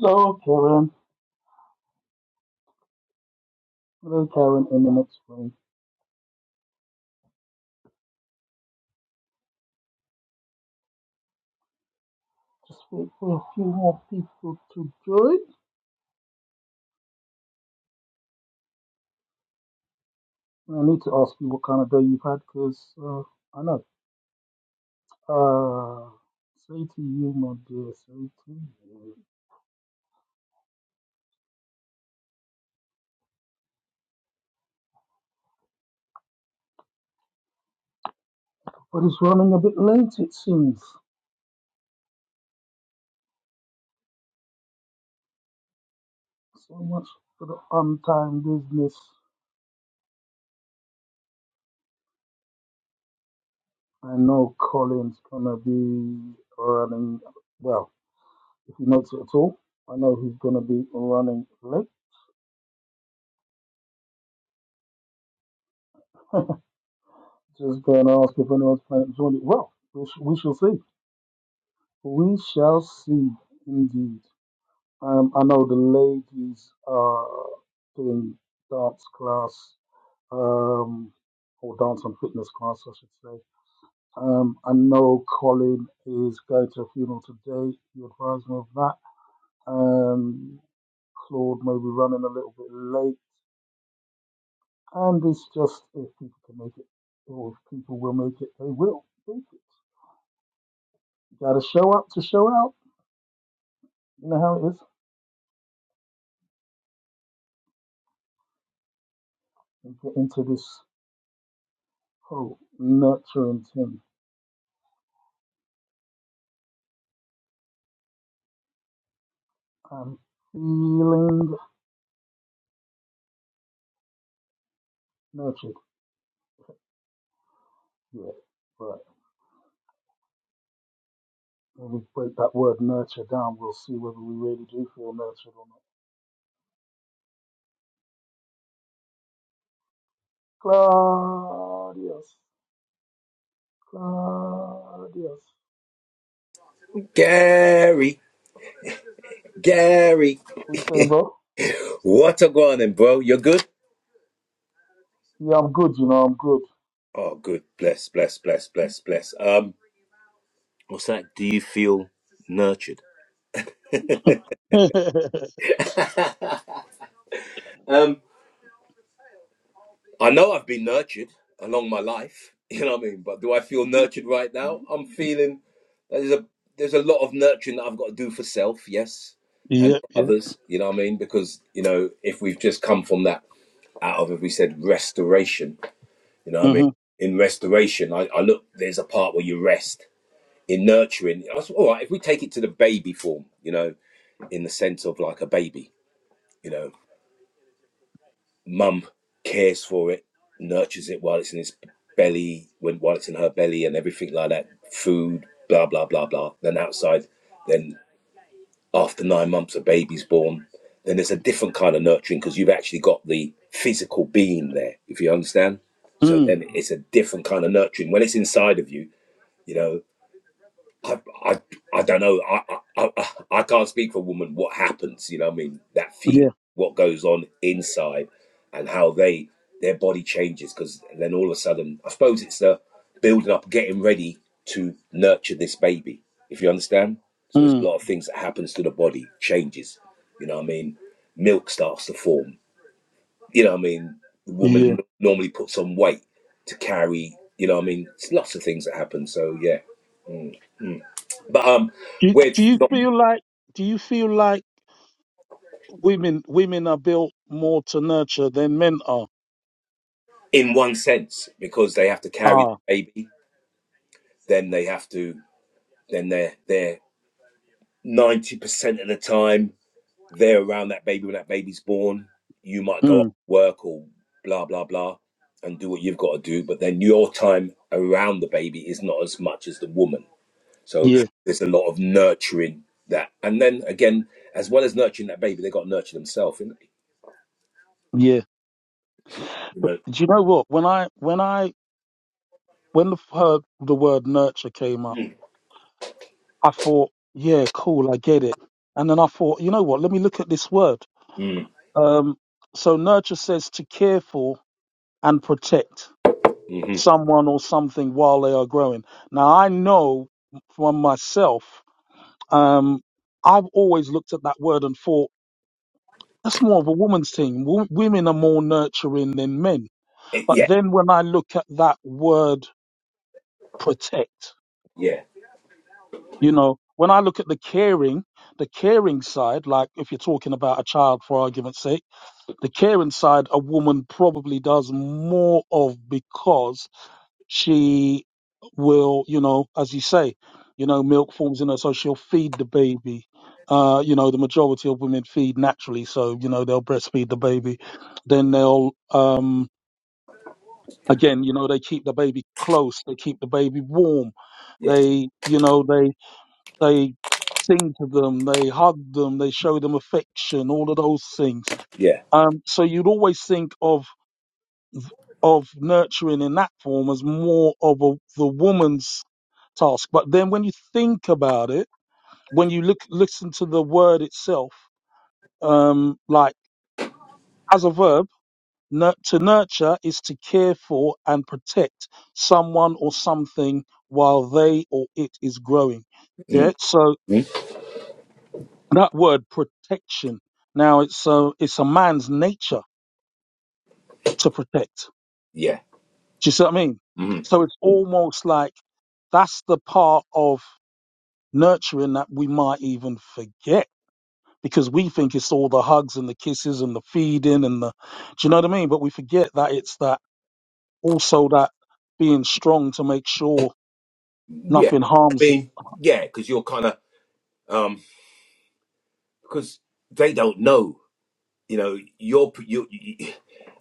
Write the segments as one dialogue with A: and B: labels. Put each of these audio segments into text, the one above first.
A: Hello, Karen. Hello, Karen, in the next room. Just wait for a few more people to join. And I need to ask you what kind of day you've had because uh, I know. Uh, say to you, my dear, say to you. But it's running a bit late, it seems. So much for the on time business. I know Colin's gonna be running, well, if he makes it at all. I know he's gonna be running late. Just gonna ask if anyone's playing Johnny. Well, we, sh- we shall see. We shall see indeed. Um, I know the ladies are doing dance class, um, or dance and fitness class, I should say. Um, I know Colin is going to a funeral today. You advised me of that. Um, Claude may be running a little bit late. And it's just if people can make it, or if people will make it, they will. Make it. You gotta show up to show out. You know how it is. You get into this Oh, nurturing him. I'm feeling nurtured yet, but when we break that word nurture down, we'll see whether we really do feel nurtured or not. Claudius, Claudius.
B: Gary, Gary,
A: What are you saying, bro?
B: what a going, on, bro? You're good?
A: Yeah, I'm good, you know, I'm good.
B: Oh, good. Bless, bless, bless, bless, bless. Um, what's that? Do you feel nurtured? Um, I know I've been nurtured along my life. You know what I mean? But do I feel nurtured right now? I'm feeling that there's a there's a lot of nurturing that I've got to do for self, yes,
A: Yeah.
B: and for others. You know what I mean? Because you know, if we've just come from that out of, if we said restoration, you know what I mean?
A: hmm
B: In restoration, I, I look, there's a part where you rest. in nurturing. I was all right if we take it to the baby form, you know, in the sense of like a baby, you know, mum cares for it, nurtures it while it's in its belly, when while it's in her belly, and everything like that, food, blah blah blah blah. Then outside, then after nine months, a baby's born. Then there's a different kind of nurturing because you've actually got the physical being there, if you understand. So
A: Mm,
B: then it's a different kind of nurturing when it's inside of you, you know I, I, I don't know. I, I, I, I can't speak for a woman. What happens? You know, what I mean, that feeling,
A: yeah.
B: what goes on inside, and how they their body changes. Because then all of a sudden, I suppose it's the building up, getting ready to nurture this baby. If you understand, so there's a
A: Mm,
B: lot of things that happens to the body, changes. You know, what I mean, milk starts to form. You know, what I mean, the
A: yeah.
B: woman normally puts on weight to carry. You know, what I mean, it's lots of things that happen. So yeah, but um,
A: Do,
B: we're
A: do you feel like do you feel like women women are built more to nurture than men are?
B: in one sense because they have to carry the
A: Ah.
B: baby then they have to then they're they're 90% of the time they're around that baby when that baby's born you might go off
A: Mm,
B: to work or blah blah blah and do what you've got to do but then your time around the baby is not as much as the woman so
A: yeah.
B: there's a lot of nurturing that and then again as well as nurturing that baby they got to nurture themselves haven't they?
A: Yeah.
B: you know
A: Do you know what? When I when I when the word, the word nurture came up,
B: mm,
A: I thought, yeah, cool, I get it. And then I thought, you know what? Let me look at this word.
B: mm,
A: Um, so nurture says to care for and protect
B: mhm.
A: someone or something while they are growing. Now I know from myself, um, I've always looked at that word and thought that's more of a woman's thing. W- women are more nurturing than men.
B: Eh,
A: But
B: yeah
A: then when I look at that word protect.
B: yeah
A: You know, when I look at the caring, the caring side, like if you're talking about a child for argument's sake, the caring side a woman probably does more of because she will, you know, as you say, you know, milk forms in her, so she'll feed the baby. Uh, you know, the majority of women feed naturally, so you know they'll breastfeed the baby. Then they'll, um, again, you know, they keep the baby close, they keep the baby warm,
B: yeah
A: they, you know, they they sing to them, they hug them, they show them affection, all of those things.
B: yeah
A: Um, so you'd always think of of nurturing in that form as more of a, the woman's task. But then when you think about it, when you look listen to the word itself, um, like as a verb, nur- to nurture is to care for and protect someone or something while they or it is growing. Yeah.
B: mm,
A: So
B: mm,
A: That word protection. Now it's a it's a man's nature to protect.
B: yeah
A: Do you see what I mean?
B: Mhm.
A: So it's
B: mm
A: almost like that's the part of nurturing that we might even forget because we think it's all the hugs and the kisses and the feeding and the do you know what I mean? But we forget that it's that also that being strong to make sure
B: Yeah,
A: nothing
B: I
A: harms it.
B: mean, yeah, because you're kind of um, because they don't know, you know, you're you, you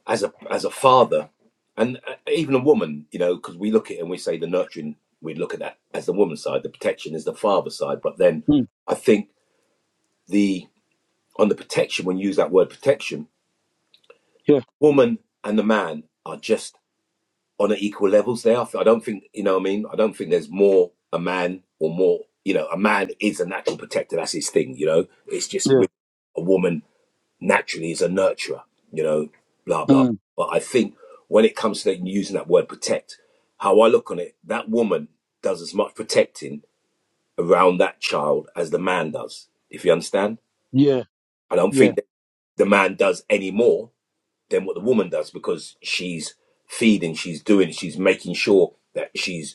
B: as a as a father, and uh, even a woman, you know, because we look at it and we say the nurturing, we look at that as the woman's side, the protection is the father side, but then
A: Mm,
B: I think the on the protection when you use that word protection,
A: yeah,
B: woman and the man are just on an equal levels there. I f- I don't think you know. What I mean, I don't think there's more a man or more. You know, a man is a natural protector. That's his thing. You know, it's just
A: yeah,
B: with a woman naturally is a nurturer. You know, blah blah.
A: mm,
B: But I think when it comes to using that word protect, how I look on it, that woman does as much protecting around that child as the man does. If you understand,
A: yeah,
B: I don't
A: yeah,
B: think that the man does any more than what the woman does because she's feeding, she's doing, she's making sure that she's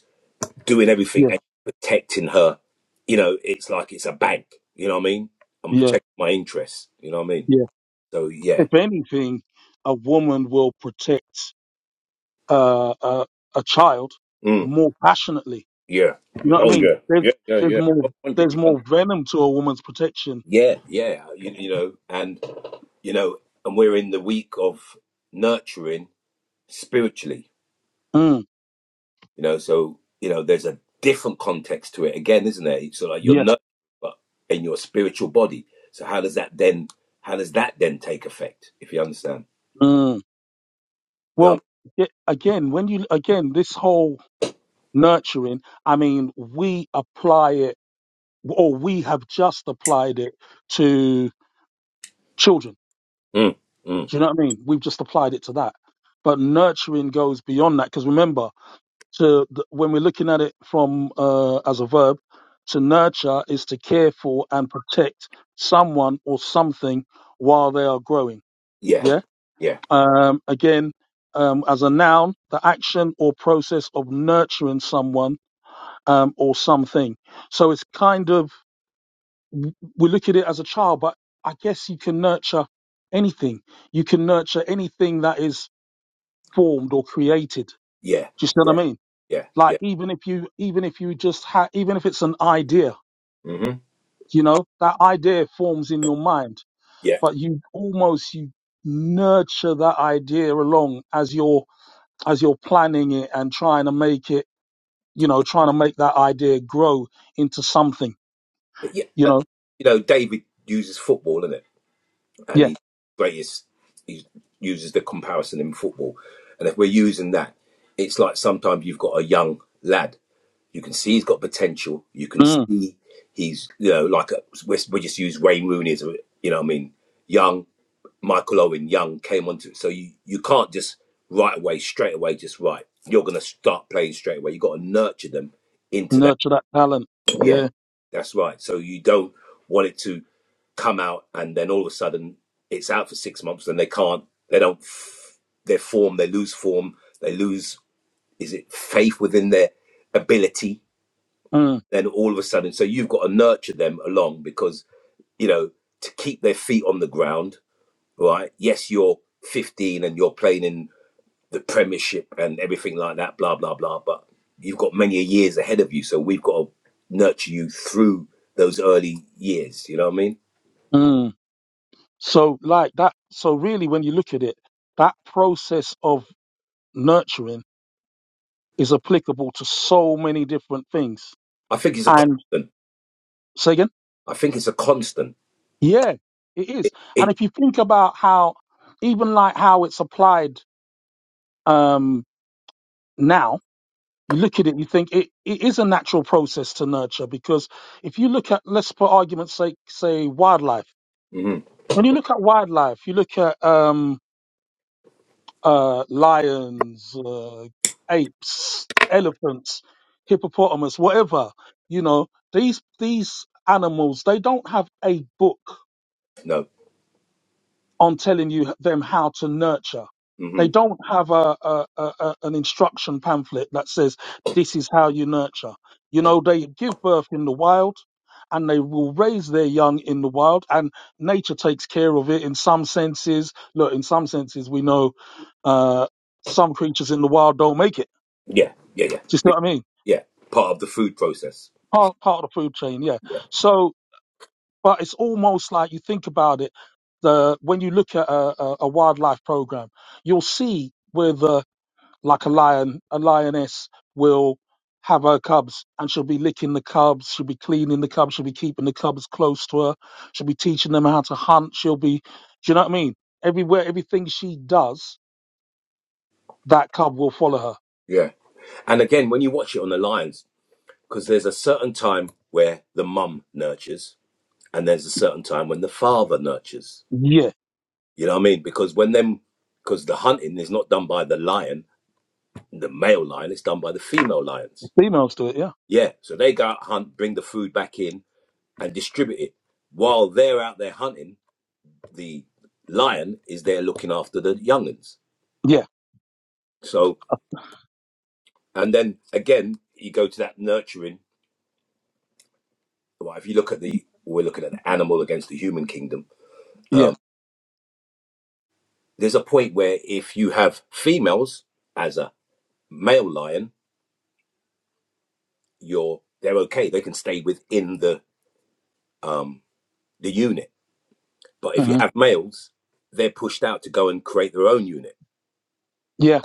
B: doing everything
A: yeah,
B: and protecting her. You know, it's like it's a bank. You know what I mean? I'm
A: yeah,
B: protecting my interests. You know what I mean?
A: yeah.
B: So yeah,
A: If anything, a woman will protect. uh, a, a child
B: mm,
A: more passionately.
B: yeah,
A: You know what I mean? There's there's more there's
B: and
A: more venom to a woman's protection.
B: yeah, yeah. You, you know, and you know, and we're in the week of nurturing spiritually.
A: Mm,
B: You know, so you know, there's a different context to it again, isn't there? So like you're
A: yeah.
B: nurturing, but in your spiritual body. So how does that then? How does that then take effect? If you understand?
A: Mm.
B: You know?
A: Well, it, again, when you again this whole nurturing, I mean, we apply it, or we have just applied it to children.
B: Mm, mm,
A: Do you know what I mean? We've just applied it to that, but nurturing goes beyond that because remember to th- when we're looking at it from uh, as a verb to nurture is to care for and protect someone or something while they are growing
B: yeah,
A: yeah
B: yeah.
A: um, again um, as a noun the action or process of nurturing someone um, or something so it's kind of we look at it as a child but i guess you can nurture anything you can that is formated do
B: Yeah,
A: you see what i
B: yeah,
A: mean
B: yeah,
A: like
B: yeah,
A: even if you even if you just ha- even if it's an idea
B: hmm
A: you know that idea forms in your mind
B: yeah,
A: but you almost you nurture that idea along as you're as you're planning it and trying to make it you know trying to make that idea grow into something
B: yeah.
A: you
B: Uh,
A: know
B: You know, David uses football, is it? And
A: yeah
B: he's greatest. He uses the comparison in football, and if we're using that, it's like sometimes you've got a young lad. You can see he's got potential. You can
A: mm,
B: see he's, you know, like a, we we just use Wayne Rooney as a, you know, what I mean, young Michael Owen, young came onto. So you you can't just right away, straight away, just right. You're gonna start playing straight away. You got to nurture them into that.
A: nurture that talent
B: Yeah,
A: yeah
B: that's right. So you don't want it to come out and then all of a sudden it's out for six months and they can't, they don't, f- their form, they lose form, they lose, is it faith within their ability?
A: mm,
B: Then all of a sudden, so you've got to nurture them along because, you know, to keep their feet on the ground, right? Yes, you're 15 and you're playing in the Premiership and everything like that, blah, blah, blah. But you've got many years ahead of you. So we've got to nurture you through those early years. You know what I mean?
A: mm. so like that so really when you look at it that process of nurturing is applicable to so many different things
B: I think it's a
A: and
B: constant.
A: say again
B: I think it's a constant.
A: Yeah, it is.
B: It,
A: And
B: it
A: if you think about how, even like how it's applied um, now, you look at it, you think it, it is a natural process to nurture because if you look at, let's for argument's sake, say wildlife.
B: mhm,
A: When you look at wildlife, you look at um, uh, lions, uh, apes, elephants, hippopotamus, whatever. You know these these animals. They don't have a book
B: no,
A: on telling you them how to nurture.
B: hmm
A: They don't have a, a, a a- an instruction pamphlet that says this is how you nurture. You know, they give birth in the wild, and they will raise their young in the wild, and nature takes care of it in some senses. Look, in some senses, we know uh, some creatures in the wild don't make it.
B: yeah, yeah, yeah,
A: Do you see
B: Re-
A: what I mean?
B: yeah. Part of the food process.
A: Part part of the food chain, yeah.
B: Yeah,
A: So but it's almost like you think about it. The when you look at a, a, a wildlife program, you'll see where the like a lion, a lioness will have her cubs, and she'll be licking the cubs, she'll be cleaning the cubs, she'll be keeping the cubs close to her, she'll be teaching them how to hunt, she'll be, do you know what I mean? Everywhere, everything she does, that cub will follow her.
B: yeah. And again, when you watch it on the Lions, because there's a certain time where the mum nurtures, and there's a certain time when the father nurtures.
A: Yeah,
B: You know what I mean? Because when them, because the hunting is not done by the lion, the male lion, it's done by the female lions.
A: females do it. Yeah,
B: Yeah, so they go out hunt, bring the food back in, and distribute it. While they're out there hunting, the lion is there looking after the younguns.
A: yeah,
B: So, and then again, you go to that nurturing. Well, if you look at the, we're looking at the animal against the human kingdom.
A: yeah,
B: Um, there's a point where if you have females as a male lion, you're they're okay. They can stay within the um, the unit. But if you
A: hmm
B: have males, they're pushed out to go and create their own unit.
A: yeah.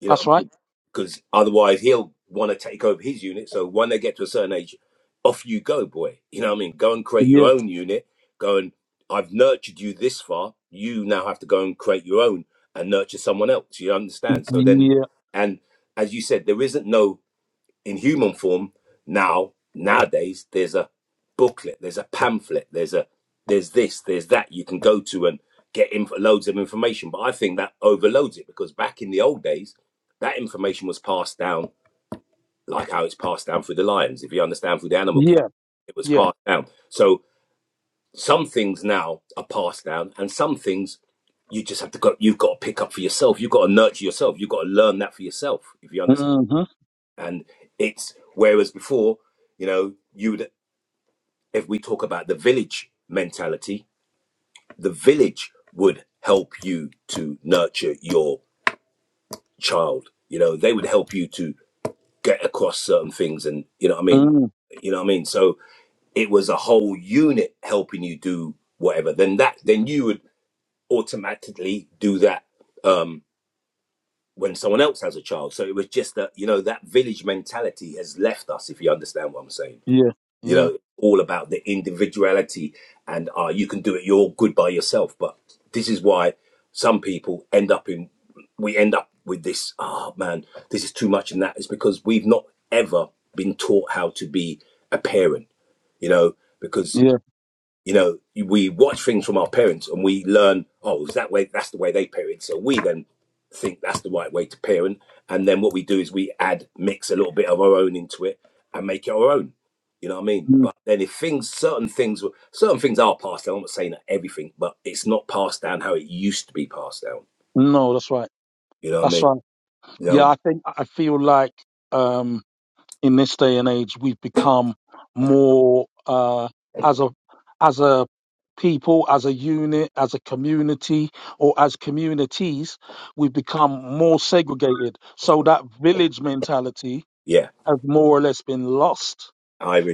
B: You know what
A: That's
B: I
A: right.
B: mean? Because otherwise, he'll want to take over his unit. So when they get to a certain age, off you go, boy. You know what I mean? Go and create
A: Yeah,
B: your own unit. Go and I've nurtured you this far. You now have to go and create your own and nurture someone else. You understand? So then,
A: yeah,
B: and as you said, there isn't no. in human form now nowadays there's a booklet there's a pamphlet there's a there's this there's that you can go to and get inf- loads of information but i think that overloads it because back in the old days that information was passed down like how it's passed down through the lions if you understand through the animal kingdom
A: yeah,
B: it was
A: yeah.
B: passed down so some things now are passed down and some things you just have to go you've got to pick up for yourself you've got to nurture yourself you've got to learn that for yourself if you understand
A: hmm
B: and it's whereas before, you know, you would if we talk about the village mentality, the village would help you to nurture your child. You know, they would help you to get across certain things and you know what I mean? You know what I mean? So it was a whole unit helping you do whatever. Then that then you would automatically do that um when someone else has a child. So it was just that, you know, that village mentality has left us, if you understand what I'm saying
A: Yeah,
B: You
A: yeah,
B: know, all about the individuality and uh, you can do it. You're good by yourself. But this is why some people end up in, we end up with this, oh man, this is too much and that is because we've not ever been taught how to be a parent, you know, because
A: yeah.
B: you know, we watch things from our parents and we learn, oh, is that way? That's the way they parent. So we then think that's the right way to parent. And then what we do is we add, mix a little bit of our own into it and make it our own. You know what I mean?
A: Mm.
B: But then if things, certain things, were- certain things are passed down. I'm not saying that everything, but it's not passed down how it used to be passed down.
A: No, that's right.
B: You know what I
A: That's
B: mean?
A: right.
B: You
A: Yeah,
B: know,
A: I think I feel like um, in this day and age, we've become more uh, as a as a people, as a unit, as a community, or as communities, we've become more segregated. So that village mentality
B: yeah,
A: has more or less been lost.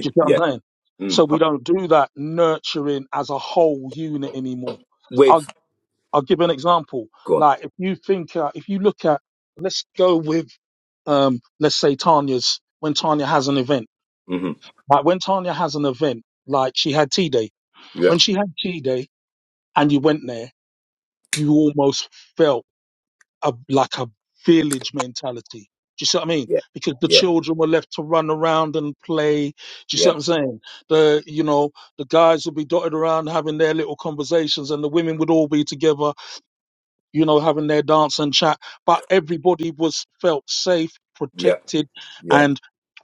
A: Do you get what
B: yeah.
A: I'm saying?
B: Mm.
A: So
B: Huh?
A: we don't do that nurturing as a whole unit anymore.
B: Wait, f-
A: I'll give an example.
B: go on.
A: Like if you think, uh, if you look at, let's go with, um, let's say Tanya's when Tanya has an event.
B: hmm
A: Like when Tanya has an event, like she had tea Day.
B: Yeah,
A: When she had tea Day, and you went there, you almost felt a, like a village mentality. Do you see what I mean?
B: yeah,
A: Because the
B: yeah,
A: children were left to run around and play. Do you see
B: yeah,
A: what I'm saying? The you know the guys would be dotted around having their little conversations, and the women would all be together you know, having their dance and chat. But everybody was felt safe,
B: yeah,
A: protected,
B: yeah,
A: and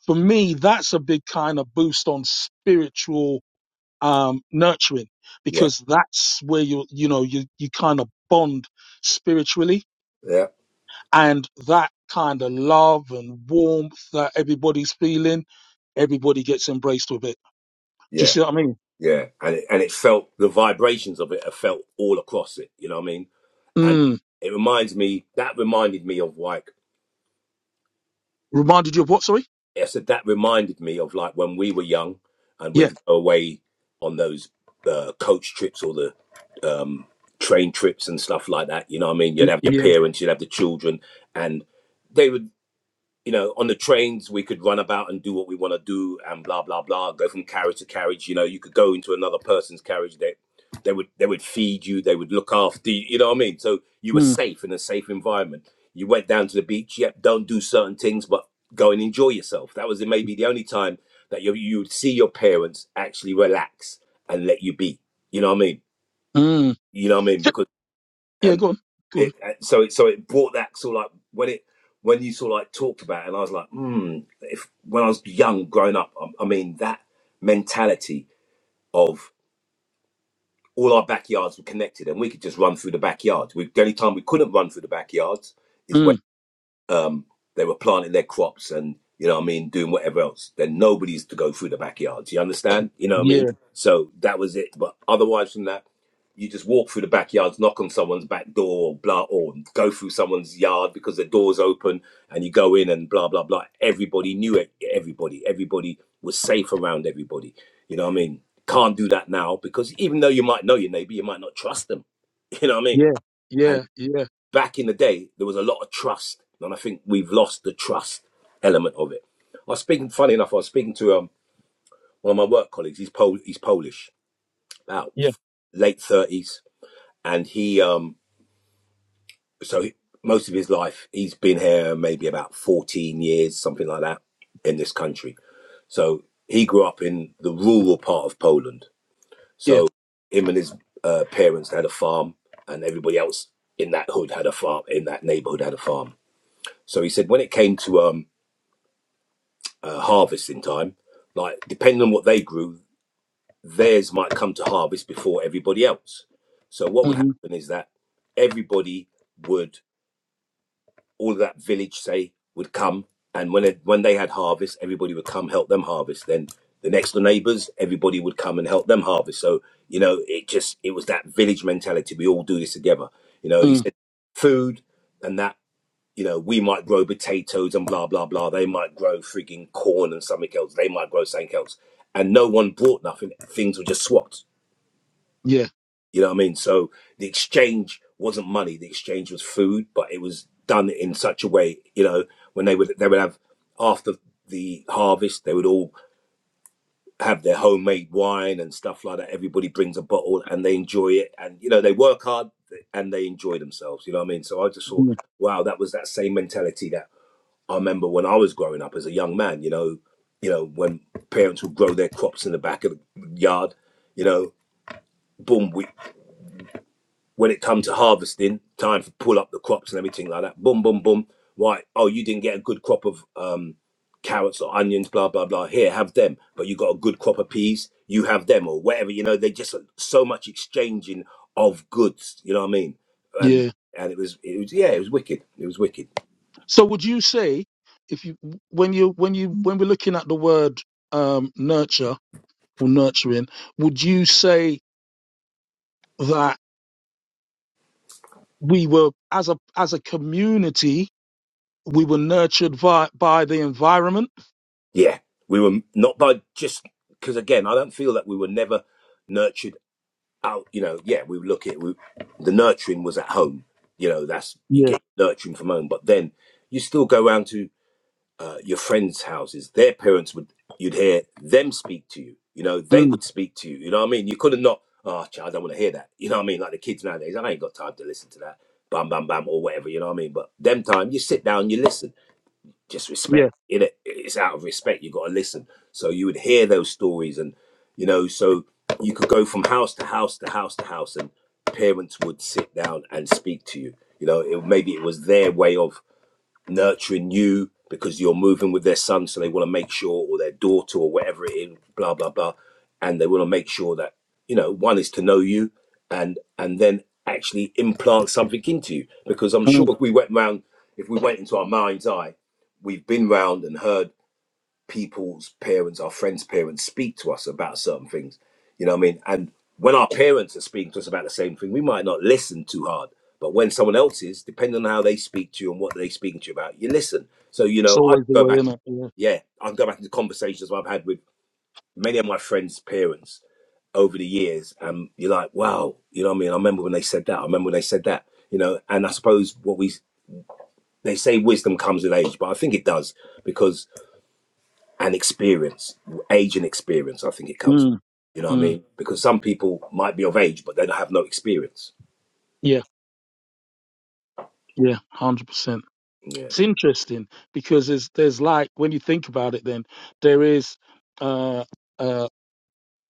A: for me, that's a big kind of boost on spiritual um, nurturing
B: yeah,
A: because that's where you you know you you kind of bond spiritually,
B: yeah,
A: and that kind of love and warmth that everybody's feeling, everybody gets embraced with it. Do
B: yeah.
A: you see what I mean?
B: Yeah, and it, and it felt the vibrations of it are felt all across it. You know what I mean? And
A: Mm.
B: it reminds me that reminded me of like
A: Reminded you of what? Sorry.
B: I said that reminded me of like when we were young and
A: Yeah.
B: we'd go away on those uh, coach trips or the um, train trips and stuff like that. You know what I mean? You'd have your
A: Yeah.
B: parents, you'd have the children, and they would you know, on the trains we could run about and do what we want to do and blah blah blah. Go from carriage to carriage. You know, you could go into another person's carriage. They they would they would feed you. They would look after you. You know what I mean? So you were
A: Mm.
B: safe in a safe environment. You went down to the beach. Yep, don't do certain things, but go and enjoy yourself. That was maybe the only time that you you would see your parents actually relax and let you be. You know what I mean?
A: Mm.
B: You know what I mean?
A: Yep.
B: Because
A: Yeah.
B: and
A: Go on. Go on.
B: it uh, so it so it brought that sort of like when it when you sort of like talked about it and I was like hmm if when I was young growing up I, I mean that mentality of all our backyards were connected and we could just run through the backyards we, the only time we couldn't run through the backyards is
A: Mm.
B: um, they were planting their crops and you know what I mean, doing whatever else. Then nobody's to go through the backyards. You understand? You know what I
A: Yeah.
B: mean? So that was it. But otherwise from that, you just walk through the backyards, knock on someone's back door, blah, or go through someone's yard because the door's open, and you go in and blah blah blah. Everybody knew it, everybody. Everybody was safe around everybody. You know what I mean? Can't do that now because even though you might know your neighbor, you might not trust them. You know what I mean?
A: Yeah,
B: And
A: yeah, yeah,
B: back in the day, there was a lot of trust, and I think we've lost the trust element of it. I was speaking, funny enough, I was speaking to um, one of my work colleagues. He's Pol- he's Polish, about
A: yeah,
B: late thirties, and he um, so he, most of his life he's been here maybe about fourteen years, something like that, in this country. So he grew up in the rural part of Poland.
A: yeah.
B: So him and his uh, parents had a farm, and everybody else in that hood had a farm. In that neighborhood had a farm. So he said when it came to um, uh, harvesting time. Like depending on what they grew, theirs might come to harvest before everybody else. So what would
A: hmm
B: happen is that everybody would, all of that village, say, would come, and when it, when they had harvest, everybody would come help them harvest. Then the next door neighbors, everybody would come and help them harvest. So you know, it just it was that village mentality. We all do this together. You know, he
A: mm
B: said food and that you know, we might grow potatoes and blah blah blah. They might grow frigging corn and something else. They might grow something else. And no one bought nothing. Things were just swapped.
A: Yeah,
B: You know what I mean? So the exchange wasn't money. The exchange was food, but it was done in such a way. You know, when they would they would have after the harvest, they would all have their homemade wine and stuff like that. Everybody brings a bottle and they enjoy it. And you know, they work hard and they enjoy themselves. You know what I mean? So I just thought,
A: mm,
B: wow, that was that same mentality that I remember when I was growing up as a young man, you know, you know, when parents would grow their crops in the back of the yard, you know, boom, we, when it come to harvesting, time for pull up the crops and everything like that, boom, boom, boom, right, oh, you didn't get a good crop of um, carrots or onions, blah, blah, blah, here, have them, but you got a good crop of peas, you have them or whatever, you know, they just so much exchanging of goods, you know what I mean? And,
A: yeah.
B: and it was, it was, yeah, it was wicked. It was wicked.
A: So would you say if you when you when you when we're looking at the word um nurture or nurturing, would you say that we were as a as a community we were nurtured by by the environment?
B: Yeah, we were not by just because again, I don't feel that we were never nurtured out. You know, yeah, we look at we, the nurturing was at home. You know, that's you
A: Yeah.
B: get nurturing from home, but then you still go round to uh, your friends' houses. Their parents would you'd hear them speak to you. You know, they
A: Mm,
B: would speak to you. You know what I mean? You couldn't not. Oh, child, I don't want to hear that. You know what I mean? Like the kids nowadays, I ain't got time to listen to that. Bam, bam, bam, or whatever. You know what I mean? But them time, you sit down, you listen just
A: yeah.
B: respect it it's out of respect you got to listen so you would hear those stories and you know so you could go from house to house to house to house and parents would sit down and speak to you you know it, maybe it was their way of nurturing you because you're moving with their son, so they want to make sure, or their daughter, or whatever it is, blah blah blah, and they want to make sure that you know one is to know you, and and then actually implant something into you. Because I'm sure if we went round, if we went into our mind's eye, we've been round and heard people's parents, our friends' parents speak to us about certain things. You know what I mean? And when our parents are speaking to us about the same thing, we might not listen too hard. But when someone else is, depending on how they speak to you and what they're speaking to you about, you listen. So, you
A: It's
B: know, I
A: always the
B: go
A: way,
B: back,
A: isn't it? Yeah.
B: yeah, I go back into conversations I've had with many of my friends' parents over the years. And you're like, wow, you know what I mean? I remember when they said that. I remember when they said that, you know, and I suppose what we, they say wisdom comes with age, but I think it does because and experience, age and experience. I think it comes, with,
A: Mm,
B: you know what I
A: mm,
B: mean? Because some people might be of age, but they don't have no experience.
A: yeah, yeah, hundred percent.
B: Yeah.
A: it's interesting because it's, there's like when you think about it then there is uh, uh,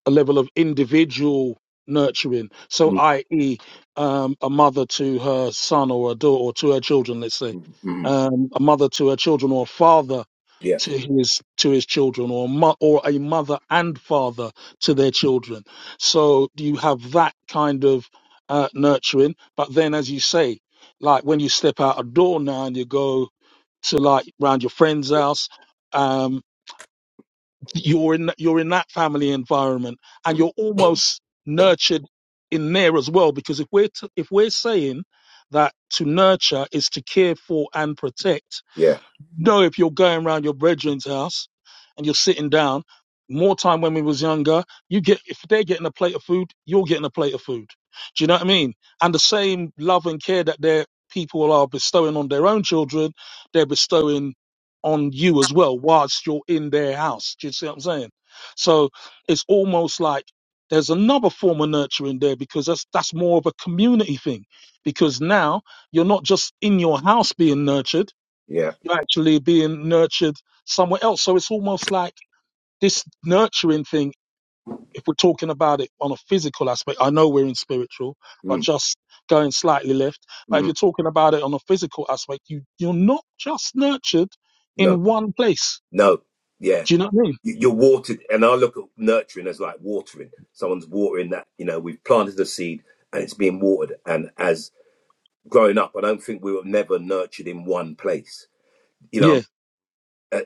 A: a level of individual nurturing so
B: mm
A: i.e um, a mother to her son or a daughter or to her children let's say
B: mm mm.
A: um, a mother to her children or a father
B: Yeah.
A: to his to his children or mo- or a mother and father to their children so you have that kind of uh, nurturing but then as you say like when you step out a door now and you go to like round your friend's house. Um, you're in you're in that family environment, and
B: mm
A: you're almost nurtured in there as well. Because if we're t- if we're saying that to nurture is to care for and protect,
B: Yeah.
A: Know if you're going around your brethren's house and you're sitting down, more time when we was younger, you get if they're getting a plate of food, you're getting a plate of food. Do you know what I mean? And the same love and care that their people are bestowing on their own children, they're bestowing on you as well, whilst you're in their house. Do you see what I'm saying? So it's almost like there's another form of nurturing there because that's that's more of a community thing. Because now you're not just in your house being nurtured
B: Yeah.
A: you're actually being nurtured somewhere else. So it's almost like this nurturing thing, if we're talking about it on a physical aspect, I know we're in spiritual, but
B: mm
A: just going slightly left. But if
B: mm
A: you're talking about it on a physical aspect, you, you're not just nurtured
B: No.
A: in one place.
B: No. Yeah.
A: Do you know what I mean?
B: You- You're watered, and I look at nurturing as like watering. Someone's watering that. You know, we've planted the seed, and it's being watered. And as growing up, I don't think we were never nurtured in one place. You know.
A: Yeah,
B: uh,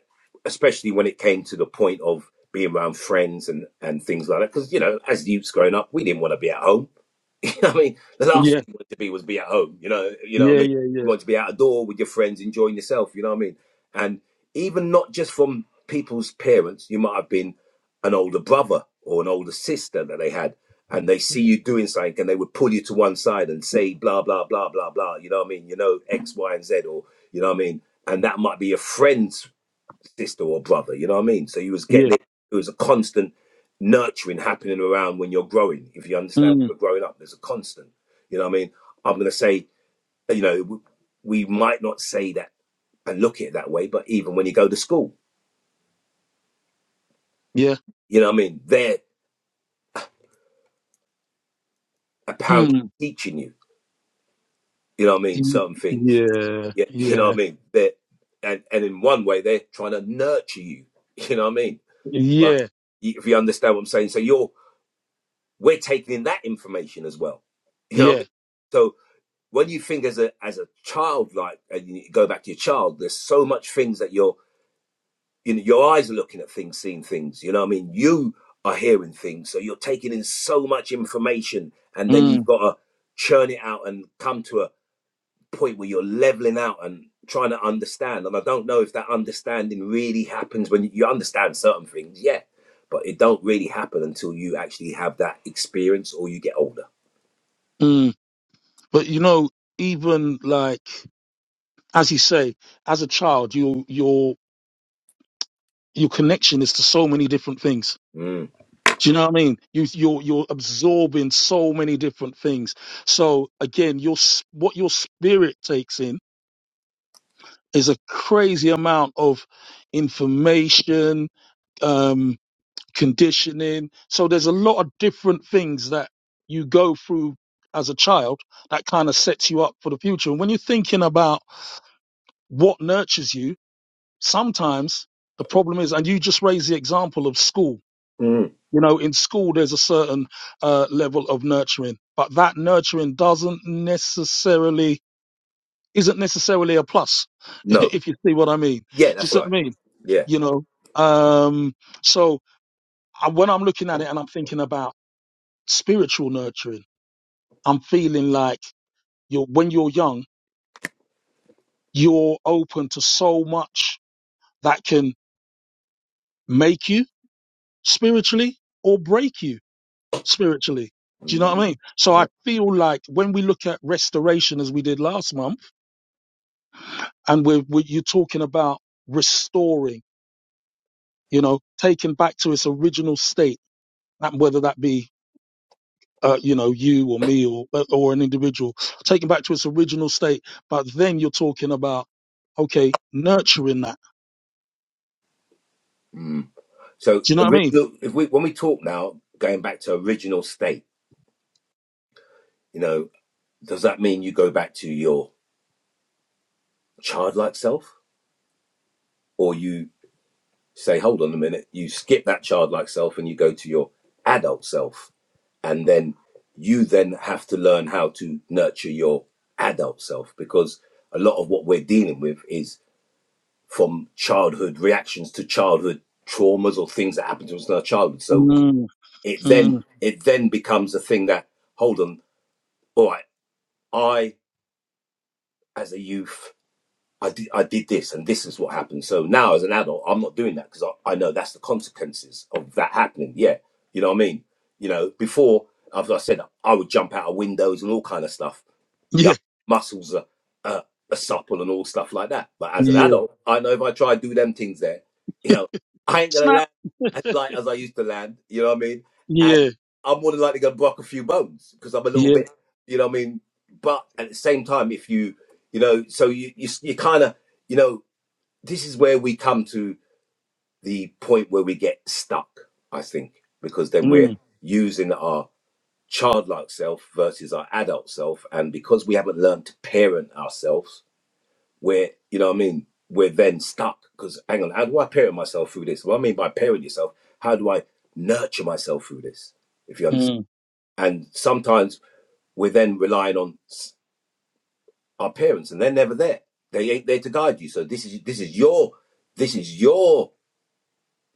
B: especially when it came to the point of being around friends and, and things like that. Because, you know, as youths growing up, we didn't want to be at home. You know what I mean? The last
A: yeah,
B: thing we wanted to be was be at home. You know, you know what I
A: yeah, yeah,
B: mean? You
A: yeah,
B: want to be out of door with your friends, enjoying yourself. You know what I mean? And even not just from people's parents, you might have been an older brother or an older sister that they had. And they see you doing something and they would pull you to one side and say, blah, blah, blah, blah, blah. You know what I mean? You know, X, Y, and Z, or, you know what I mean? And that might be your friends sister or brother. You know what I mean? So you was
A: yeah,
B: getting it. It was a constant nurturing happening around when you're growing. If you understand,
A: mm,
B: we're growing up. There's a constant. You know what I mean? I'm gonna say, you know, w- we might not say that and look at it that way, but even when you go to school,
A: yeah,
B: you know what I mean? They're apparently
A: mm,
B: teaching you. You know what I mean?
A: mm,
B: Certain things.
A: yeah,
B: Yeah, you
A: yeah,
B: know what I mean? They're and and in one way they're trying to nurture you. You know what I mean? But
A: yeah,
B: you- if you understand what I'm saying, so you're we're taking in that information as well. You know what
A: yeah,
B: I mean? So when you think as a as a child, like and you go back to your child, there's so much things that you're you know your eyes are looking at things, seeing things. You know what I mean? You are hearing things, so you're taking in so much information, and then
A: mm,
B: you've got to churn it out and come to a point where you're leveling out and trying to understand. And I don't know if that understanding really happens when you understand certain things, yeah, but it don't really happen until you actually have that experience or you get older.
A: mm. But you know, even like, as you say, as a child, your your your connection is to so many different things.
B: Mm.
A: Do you know what I mean? You you're you're absorbing so many different things. So again, your s- what your spirit takes in is a crazy amount of information, um, conditioning. So there's a lot of different things that you go through as a child that kind of sets you up for the future. And when you're thinking about what nurtures you, sometimes the problem is, and you just raised the example of school.
B: Mm.
A: You know, in school, there's a certain uh, level of nurturing, but that nurturing doesn't necessarily isn't necessarily a plus,
B: No.
A: if you see what I mean. Do
B: Yeah,
A: you
B: that's
A: see what I
B: right.
A: mean?
B: Yeah.
A: You know, um, so I, when I'm looking at it and I'm thinking about spiritual nurturing, I'm feeling like you're when you're young, you're open to so much that can make you spiritually or break you spiritually. Do you know what
B: Mm.
A: I mean? So
B: Yeah.
A: I feel like when we look at restoration as we did last month, and we're, we you're talking about restoring, you know, taking back to its original state, and whether that be uh, you know you or me or uh, or an individual, taking back to its original state. But then you're talking about okay, nurturing that.
B: Mm. So
A: Do you know what I mean?
B: original. If we when we talk now, going back to original state, you know, does that mean you go back to your childlike self, or you say, hold on a minute, you skip that childlike self and you go to your adult self, and then you then have to learn how to nurture your adult self because a lot of what we're dealing with is from childhood reactions to childhood traumas or things that happened to us in our childhood. So
A: Mm,
B: it then
A: mm,
B: it then becomes a thing that hold on, all right, I as a youth I did, I did this and this is what happened. So now as an adult, I'm not doing that because I, I know that's the consequences of that happening. Yeah. You know what I mean? You know, before, as I said, I would jump out of windows and all kind of stuff. Yeah.
A: yeah,
B: Muscles are, uh, are supple and all stuff like that. But as an
A: yeah.
B: adult, I know if I try to do them things there, you know, I ain't going to
A: Snap.
B: land as light as I used to land. You know what I mean? And
A: Yeah,
B: I'm more than likely going to block a few bones because I'm a little
A: yeah.
B: bit you know what I mean? But at the same time, if you, you know, so you, you, you kind of, you know, this is where we come to the point where we get stuck, I think, because then we're
A: Mm,
B: using our childlike self versus our adult self. And because we haven't learned to parent ourselves, we're, you know what I mean? We're then stuck because, hang on, how do I parent myself through this? What I mean by parent yourself, how do I nurture myself through this? If you understand.
A: mm.
B: And sometimes we're then relying on our parents, and they're never there. They ain't there to guide you. So this is this is your this is your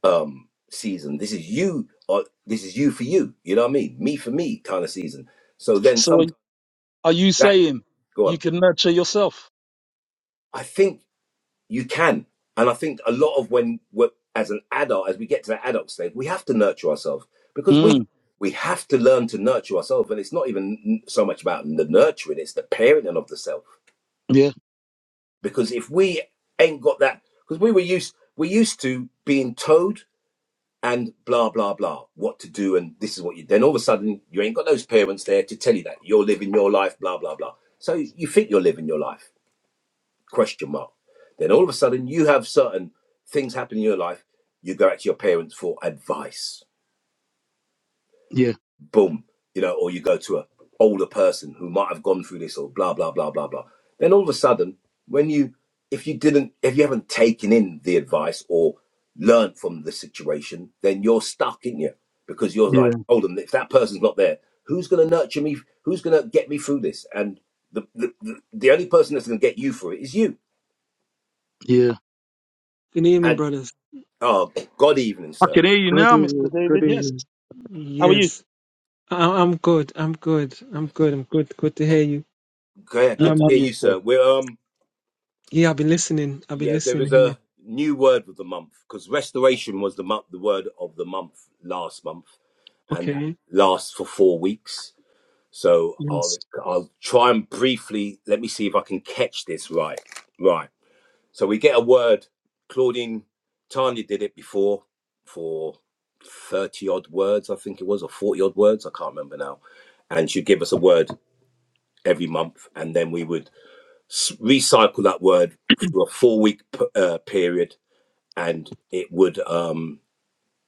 B: um season. This is you or this is you for you. You know what I mean? Me for me kind of season. So then
A: So are,
B: sometimes
A: are you
B: that
A: saying
B: go
A: you
B: on.
A: can nurture yourself?
B: I think you can, and I think a lot of when we're, as an adult, as we get to that adult stage, we have to nurture ourselves because we
A: Mm,
B: we have to learn to nurture ourselves, and it's not even n- so much about the nurturing; it's the parenting of the self.
A: yeah,
B: because if we ain't got that because we were used we used to being told and blah blah blah what to do and this is what you then all of a sudden you ain't got those parents there to tell you that you're living your life blah blah blah so you think you're living your life question mark then all of a sudden you have certain things happen in your life you go out to your parents for advice
A: yeah,
B: boom, you know, or you go to a older person who might have gone through this or blah blah blah blah blah. Then all of a sudden, when you if you didn't if you haven't taken in the advice or learned from the situation, then you're stuck in you because you're
A: yeah,
B: like, hold on, if that person's not there, who's going to nurture me? Who's going to get me through this? And the the, the, the only person that's going to get you through it is you.
A: yeah.
C: Good evening,
B: And
C: brothers.
B: oh, God evening,
A: I
B: sir.
A: can hear you
C: Good
A: now,
C: evening.
A: Mr.
C: Good
A: David. Yes.
C: evening.
A: How are you?
C: Yes, I- I'm good. I'm good. I'm good. I'm good. Good to hear you.
B: Okay,
A: Yep,
B: good
C: Um,
B: to hear
A: and you,
B: you,
A: sir.
B: sir. We're um
C: yeah, I've been listening. I've been
B: yeah, there is
C: listening
B: a
C: here.
B: new word of the month because restoration was the month, the word of the month last month, and that
C: Okay.
B: lasts for four weeks. So I'll
C: Yes.
B: I'll try and briefly let me see if I can catch this right. Right. So we get a word. Claudine Tanya did it before for thirty odd words, I think it was, or forty odd words. I can't remember now. And she'd give us a word every month, and then we would s- recycle that word for a four week p- uh, period and it would um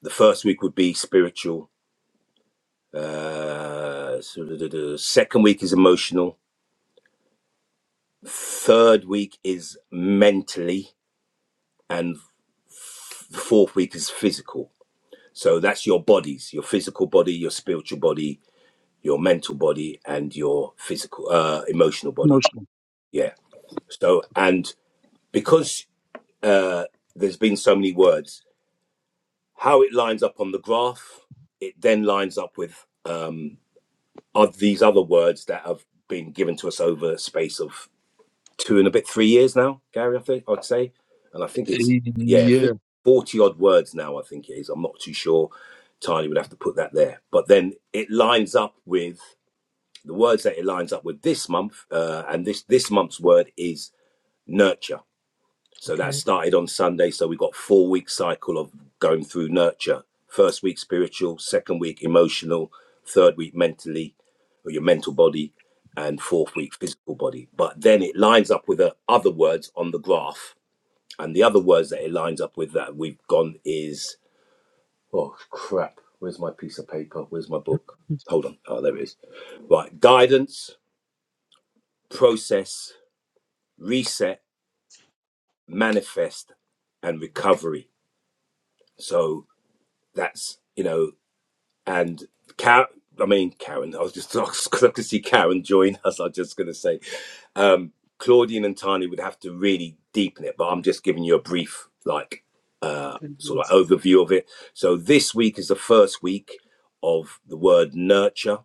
B: the first week would be spiritual uh so the, the- the second week is emotional third week is mentally and the fourth week is physical so that's your bodies your physical body your spiritual body your mental body and your physical uh emotional body
A: Emotional.
B: yeah so and because uh there's been so many words how it lines up on the graph it then lines up with um Are these other words that have been given to us over a space of two and a bit, three years now, Gary, I think I'd say. And I think it's yeah, I think
A: Yeah.
B: forty odd words now, I think it is. I'm not too sure. Tiny would have to put that there. But then it lines up with the words that it lines up with this month, uh, and this this month's word is nurture so that
C: Okay.
B: started on Sunday. So we got four week cycle of going through nurture. First week spiritual, second week emotional, third week mentally, or your mental body, and fourth week physical body. But then it lines up with the other words on the graph. And the other words that it lines up with that we've gone is oh crap. Where's my piece of paper? Where's my book? Hold on. Oh, there it is. Right. Guidance, process, reset, manifest, and recovery. So That's you know, and Karen. I mean, Karen. I was just because I could see Karen join us. I was just going to say, um, Claudine and Tani would have to really deepen it, but I'm just giving you a brief, like, uh, sort of
C: Yes.
B: overview of it. So this week is the first week of the word nurture,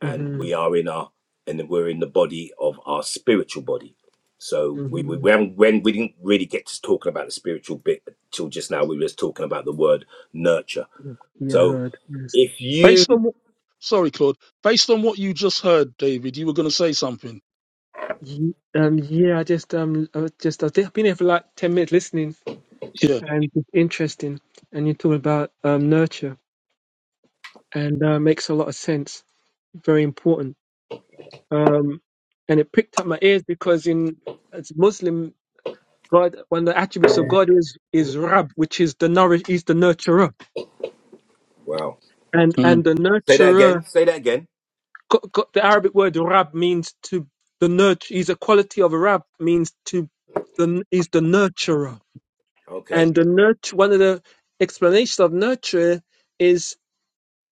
B: and we
C: Mhm.
B: are in our and we're in the body of our spiritual body. So we we, we
C: Mhm.
B: haven't when we didn't really get to talking about the spiritual bit till just now. We were just talking about the word nurture.
C: Yeah, Yeah, I
B: So
C: heard. Yes.
B: if you
A: Based on what? Sorry, Claude. Based on what you just heard, David, you were going to say something.
C: Ye- Um. Yeah. I just um. I was just I've been here for like ten minutes listening,
A: Yeah.
C: and it's interesting. And you talk about um nurture, and uh, makes a lot of sense. Very important um, and it pricked up my ears because in as Muslim God, one of the attributes of God is is Rab, which is the nourish, is the nurturer,
B: wow,
C: and and
A: Mm,
C: the
B: say that
C: nurturer,
B: again. Say that again.
C: go- go- the Arabic word Rab means to the nurture. Is a quality of a Rab means to the is the nurturer,
B: Okay.
C: and the nurture. One of the explanations of nurture is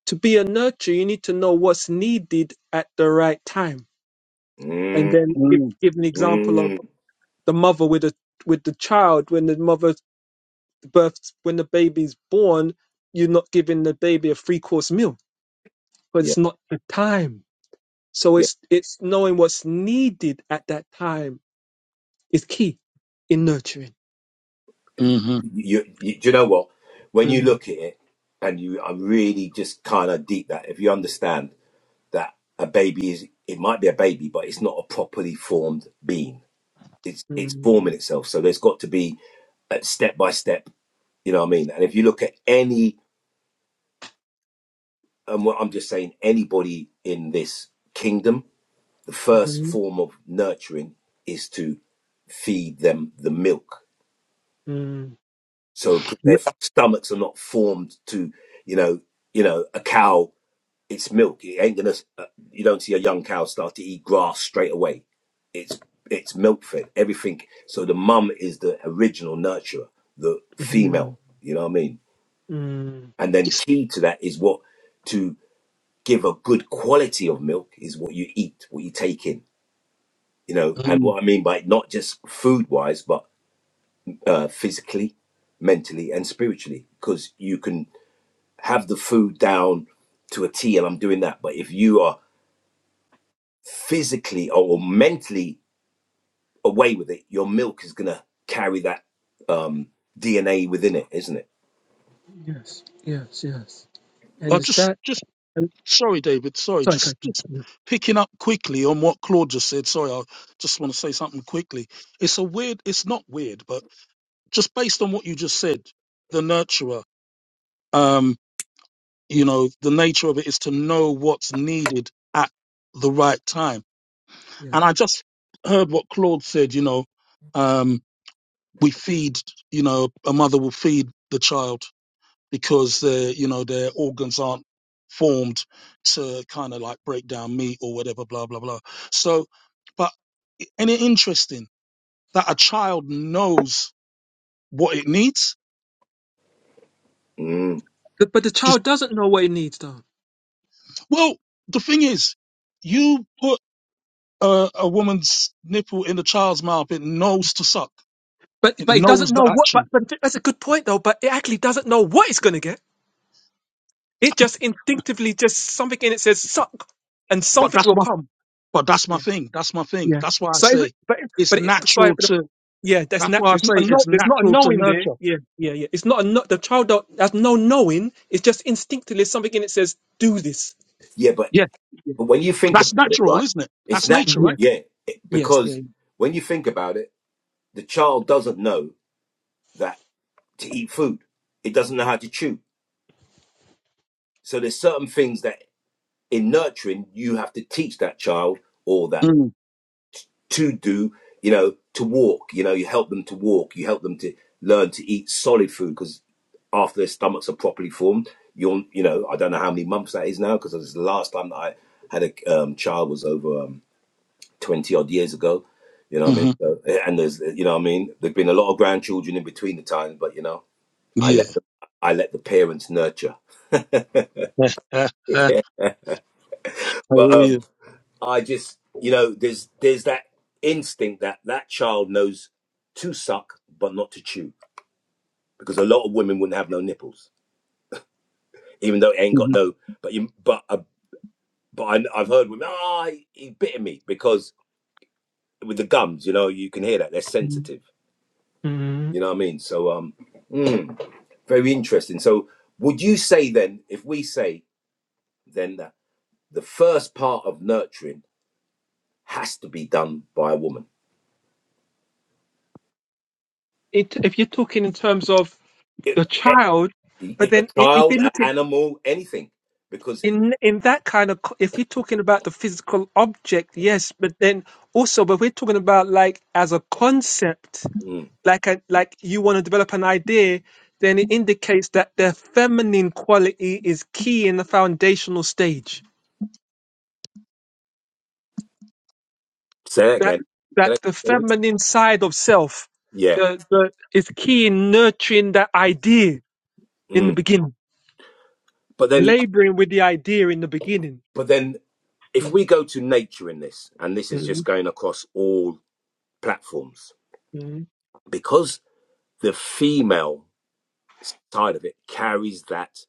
C: to be a nurturer, you need to know what's needed at the right time. And
B: Mm,
C: then give,
A: mm,
C: give an example of
B: mm,
C: the mother with a with the child when the mother births when the baby's born you're not giving the baby a three course meal but
B: yeah,
C: it's not the time so
B: yeah.
C: it's it's knowing what's needed at that time is key in nurturing
A: mm-hmm.
B: You, you, do you know what? When you
C: mm,
B: look at it, and you, I'm really just kind of deep that if you understand that a baby is, it might be a baby, but it's not a properly formed being. It's it's
C: mm,
B: forming itself. So there's got to be uh, step by step. You know what I mean? And if you look at any, and what I'm just saying, anybody in this kingdom the first
C: mhm,
B: form of nurturing is to feed them the milk.
C: mm,
B: So 'cause their
A: Yep.
B: stomachs are not formed to, you know, you know, a cow. It's milk. It ain't gonna. Uh, you don't see a young cow start to eat grass straight away. It's it's milk fed. Everything. So the mum is the original nurturer, the
C: mhm,
B: female. You know what I mean?
C: mm.
B: And then
A: It's,
B: key to that is what to give a good quality of milk is what you eat, what you take in you know and
A: mm.
B: what i mean by not just food wise but uh, physically mentally and spiritually because you can have the food down to a t and i'm doing that but if you are physically or mentally away with it your milk is gonna carry that um dna within it isn't it
C: yes yes yes and
A: I
C: is
A: just,
C: that
A: just.
C: and-
A: Sorry, David. Sorry.
C: sorry Craig.
A: Just, just picking up quickly on what Claude just said. Sorry, I just want to say something quickly. It's a weird. It's not weird, but just based on what you just said, the nurturer. Um. you know the nature of it is to know what's needed at the right time
C: yeah
A: and i just heard what claude said you know um we feed you know a mother will feed the child because uh, you know their organs aren't formed to kind of like break down meat or whatever blah blah blah so but and it interesting that a child knows what it needs
B: mm.
C: but, but the
A: is
C: child doesn't know what it needs though
A: well the thing is you put uh, a woman's nipple in a child's mouth. It knows to suck.
C: but
A: It
C: but it doesn't
A: knows the
C: know what but,
A: action.
C: but that's a good point though but it actually doesn't know what it's going to get It just instinctively, just something in it says suck, and
A: But
C: something
A: that's
C: will
A: my
C: come.
A: but that's my
C: Yeah,
A: thing. That's my thing.
C: yeah.
A: That's why I
C: So, is it,
A: say
C: but but
A: it's
C: it, sorry,
A: natural
C: but the-
A: to.
C: yeah, that's
A: That's why I
C: natural. It's
A: say
C: not a no,
A: it's
C: there's not a
A: natural to
C: knowing there.
A: nurture.
C: Yeah, yeah, yeah. It's not a no, the child don't, has no knowing. It's just instinctively something in it says do this.
B: yeah but
A: Yeah,
C: Yeah,
B: but when you think
A: that's
B: about it
A: natural,
B: right
A: isn't it?
B: it's
A: That's nature,
B: natural
C: yeah.
A: right?
B: yeah It-
C: yes, yeah.
B: because when you think about it the child doesn't know that to eat food it doesn't know how to chew So there's certain things that in nurturing you have to teach that child or that
A: Mm,
B: to do, you know, to walk. You know, you help them to walk. You help them to learn to eat solid food because after their stomachs are properly formed, you'll, you know, I don't know how many months that is now because it was the last time that I had a um, child was over um, twenty odd years ago. You know what I mean?
A: hmm
B: So, eh, and there's, you know what I mean? There've been a lot of grandchildren in between the times, but you know, I
A: Yeah.
B: let the, I let the parents nurture.
A: I hear
B: But um,
A: you.
B: I just, you know, there's there's that instinct that that child knows to suck but not to chew because a lot of women wouldn't have no nipples, even though it ain't got
A: Mhm.
B: no. But you, but uh, but I, I've heard women, ah, he, he bit me because with the gums, you know, you can hear that they're sensitive.
C: Mm.
B: You know what I mean? So um, mm, very interesting. So would you say then, if we say then that the first part of nurturing has to be done by a woman?
C: It, if you're talking in terms of the child,
B: a
C: but then i- if you
B: child, an
C: look at
B: animal, anything. Because
C: in in that kind of co- if you're talking about the physical object yes but then also but we're talking about like as a concept
B: mm,
C: like a, like you want to develop an idea then it indicates that the feminine quality is key in the foundational stage
B: say that
C: that
B: again, Say
C: that
B: that,
C: the
B: David.
C: feminine side of self
B: Yeah,
C: the, the is key in nurturing that idea in the
B: mm.
C: beginning
B: but then,
C: laboring with the idea in the beginning
B: but then, if we go to nature in this, and this is just
C: Mm,
B: going across all platforms,
C: mm,
B: because the female side of it carries that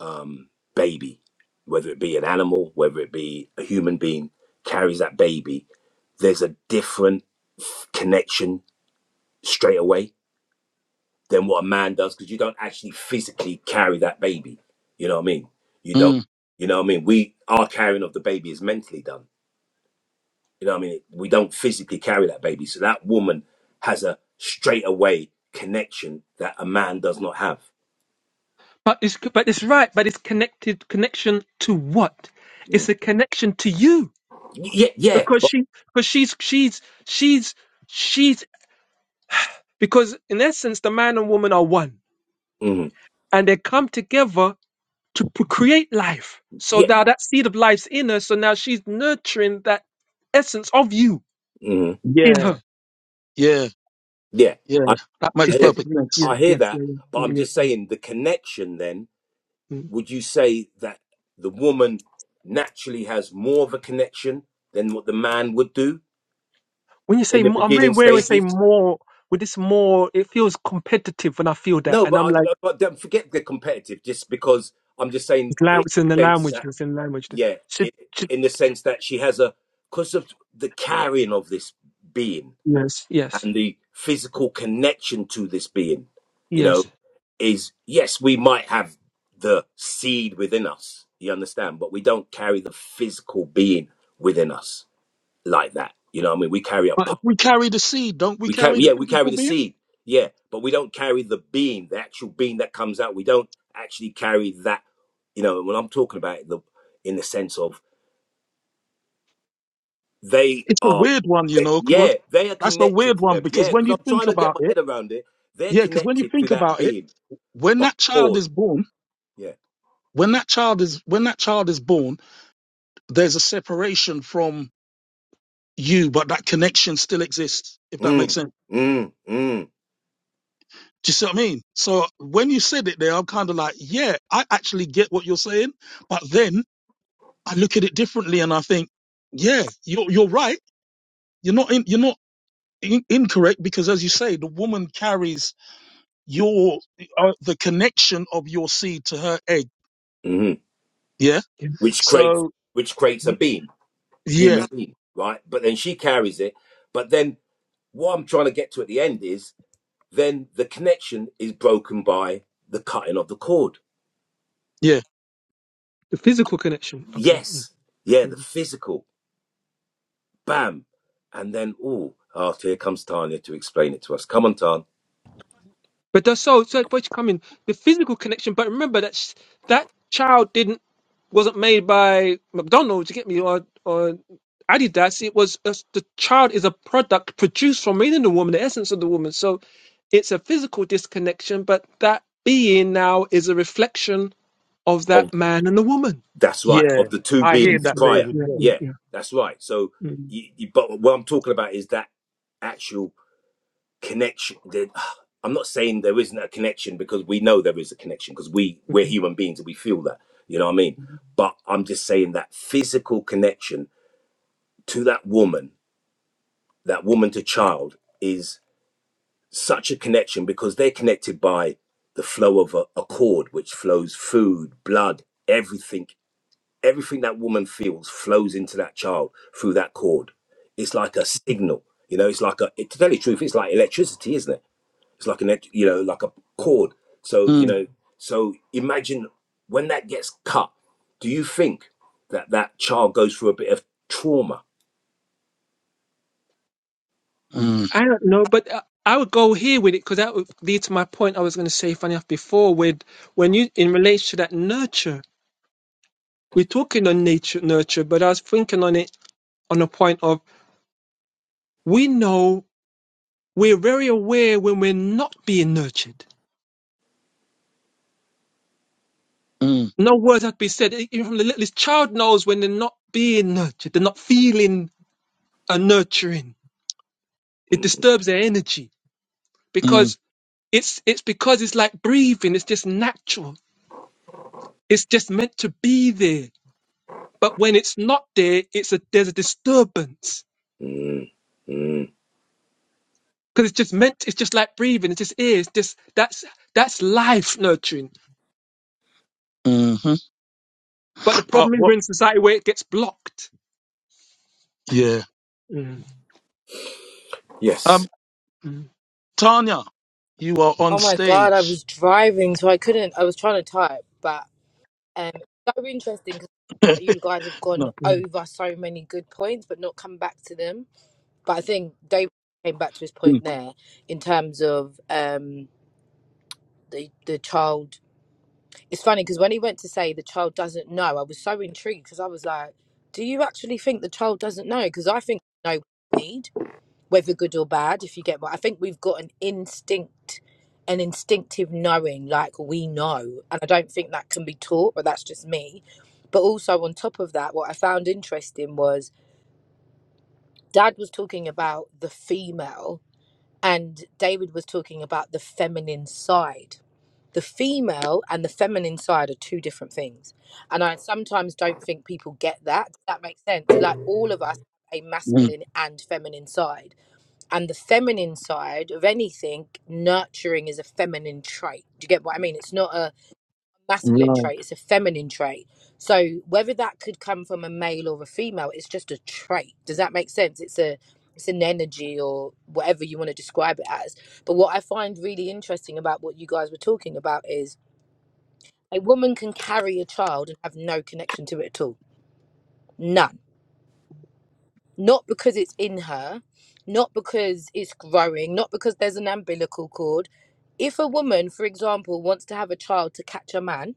B: um, baby, whether it be an animal, whether it be a human being, carries that baby. There's a different connection straight away than what a man does because you don't actually physically carry that baby. You know what I mean? You don't.
A: Mm.
B: You know what I mean? We our carrying of the baby is mentally done. You know what I mean? We don't physically carry that baby. So that woman has a straightaway connection that a man does not have.
C: But it's but it's right. But it's connected connection to what?
B: Mm.
C: It's a connection to you
B: Yeah, yeah,
C: because
B: but
C: she because she's she's she's she's because in essence the man and woman are one
B: mm,
C: and they come together to p- create life. So
B: yeah,
C: now that seed of life's in her. So now she's nurturing that essence of you
B: mm,
C: in
A: Yeah.
C: her.
A: Yeah.
B: yeah.
A: Yeah.
B: I
A: That makes
B: I
C: It's
B: hear,
A: perfect
C: definitely
A: sense.
C: yeah
B: I hear
C: yes,
B: that,
C: yeah yeah
B: but
C: yeah.
B: I'm
C: yeah,
B: just
C: yeah.
B: saying the connection. Then,
C: Mm.
B: would you say that the woman naturally has more of a connection than what the man would do?
C: When you
B: in
C: say
B: the
C: mo- I'm very
B: beginning
C: wary. when you Say
B: stages.
C: more with this more. It feels competitive when I feel that,
B: No,
C: and
B: but
C: I'm like.
B: I, but don't forget the competitive. Just because I'm just saying
C: It's, la-
B: it
C: it's in the
B: sense
C: language.
B: that
C: It's in language.
B: yeah,
C: Should,
B: it,
C: should,
B: in the sense that she has a because of the carrying of this being
C: yes, yes,
B: and the physical connection to this being, you
C: yes.
B: know, is yes, we might have the seed within us. You understand, but we don't carry the physical being within us like that. You know, what I mean, we carry a
A: But if
B: part
A: we carry the seed, don't we
B: We
A: carry
B: carry,
A: the
B: yeah, we carry
A: physical
B: the
A: being?
B: seed, yeah, but we don't carry the beam, the actual beam that comes out. We don't actually carry that, you know. When I'm talking about it, the in the sense of they
A: It's a
B: are,
A: weird one, you
B: they-
A: know, Claude.
B: yeah, they are
A: That's a
B: connected
A: weird
B: to
A: one
B: them,
A: because
B: yeah.
A: when
B: Because
A: you
B: I'm
A: think
B: trying to get
A: about
B: my
A: it
B: head around it. They're
A: Yeah, because when you
B: connected to
A: think
B: that
A: about it,
B: beam
A: when
B: by
A: that child
B: cord,
A: is born,
B: yeah.
A: when that child is when that child is born, there's a separation from you, but that connection still exists, if that makes
B: Mm,
A: sense.
B: mm, mm,
A: Do you see what I mean? So when you said it there, I'm kind of like, yeah, I actually get what you're saying, but then I look at it differently and I think, yeah, you're you're right. You're not in, you're not in, incorrect because, as you say, the woman carries your uh, the connection of your seed to her egg.
B: hmm
A: Yeah.
C: Yeah.
B: Which creates,
A: So
B: which creates a
A: y-
B: beam,
A: yeah,
B: human being, right? But then she carries it. But then what I'm trying to get to at the end is then the connection is broken by the cutting of the cord.
A: yeah.
C: The physical connection. Okay. Mm,
B: Yes, yeah, the
C: mm.
B: physical, bam, and then ooh, oh, ah, here comes Tanya to explain it to us. Come on, Tan.
C: But that's so. So what's coming? The physical connection. But remember that sh- that child didn't wasn't made by McDonald's. You get me? Or or Adidas. It was a, the child is a product produced from within the woman, the essence of the woman. So it's a physical disconnection. But that being now is a reflection of
B: Of
C: that man and the woman.
B: that's right.
A: Yeah,
B: Of the two
A: I
C: Yeah.
A: hear
B: beings
A: that,
C: mm,
B: prior,
A: David.
C: Yeah.
A: Yeah.
C: Yeah.
B: yeah,
C: yeah.
B: that's right. So,
C: Mm.
B: you, you, but what I'm talking about is that actual connection. That, I'm not saying there isn't a connection because we know there is a connection because we we're human beings and we feel that. You know what I mean? But I'm just saying that physical connection to that woman that woman to child is such a connection because they're connected by the flow of a, a cord which flows food blood everything everything that woman feels flows into that child through that cord it's like a signal you know it's like a it- to tell you the truth it's like electricity isn't it it's like an elect- you know like a cord so you
A: Mm,
B: know so imagine when that gets cut do you think that that child goes through a bit of trauma
A: mm,
C: I don't know, but uh, I would go here with it because that would lead to my point I was going to say, funny enough, before with when you in relation to that nurture, we're talking on nature nurture, but I was thinking on it on a point of we know we're very aware when we're not being nurtured.
A: mm,
C: No words have to be said. E- Even from the littlest child knows when they're not being nurtured, they're not feeling a nurturing. It
B: mm,
C: disturbs their energy
A: mm,
C: because it's it's because it's like breathing. It's just natural. It's just meant to be there But when it's not there, it's a there's a disturbance
B: mm, mm.
C: because it's just meant. It's just like breathing. It just is. Just that's that's life nurturing.
A: hmm
C: But the
A: But
C: problem is we're
A: what?
C: in society where it gets blocked.
A: Yeah.
C: Mm,
B: yes
A: Um,
C: mm,
A: Tanya, you are on
D: Oh my god, I
A: stage.
D: was driving, so I couldn't. I was trying to type, but um, it's so interesting because you guys have gone
A: no.
C: mm.
D: over so many good points, but not come back to them. But I think David came back to his
A: Mm,
D: point there in terms of um the the child. It's funny because when he went to say the child doesn't know, I was so intrigued because I was like, "Do you actually think the child doesn't know?" Because I think they know what they need whether good or bad, if you get what I think we've got an instinct, an instinctive knowing, like we know. And I don't think that can be taught, but that's just me. But also, on top of that, what I found interesting was dad was talking about the female, and David was talking about the feminine side. The female and the feminine side are two different things. And I sometimes don't think people get that. Does that make sense? So like all of us, have a
A: mm,
D: masculine and feminine side and the feminine side of anything, nurturing is a feminine trait. Do you get what I mean? It's not a
A: mm.
D: masculine trait, it's a feminine trait. So whether that could come from a male or a female, it's just a trait. Does that make sense? It's a it's an energy or whatever you want to describe it as. But what I find really interesting about what you guys were talking about is a woman can carry a child and have no connection to it at all. None not because it's in her, not because it's growing, not because there's an umbilical cord. If a woman, for example, wants to have a child to catch a man,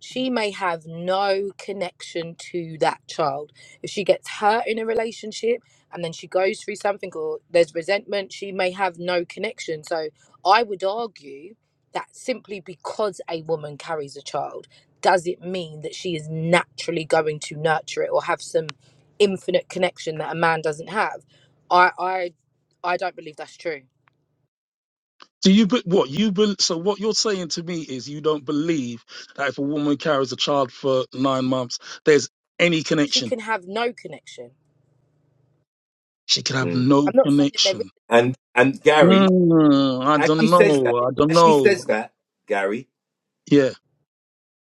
D: she may have no connection to that child. If she gets hurt in a relationship and then she goes through something or there's resentment, she may have no connection. So I would argue that simply because a woman carries a child, does it mean that she is naturally going to nurture it or have some infinite connection that a man doesn't have? I I I don't believe that's true.
A: Do you? Be- what you? Be- so what you're saying to me is you don't believe that if a woman carries a child for nine months, there's any
D: She
A: connection.
D: can have no connection.
A: She could have
B: Mm.
A: no
D: I'm not saying there
A: connection.
B: and and Gary,
A: Mm, I
B: as she
A: don't
B: says that,
A: know. I
D: isn't.
A: don't
B: as she
A: know.
B: says that, Gary,
A: Yeah.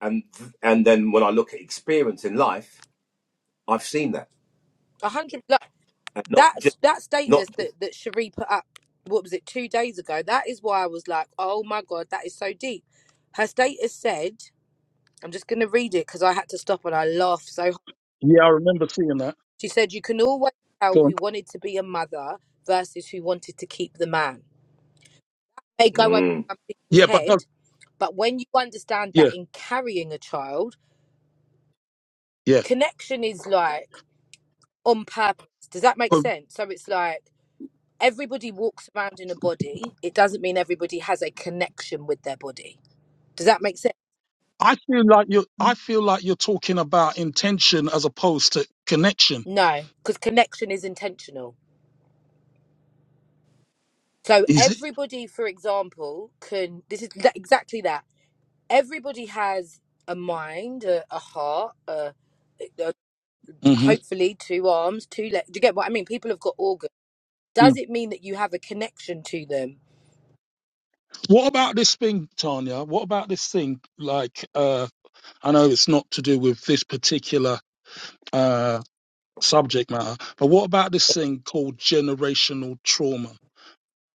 B: and and then when I look at experience in life, I've seen that,
D: A hundred.
B: and not
D: that
B: just
D: that status
B: not
D: that
B: just.
D: that Cherie put up, what was it, two days ago? That is why I was like, oh my god, that is so deep. Her status said, I'm just gonna read it because I had to stop and I laughed so. hard.
A: Yeah, I remember seeing that.
D: She said, you can always tell
A: Go on.
D: who wanted to be a mother versus who wanted to keep the man. They go over
B: Mm,
D: some people's
A: Yeah, but
D: head,
A: that,
D: but when you understand
A: yeah,
D: that in carrying a child,
A: yeah.
D: connection is like on purpose. Does that make sense? So it's like everybody walks around in a body, it doesn't mean everybody has a connection with their body. Does that make sense?
A: I feel like you're I feel like you're talking about intention as opposed to connection.
D: No, because connection is intentional. So
A: Is it?
D: everybody, for example, can this is tha- exactly that. Everybody has a mind, a, a heart, a, a-
A: hmm
D: hopefully two arms, two legs. Do you get what I mean? People have got organs. Does it mean that you have a connection to them?
A: What about this thing, Tanya? What about this thing? Like, uh, I know it's not to do with this particular uh, subject matter, but what about this thing called generational trauma?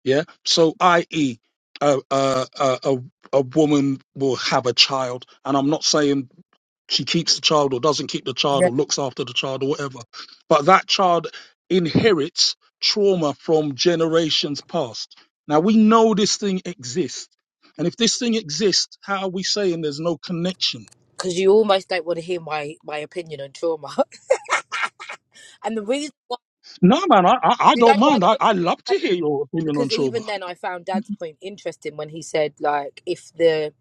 A: Yeah. So, i.e., a, a, a, a a woman will have a child, and I'm not saying she keeps the child or doesn't keep the child
D: Yeah.
A: or looks after the child or whatever. But that child inherits trauma from generations past. Now we know this thing exists. And if this thing exists, how are we saying there's no connection?
D: Because you almost don't want to hear my my opinion on trauma. and the reason why,
A: No, man, I, I, I
D: you know
A: don't
D: why
A: mind.
D: the
A: I,
D: reason
A: I love to hear your opinion on
D: because
A: trauma.
D: even then I found Dad's point interesting when he said like if the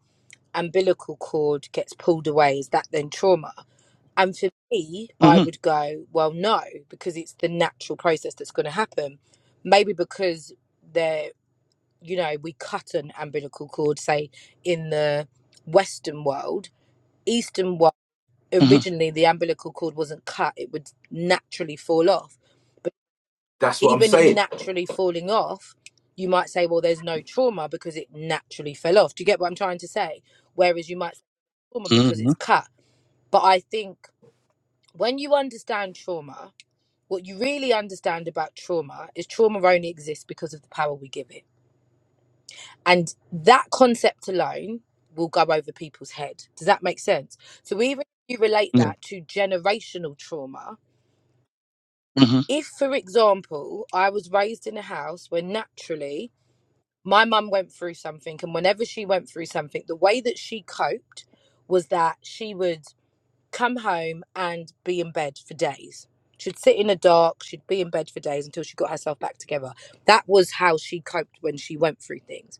D: umbilical cord gets pulled away, is that then trauma? And for me, I
A: hmm
D: would go, well, no, because it's the natural process that's going to happen. Maybe because they're, you know, we cut an umbilical cord, say, in the Western world, Eastern world,
A: hmm
D: originally the umbilical cord wasn't cut, it would naturally fall off
B: that's what I'm
D: even in
B: saying.
D: naturally falling off, you might say, well, there's no trauma because it naturally fell off. Do you get what I'm trying to say? Whereas you might say trauma because
A: hmm
D: it's cut. But I think when you understand trauma, what you really understand about trauma is trauma only exists because of the power we give it. And that concept alone will go over people's head. Does that make sense? So even if you relate
A: Yeah.
D: that to generational trauma,
A: hmm
D: if, for example, I was raised in a house where naturally my mum went through something and whenever she went through something the way that she coped was that she would come home and be in bed for days she'd sit in the dark she'd be in bed for days until she got herself back together that was how she coped when she went through things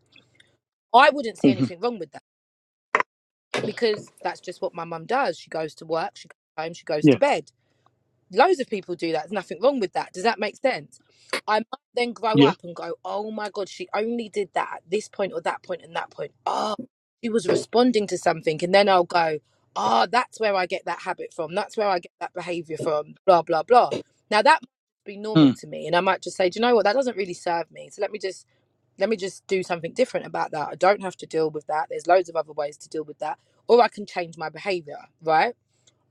D: i wouldn't see
A: hmm
D: anything wrong with that because that's just what my mum does she goes to work she goes home she goes
A: Yeah.
D: to bed Loads of people do that. There's nothing wrong with that. Does that make sense? I might then grow
A: Yeah.
D: up and go, oh my God, she only did that at this point or that point and that point. Oh, she was responding to something. And then I'll go, ah, oh, that's where I get that habit from. That's where I get that behavior from, blah, blah, blah. Now that might be normal
A: Mm-hmm.
D: to me. And I might just say, do you know what? That doesn't really serve me. So let me just. Let me just do something different about that. I don't have to deal with that. There's loads of other ways to deal with that. Or I can change my behavior, right?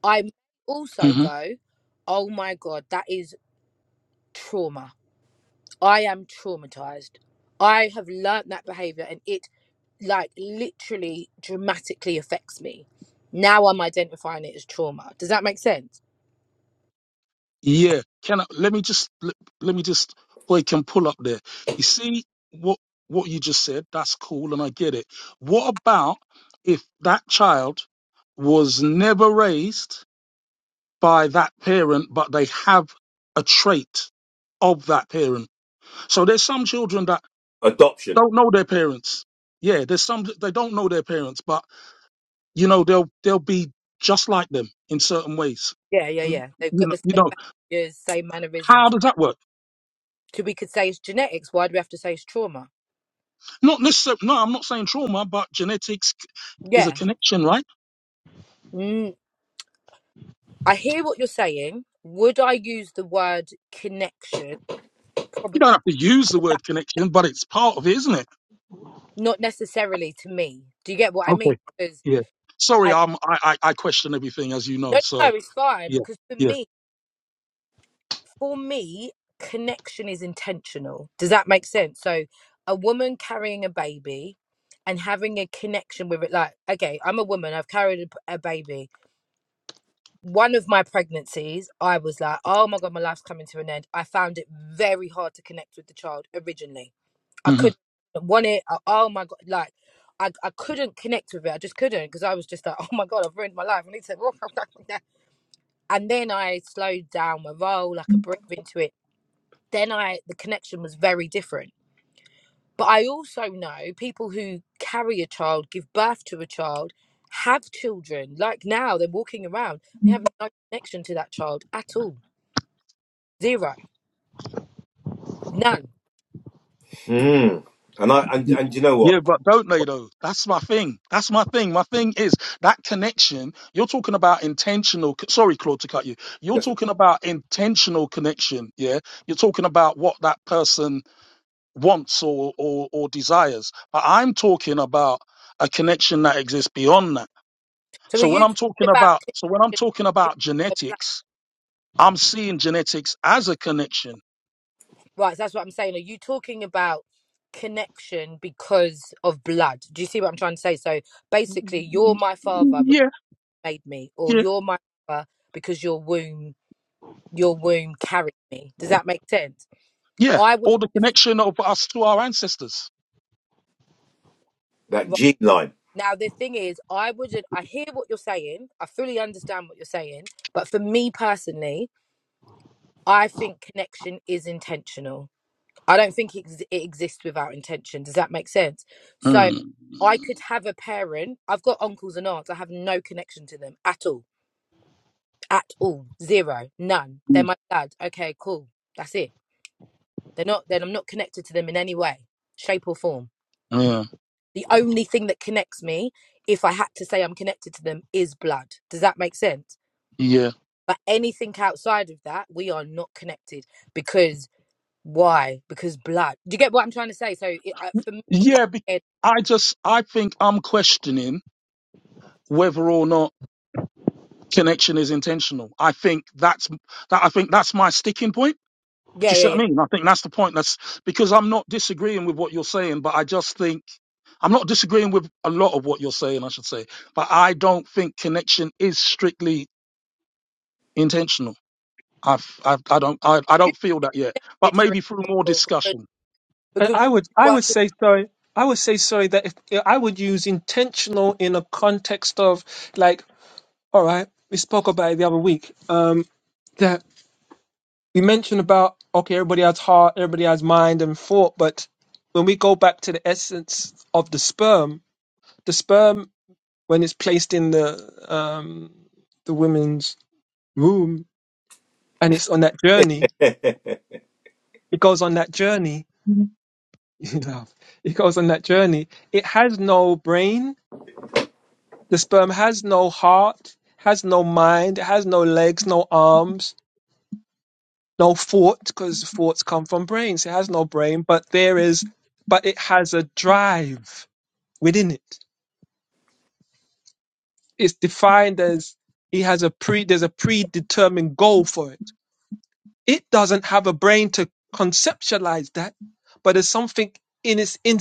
D: I may also go, oh my God, that is trauma. I am traumatized. I have learnt that behavior and it like literally dramatically affects me. Now I'm identifying it as trauma. Does that make sense?
A: Yeah, can I, let me just let, let me just or it can pull up there. You see what what you just said, that's cool and I get it. What about if that child was never raised by that parent but they have a trait of that parent. So there's some children that
B: Adoption.
A: don't know their parents. Yeah, there's some that- they don't know their parents, but you know they'll they'll be just like them in certain ways.
D: Yeah, yeah,
A: And
D: yeah. They've
A: you
D: got
A: know,
D: the
A: you
D: same
A: know,
D: behaviors, same
A: how
D: mannerisms.
A: does that work?
D: So we could say it's genetics. Why do we have to say it's trauma?
A: Not necessarily, no, I'm not saying trauma, but genetics c- is a
D: Yeah.
A: connection, right?
D: Mm, I hear what you're saying. Would I use the word connection?
A: You
D: Probably
A: don't have to use the
D: that,
A: word connection, but it's part of it, isn't it?
D: not necessarily to me. Do you get what I mean?
A: Okay.
D: 'Cause
A: Yeah. Sorry,
D: And
A: I'm, I, I, I question everything, as you know.
D: no, no,
A: So,
D: it's fine
A: yeah,
D: because for
A: yeah.
D: me, for me, connection is intentional. Does that make sense? So, a woman carrying a baby and having a connection with it, like, okay, I'm a woman, I've carried a, p- a baby. One of my pregnancies, I was like, oh my God, my life's coming to an end. I found it very hard to connect with the child originally. I
A: hmm
D: couldn't want it. I, oh my God, like, I, I couldn't connect with it. I just couldn't because I was just like, oh my God, I've ruined my life. I need to. and then I slowed down my role, I could breathe into it. Then I the connection was very different. But I also know people who carry a child, give birth to a child, have children. Like now, they're walking around. They have no connection to that child at all. Zero. None.
B: Hmm. And I and and you know
A: yeah,
B: what?
A: but don't they though? That's my thing. That's my thing. My thing is that connection. You're talking about intentional. Sorry, Claude, to cut you. You're
B: That's
A: talking about intentional connection. Yeah, you're talking about what that person. wants or, or, or desires. But I'm talking about a connection that exists beyond that.
D: So are
A: So when
D: you
A: I'm
D: talking
A: talking
D: about
A: about so when I'm
D: connection
A: talking about
D: of blood?
A: genetics, I'm seeing genetics as a connection.
D: right, so that's what I'm saying. Are you talking about connection because of blood? Do you see what I'm trying to say? So basically you're my father,
A: Yeah,
D: made me, or
A: yeah,
D: you're my mother because your womb, your womb carried me. Does that make sense?
A: yeah.
D: I would
A: Or the
D: def-
A: connection of us to our ancestors.
B: that
D: right.
B: gene line.
D: now. The thing is, I wouldn't. I hear what you're saying. I fully understand what you're saying, but for me personally, I think connection is intentional. I don't think it, ex- it exists without intention. Does that make sense? So
A: Mm,
D: I could have a parent. I've got uncles and aunts. I have no connection to them at all. At all. Zero. None. They're
A: mm,
D: my dad. Okay, cool. That's it They're not then I'm not connected to them in any way, shape or form.
A: yeah,
D: The only thing that connects me, if I had to say I'm connected to them, is blood. Does that make sense?
A: yeah,
D: But anything outside of that, we are not connected because why? Because blood. Do you get what I'm trying to say? So it, uh, for me,
A: yeah. be-
D: it,
A: I just I think I'm questioning whether or not connection is intentional. I think that's that I think that's my sticking point Do
D: yeah,
A: you
D: yeah,
A: see what I
D: yeah.
A: mean? I think that's the point. That's because I'm not disagreeing with what you're saying, but I just think I'm not disagreeing with a lot of what you're saying, I should say. But I don't think connection is strictly intentional. I, I, I don't I, I don't feel that yet. But
D: It, for
A: maybe through more
D: example,
A: discussion.
C: And
D: because,
C: I would I
D: because
C: would say sorry. I would say sorry that if, yeah, I would use intentional in a context of like all right. We spoke about it the other week. Um, that we mentioned about okay, everybody has heart, everybody has mind and thought, but when we go back to the essence of the sperm, the sperm when it's placed in the um the woman's womb and it's on that journey it goes on that journey you know it goes on that journey it has no brain the sperm has no heart has no mind it has no legs no arms no thought because thoughts come from brains it has no brain but there is but it has a drive within it it's defined as it has a pre there's a predetermined goal for it It doesn't have a brain to conceptualize that, but there's something in its in,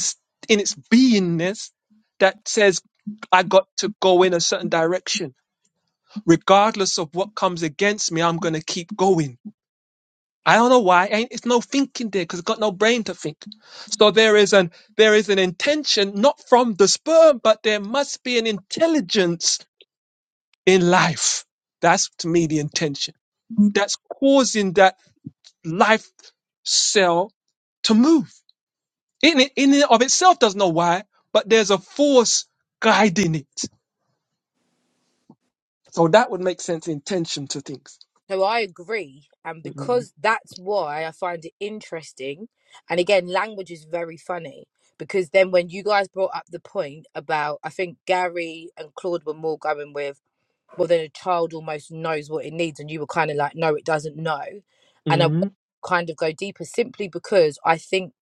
C: in its beingness that says I got to go in a certain direction, regardless of what comes against me. I'm gonna keep going. I don't know why. Ain't it's no thinking there because it got no brain to think. So there is an there is an intention not from the sperm, but there must be an intelligence in life. That's to me the intention. That's causing that life cell to move. In it, in and of itself doesn't know why, but there's a force guiding it. So that would make sense in tension to things.
D: So I agree. And
C: hmm
D: because that's why I find it interesting. And again, language is very funny because then when you guys brought up the point about, I think Gary and Claude were more going with, well, then a child almost knows what it needs. And you were kind of like, no, it doesn't know. And I
C: hmm
D: kind of go deeper simply because I think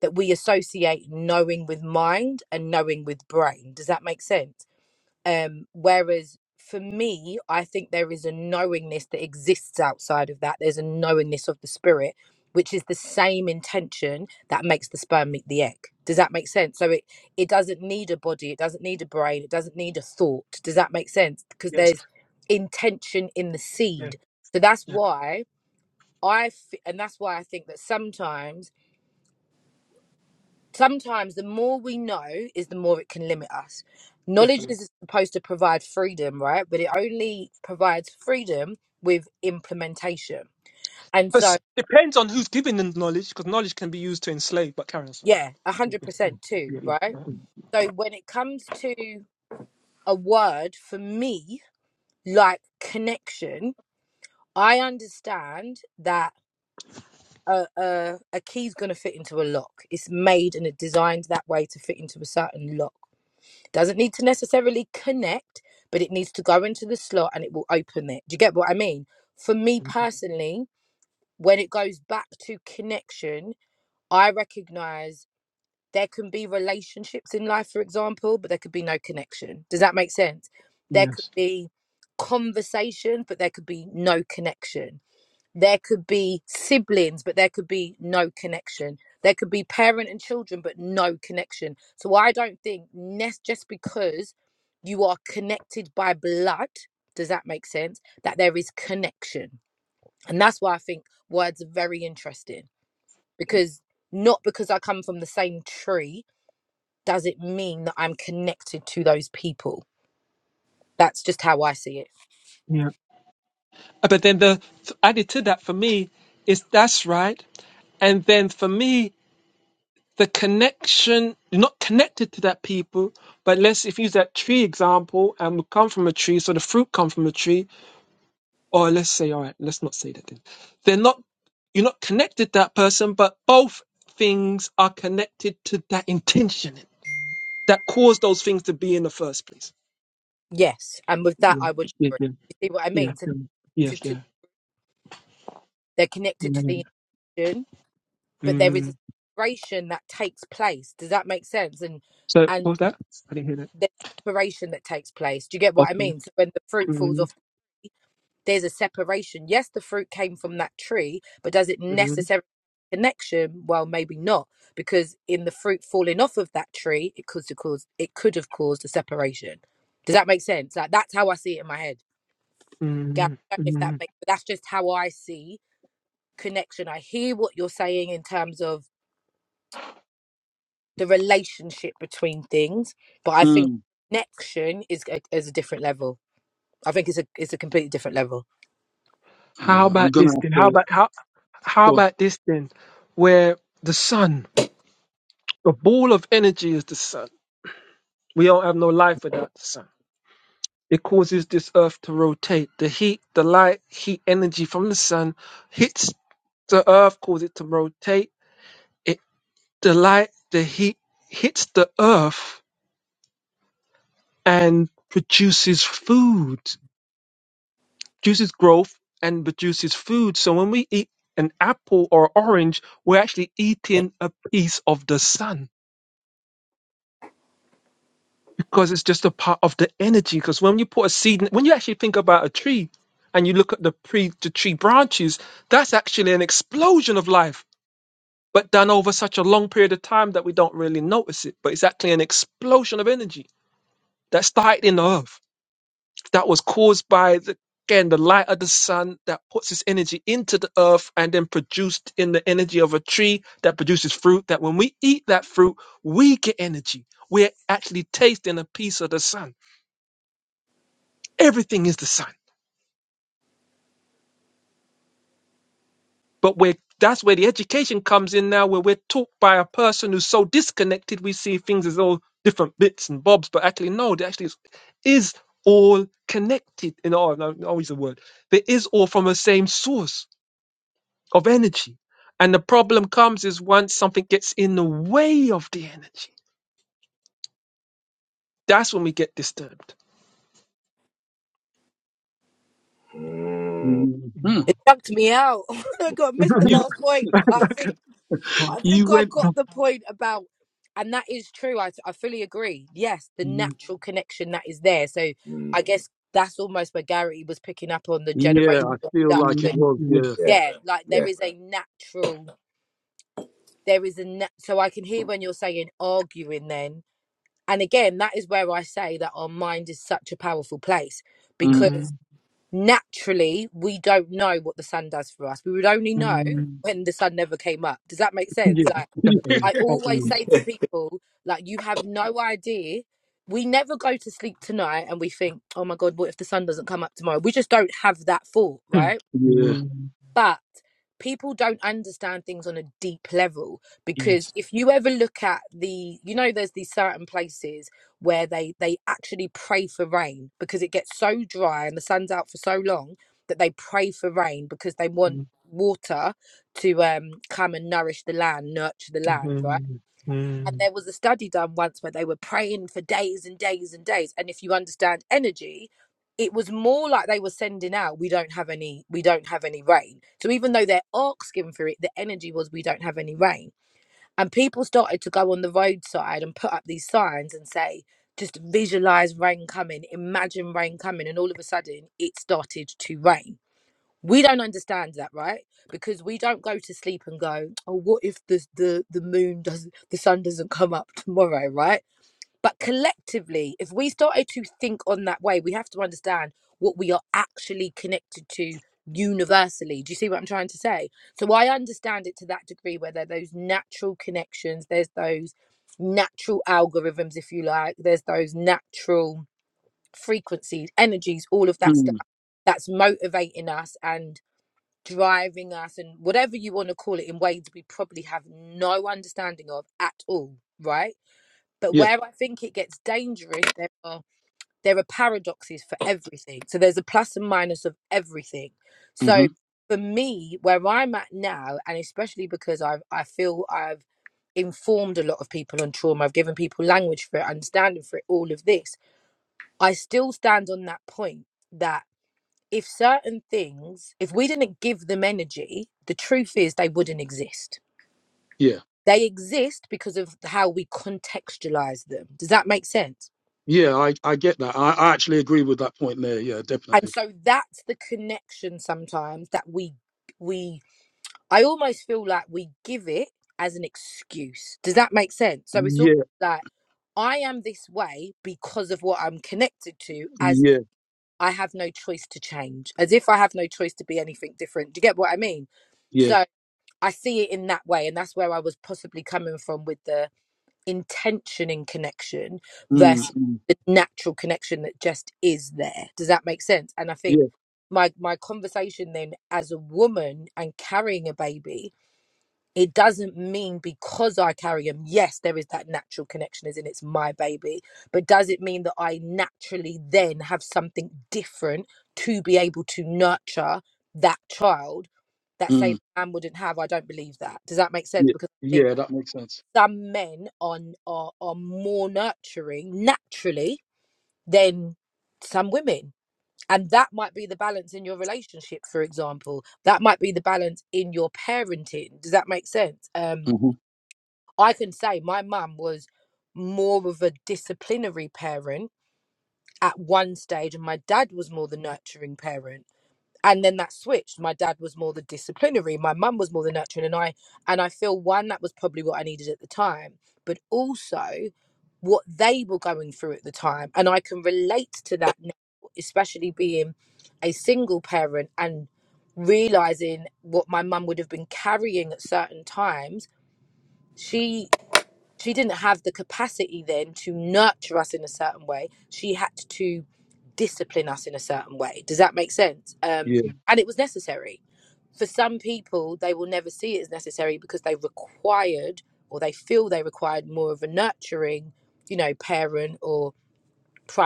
D: that we associate knowing with mind and knowing with brain. Does that make sense? Um, whereas for me, I think there is a knowingness that exists outside of that. There's a knowingness of the spirit, which is the same intention that makes the sperm meet the egg. Does that make sense? So it it doesn't need a body, it doesn't need a brain, it doesn't need a thought. Does that make sense? Because
C: Yes.
D: there's intention in the
C: Yeah.
D: seed. So that's
C: Yeah.
D: why I f- and that's why I think that sometimes sometimes the more we know is the more it can limit us. Knowledge
C: Definitely.
D: is supposed to provide freedom, right? But it only provides freedom with implementation. And
C: But
D: so,
C: s- depends on who's giving the knowledge, because knowledge can be used to enslave. But carry on, sorry.
D: yeah,
C: Mm,
D: 100% too,
C: yeah, yeah.
D: right?
C: Mm,
D: So when it comes to a word for me, like connection, I understand that a, a, a key is going to fit into a lock. It's made and it's designed that way to fit into a certain lock Doesn't need to necessarily connect, but it needs to go into the slot and it will open it. Do you get what I mean? For me
C: mm,
D: personally, when it goes back to connection, I recognize there can be relationships in life, for example, but there could be no connection. Does that make sense? There could
C: Yes.
D: be conversation, but there could be no connection there could be siblings, but there could be no connection. There could be parent and children, but no connection. So I don't think nes- just because you are connected by blood, does that make sense? That there is connection. And that's why I think words are very interesting because not because I come from the same tree does it mean that I'm connected to those people. That's just how I see it.
C: Yeah. Uh, But then the th- added to that for me is that's right. And then for me the connection you're not connected to that people but let's if you use that tree example and we come from a tree so the fruit come from a tree or let's say all right let's not say that then they're not you're not connected to that person but both things are connected to that intention that caused those things to be in the first place
D: Yes. And with that,
C: yeah
D: I would
C: yeah
D: agree.
C: yeah
D: You see what I
C: yeah
D: mean? So
C: um, yeah
D: to, to,
C: yeah,
D: they're connected
C: yeah,
D: to the
C: yeah.
D: but there is a
C: Mm.
D: separation that takes place. Does that make sense? And
C: so what
D: and
C: was that i didn't hear that
D: there's separation that takes place. Do you get what I
C: okay
D: mean? So when the fruit falls
C: mm,
D: off, there's a separation. Yes, the fruit came from that tree, but does it
C: mm,
D: necessarily connection? Well, maybe not, because in the fruit falling off of that tree, it could have caused it could have caused a separation. Does that make sense? Like that's how I see it in my head. Gary,
C: mm,
D: I don't know if
C: mm,
D: that makes, but that's just how I see connection. I hear what you're saying in terms of the relationship between things, but I think
A: Mm.
D: connection is a, is a different level. I think it's a it's a completely different level.
C: How
A: Uh, I'm
C: about
A: gonna
C: this then?
A: have
C: How
A: to
C: about how how
A: go on.
C: about this then? Where the sun, the ball of energy is the sun. We don't have no life without the sun. It causes this earth to rotate. The heat, the light, heat energy from the sun hits the earth, causes it to rotate. It the light, the heat hits the earth and produces food. Juices growth and produces food. So when we eat an apple or orange, we're actually eating a piece of the sun because it's just a part of the energy. Because when you put a seed, in, when you actually think about a tree and you look at the, pre, the tree branches, that's actually an explosion of life, but done over such a long period of time that we don't really notice it. But it's actually an explosion of energy that started in the earth that was caused by the, again the light of the sun that puts its energy into the earth and then produced in the energy of a tree that produces fruit that when we eat that fruit we get energy we're actually tasting a piece of the sun everything is the sun but we're that's where the education comes in now where we're taught by a person who's so disconnected we see things as all different bits and bobs but actually no they actually is, is all connected in all no, no, always the word there is all from the same source of energy. And the problem comes is once something gets in the way of the energy, that's when we get disturbed.
B: Hmm.
A: Mm. Mm.
D: It chucked me out. I got missed the
A: You
D: last point, but I think I
A: you
D: think I
A: went
D: got the point about, and that is true. I I fully agree. Yes, the natural connection that is there. So
B: Hmm.
D: I guess that's almost where Gary was picking up on the
A: yeah, I
D: generational
A: feel
D: stuff.
A: like it
D: But
A: was, yeah.
B: yeah,
D: yeah, like there
B: yeah.
D: is a natural. There is a na- so I can hear when you're saying arguing then And again, that is where I say that our mind is such a powerful place
A: Mm.
D: because naturally we don't know what the sun does for us. We would only know when the sun never came up. Does that make sense? Like, I always say to people, like, you have no idea. We never go to sleep tonight and we think, oh my God, what if the sun doesn't come up tomorrow? We just don't have that thought, right?
A: Yeah.
D: but people don't understand things on a deep level because
C: Yes.
D: if you ever look at the you know there's these certain places where they they actually pray for rain because it gets so dry and the sun's out for so long that they pray for rain because they want water to um come and nourish the land nurture the land right and there was a study done once where they were praying for days and days and days. And if you understand energy, it was more like they were sending out, we don't have any, we don't have any rain. So even though they're asking for it, the energy was we don't have any rain. And people started to go on the roadside and put up these signs and say, just visualize rain coming, imagine rain coming. And all of a sudden it started to rain we don't understand that right because we don't go to sleep and go oh what if the the, the moon doesn't the sun doesn't come up tomorrow right but collectively if we started to think on that way we have to understand what we are actually connected to universally do you see what i'm trying to say so i understand it to that degree where there are those natural connections there's those natural algorithms if you like there's those natural frequencies energies all of that stuff
A: Mm.
D: that's motivating us and driving us and whatever you want to call it in ways we probably have no understanding of at all, right? But
A: Yeah.
D: where I think it gets dangerous, there are there are paradoxes for everything. So there's a plus and minus of everything. So
A: hmm
D: for me, where I'm at now, and especially because I've I feel I've informed a lot of people on trauma, I've given people language for it, understanding for it, all of this, I still stand on that point that if certain things, if we didn't give them energy, the truth is they wouldn't exist.
A: Yeah.
D: They exist because of how we contextualize them. Does that make sense?
A: Yeah, I, I get that. I, I actually agree with that point there. Yeah,
D: And
A: definitely.
D: so that's the connection sometimes that we we I almost feel like we give it as an excuse. Does that make sense? So it's all
A: Yeah,
D: like I am this way because of what I'm connected to as
A: yeah,
D: I have no choice to change, as if I have no choice to be anything different. Do you get what I mean?
A: yeah.
D: So I see it in that way, and that's where I was possibly coming from with the intention in connection
A: mm
D: versus
A: mm,
D: the natural connection that just is there. Does that make sense? And I think
A: Yeah,
D: my my conversation then as a woman and carrying a baby it doesn't mean because I carry him, yes, there is that natural connection, as in it's my baby, but does it mean that I naturally then have something different to be able to nurture that child that say
A: mm,
D: man wouldn't have? I don't believe that. Does that make sense?
A: yeah,
D: Because I think
A: yeah. That makes sense.
D: some men are are, are more nurturing naturally than some women. And that might be the balance in your relationship, for example. That might be the balance in your parenting. Does that make sense? Um,
A: hmm
D: I can say my mum was more of a disciplinary parent at one stage, and my dad was more the nurturing parent. And then that switched. My dad was more the disciplinary. My mum was more the nurturing, and I and I feel one that was probably what I needed at the time, but also what they were going through at the time, and I can relate to that now, especially being a single parent and realizing what my mum would have been carrying at certain times. She she didn't have the capacity then to nurture us in a certain way. She had to discipline us in a certain way. Does that make sense? Um,
A: Yeah,
D: and it was necessary. For some people, they will never see it as necessary because they required or they feel they required more of a nurturing, you know, parent or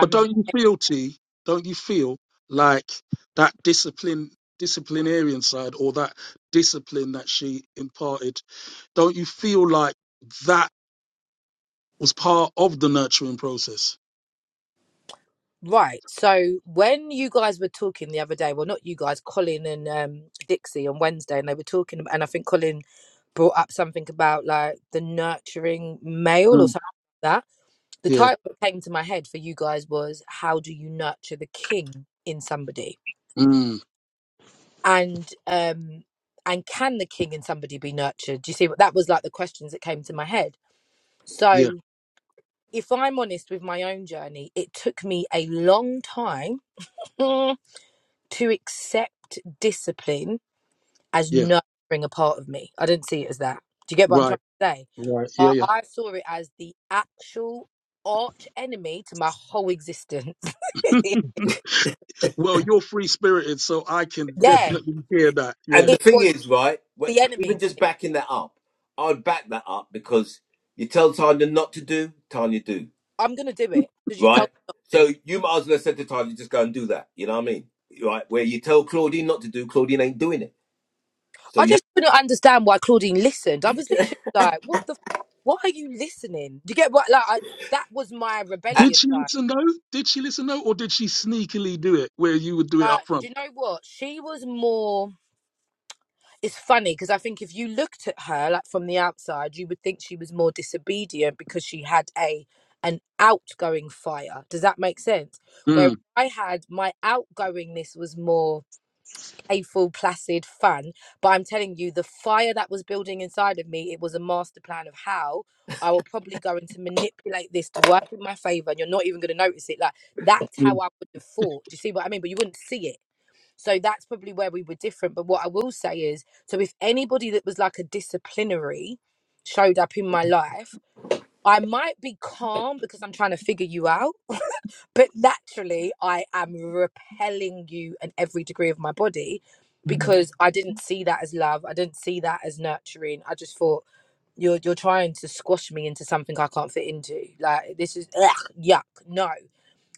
A: but don't you feel, T? Don't you feel like that discipline, disciplinarian side, or that discipline that she imparted? Don't you feel like that was part of the nurturing process?
D: Right. So when you guys were talking the other day, well, not you guys, Colin and um, Dixie on Wednesday, and they were talking, and I think Colin brought up something about like the nurturing male or
A: Mm.
D: something like that. The
A: Yeah,
D: title that came to my head for you guys was "How do you nurture the king in somebody?"
A: mm,
D: and um and can the king in somebody be nurtured? Do you see what that was like? The questions that came to my head.
A: yeah,
D: So if I'm honest with my own journey, it took me a long time to accept discipline as
A: yeah.
D: nurturing a part of me. I didn't see it as that. Do you get what I'm trying
A: Right,
D: to say?
A: right. Yeah,
D: I,
A: yeah.
D: I saw it as the actual arch enemy to my whole existence.
A: Well, you're free spirited, so I can
D: yeah,
A: definitely hear that. Yeah.
B: And the
D: it
B: thing
D: was
B: is, right? wh-
D: the
B: Even
D: enemy to
B: just
D: me.
B: backing that up, I would back that up because you tell Tanya not to do, Tanya do.
D: I'm going to do it because you told
B: right?
D: me not
B: So
D: to.
B: you might as well have said to Tyler, just go and do that. You know what I mean? Right? Where you tell Claudine not to do, Claudine ain't doing it. So
D: I
B: you have
D: just couldn't understand why Claudine listened. I was literally like, what the, f- why are you listening? Do you get what, like, I, that was my
B: to act.
A: Did
D: rebellious
A: she
D: side.
A: listen though? Did she listen though, or did she sneakily do it where you would do it
D: Like,
A: up front?
D: do you know what? She was more. it's funny because I think if you looked at her like from the outside, you would think she was more disobedient because she had a an outgoing fire. Does that make sense? Where
A: Mm,
D: I had my outgoingness was more playful, placid, fun. But I'm telling you, the fire that was building inside of me, it was a master plan of how I will probably go into manipulate this to work in my favor, and you're not even going to notice it. Like that's how
A: mm,
D: I would have thought. Do you see what I mean? But you wouldn't see it so that's probably where we were different. But what I will say is so if anybody that was like a disciplinary showed up in my life, I might be calm because I'm trying to figure you out, but naturally I am repelling you in every degree of my body because I didn't see that as love. I didn't see that as nurturing. I just thought you're you're trying to squash me into something I can't fit into. Like this is ugh, yuck. No.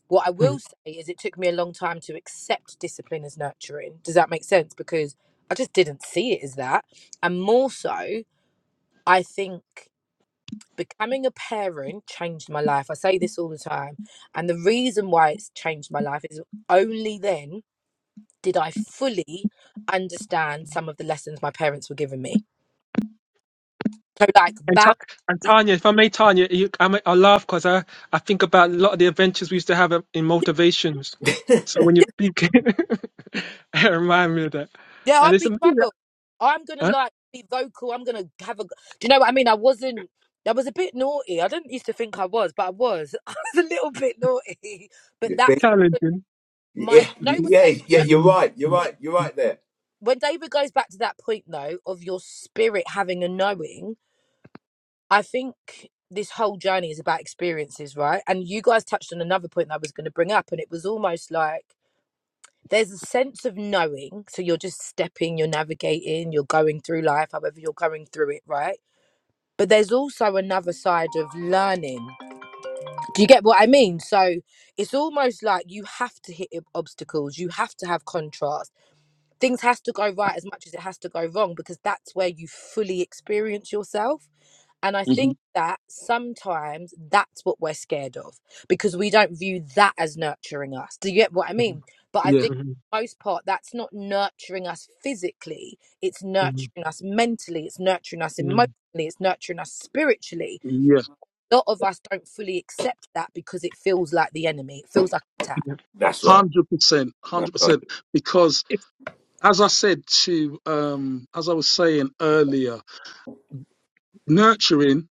D: What I will say is, it took me a long time to accept discipline as nurturing. Does that make sense? Because I just didn't see it as that. And more so, I think becoming a parent changed my life. I say this all the time. And the reason why it's changed my life is only then did I fully understand some of the lessons my parents were giving me. So, like
C: And, Ta-
D: boundaries.
C: and Tanya, if I may, Tanya, you, I, may, I laugh because I, I think about a lot of the adventures we used to have in in motivations. So when you speak, it reminds me of that.
D: Yeah,
C: And
D: I'd
C: it's
D: be
C: amazing,
D: trouble. I'm gonna
C: huh?
D: like be vocal. I'm gonna have a. Do you know what I mean? I wasn't. I was a bit naughty. I didn't used to think I was, but I was. I was a little bit naughty. But
B: You think?
D: that's because
C: challenging.
D: my.
B: Yeah,
D: No, when
C: Mhm.
B: yeah,
D: David
B: yeah.
D: goes
B: You're
D: back,
B: right. You're
C: Mhm.
D: point-
B: right. You're right there.
D: when David goes back to that point though of your spirit having a knowing, I think this whole journey is about experiences, right? And you guys touched on another point that I was going to bring up, and it was almost like. there's a sense of knowing. So you're just stepping, you're navigating, you're going through life, however you're going through it, right? But there's also another side of learning. Do you get what I mean? So it's almost like you have to hit obstacles, you have to have contrast. Things has to go right as much as it has to go wrong because that's where you fully experience yourself. And I think
A: mhm,
D: that sometimes that's what we're scared of because we don't view that as nurturing us. Do you get what I mean? But I
A: yeah,
D: think for the most part that's not nurturing us physically, it's
C: Mhm.
D: nurturing us mentally, it's nurturing us emotionally,
C: Mhm.
D: it's nurturing us spiritually.
A: yeah,
D: A lot of us don't fully accept that because it feels like the enemy. It feels like an attack.
C: Yeah.
B: That's right.
A: hundred percent, hundred
B: That's right.
A: percent. Because
C: It's,
A: as I said to, um, as I was saying earlier, nurturing.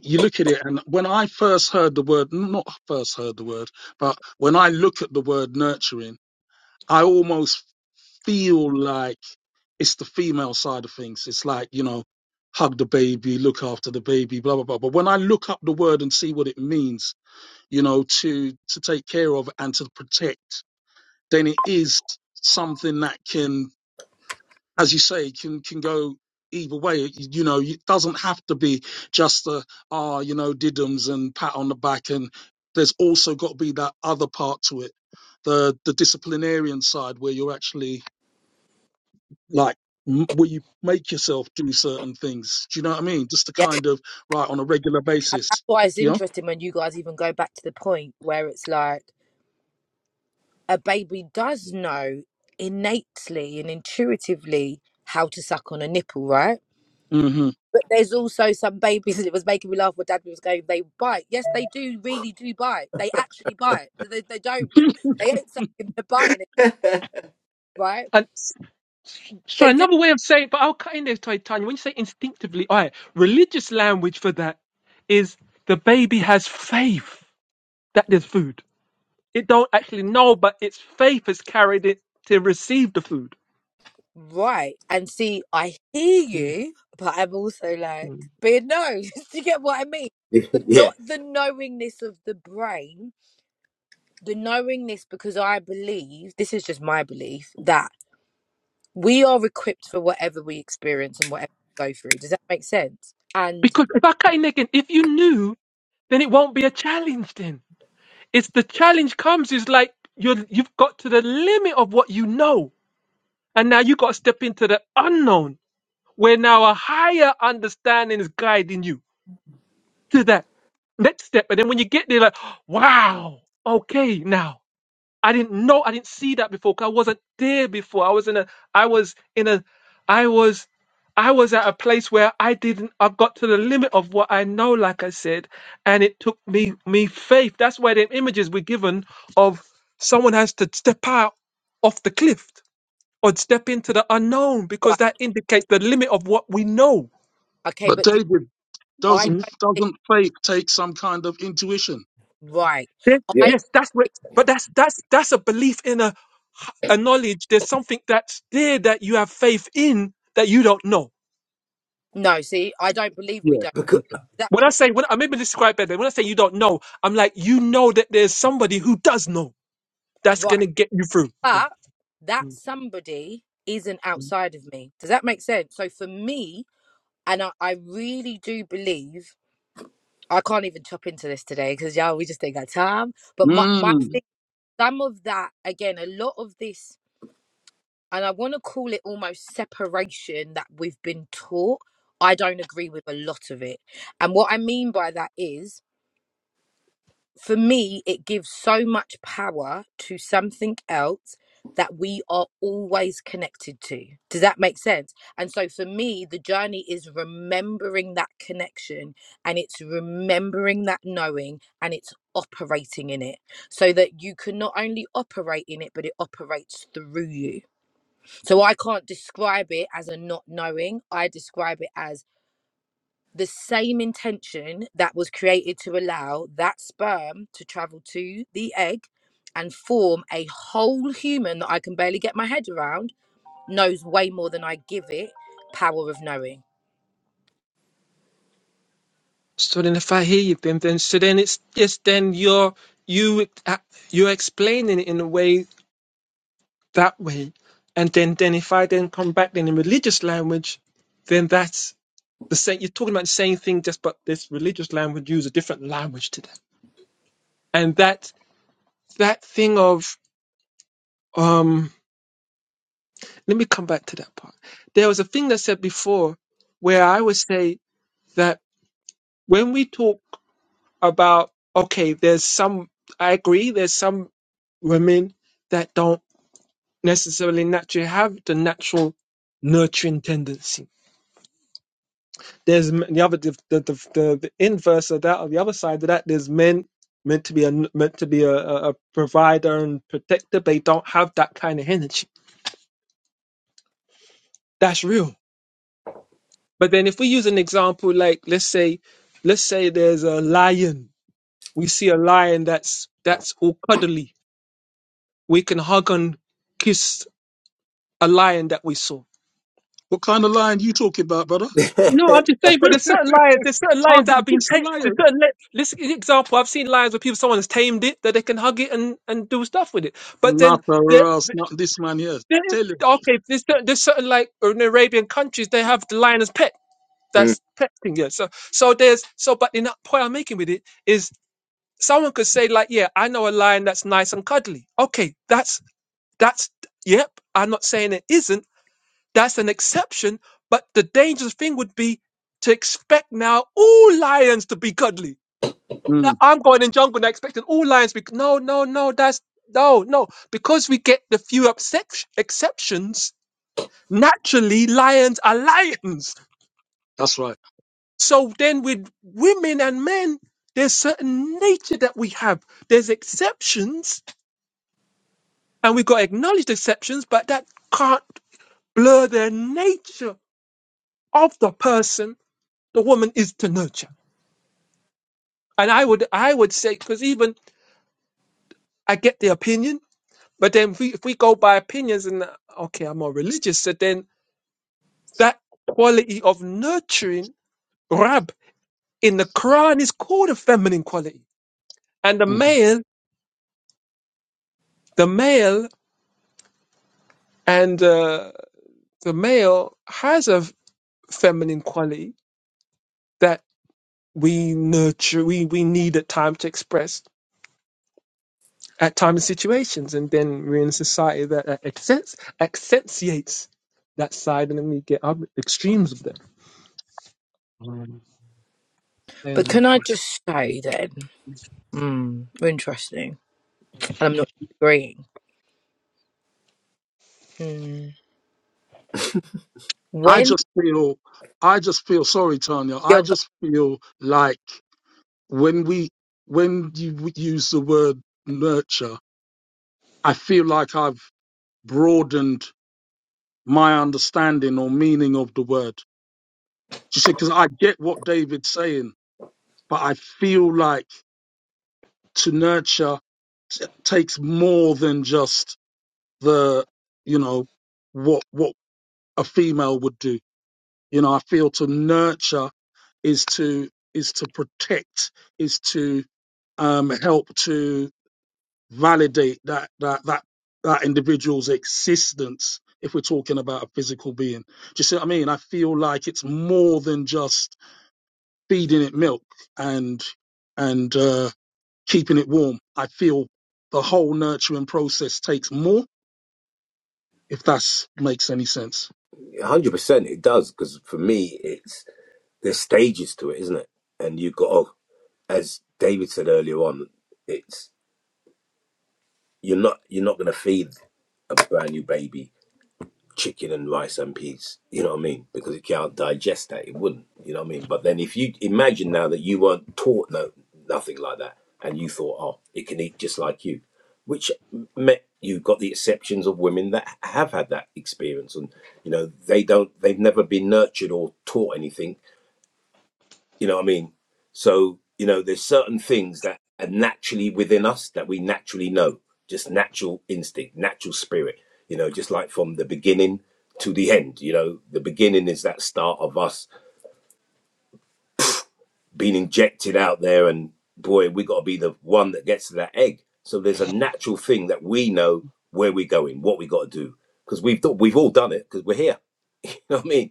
A: You look at it, and when I first heard the word, not first heard the word, but when I look at the word nurturing, I almost feel like it's the female side of things. It's like, you know, hug the baby, look after the baby, blah, blah, blah. But when I look up the word and see what it means, you know, to, to take care of and to protect, then it is something that can, as you say, can, can go either way. You know, it doesn't have to be just the, ah, you know, diddums and pat on the back. And there's also got to be that other part to it. The, the disciplinarian side where you're actually like m- where you make yourself do certain things. Do you know what I mean? Just to
D: Yeah.
A: kind of right on a regular
D: And that's
A: basis.
D: why it's
A: You
D: interesting when you guys even go back to the point where it's like a baby does know innately and intuitively how to suck on a nipple, right?
A: know.
D: But there's also some babies, it was making me laugh when dad was going, they bite. Yes, they do, really do bite. They actually bite. They, they don't,
A: hmm
D: they ain't sucking, they're biting it, right?
C: and, so
D: They do.
C: another way of saying, but I'll cut in there, Ty- Tanya. When you say instinctively, all right, religious language for that is the baby has faith that there's food. It don't actually know, but its faith has carried it to receive the food.
D: Right. And see, I hear you, but I'm also like,
C: Mhm.
D: being no, do you get what I mean? But not
B: Yeah,
D: the knowingness of the brain the knowingness because I believe this is just my belief that we are equipped for whatever we experience and whatever we go through. Does that make sense? And
C: Because if I can't again, if you knew, then it won't be a challenge. Then it's the challenge comes is like you you've got to the limit of what you know, and now you got to step into the unknown, where now a higher understanding is guiding you to that next step. And then when you get there, like wow, okay, now. I didn't know, I didn't see that before. 'cause I wasn't there before. I was in a, I was in a, I was, I was at a place where I didn't. I've got to the limit of what I know, like I said, and it took me, me faith. That's why the images were given of someone has to step out off the cliff or step into the unknown because
D: right,
C: that indicates the limit of what we know.
D: okay,
A: But
D: but do
A: David
D: I
A: doesn't
C: Mhm.
D: don't think
A: doesn't faith take some kind of intuition?
D: right.
C: Yes,
B: yeah.
D: I
C: yes, that's what. But that's that's that's a belief in a, a knowledge. There's something that's there that you have faith in that you don't know.
D: no, see, I don't believe we
A: Yeah.
D: don't.
B: Because
A: Okay.
D: Does that
C: When I say, when I maybe describe better, when I say you don't know, I'm like, you know that there's somebody who does know
D: make-
C: that's going
D: right,
C: to get you through. Yeah.
D: but that
C: Mm,
D: somebody isn't
C: mm,
D: outside of me. Does that make sense? So for me, and I, I really do believe I can't even chop into this today because yeah, we just ain't got time. But my my
A: Mm.
C: mm.
D: thing, some of that again, a lot of this and I want to call it almost separation that we've been taught. I don't agree with a lot of it. And what I mean by that is, for me, it gives so much power to something else that we are always connected to. Does that make sense? And so for me, the journey is remembering that connection and it's remembering that knowing and it's operating in it so that you can not only operate in it, but it operates through you. So I can't describe it as a not knowing. I describe it as the same intention that was created to allow that sperm to travel to the egg and form a whole human that I can barely get my head around, knows way more than I give it power of knowing.
C: So then, if I hear you, Bim, then so then it's yes, then you're you ex- uh, you're explaining it in a way that way, and then then if I then come back then in religious language, then that's the same. You're talking about the same thing, just but this religious language use a different language to that, and that that thing of um. let me come back to that part. There was a thing that said before where I would say that when we talk about, okay, there's some, I agree, there's some women that don't necessarily naturally have the natural nurturing tendency. There's m- the other, the, the, the, the, the inverse of that, or the other side of that, there's men meant to be a, meant to be a, a a provider and protector, but they don't have that kind of energy. That's real But then if we use an example like let's say let's say there's a lion. We see a lion that's that's all cuddly. We can hug and kiss a lion that we saw.
A: What kind of lying you talking about, brother?
C: No, I'm just saying, but there's certain lions, there's certain
A: How
C: lions that have
A: did
C: been
A: this a
C: tamed. There's
A: liar?
C: certain, li- let's give an example. I've seen lions where people, someone has tamed it, that they can hug it and, and do stuff with it. But then,
A: Not for
C: there,
A: us, not this man here.
C: there,
A: Tell him.
C: okay, there's certain, there's certain, like, in Arabian countries, they have the lion as pet.
B: Mm,
C: That's pet thing, yeah. So, so there's, so, but the point I'm making with it is someone could say like yeah i know a lion that's nice and cuddly okay that's that's yep i'm not saying it isn't that's an exception but the dangerous thing would be to expect now all lions to be cuddly now
A: Mm.
C: i'm going in jungle and expecting all lions to be no no no that's no no because we get the few except- exceptions naturally lions are lions
A: That's right.
C: so then with women and men there's certain nature that we have there's exceptions And we've got to acknowledge the exceptions, but that can't blur the nature of the person the woman is to nurture. And I would, I would say, because even I get the opinion, but then if we, if we go by opinions and uh, okay, I'm more religious, so then that quality of nurturing, rab in the Quran is called a feminine quality, and the
A: Mhm.
C: male, the male, and uh, the male has a feminine quality that. we nurture we we need at time to express at time and situations and then we're in a society that uh, accents, accentuates that side and then we get other extremes of that Mm. and
D: But
C: uh,
D: can I just say then,
C: the-
D: mm, interesting, and I'm not agreeing. Mm.
A: I
D: When
A: just feel. I just feel sorry, Tanya. I
D: you're, go-
A: just feel like. when we when you w- use the word nurture, I feel like I've broadened my understanding or meaning of the word. You see, because I get what David's saying, but I feel like to nurture t- takes more than just the you know what what a female would do. You know, I feel to nurture is to is to protect, is to um, help to validate that that that that individual's existence if we're talking about a physical being. Do you see what I mean? I feel like it's more than just feeding it milk and and uh, keeping it warm. I feel the whole nurturing process takes more, if that makes any sense.
B: a hundred percent, it does. Because for me, it's there's stages to it, isn't it? And you got, to, as David said earlier on, it's you're not you're not going to feed a brand new baby chicken and rice and peas. You know what I mean? Because it can't digest that. It wouldn't. You know what I mean? But then if you imagine now that you weren't taught no, nothing like that and you thought, oh, it can eat just like you, which meant you've got the exceptions of women that have had that experience and, you know, they don't, they've never been nurtured or taught anything you know what I mean? So, you know, there's certain things that are naturally within us that we naturally know, just natural instinct, natural spirit, you know, just like from the beginning to the end. You know, the beginning is that start of us being injected out there, and boy, we got to be the one that gets to that egg. So there's a natural thing that we know where we're going, what we got to do, because we've thought, we've all done it because we're here. You know what I mean?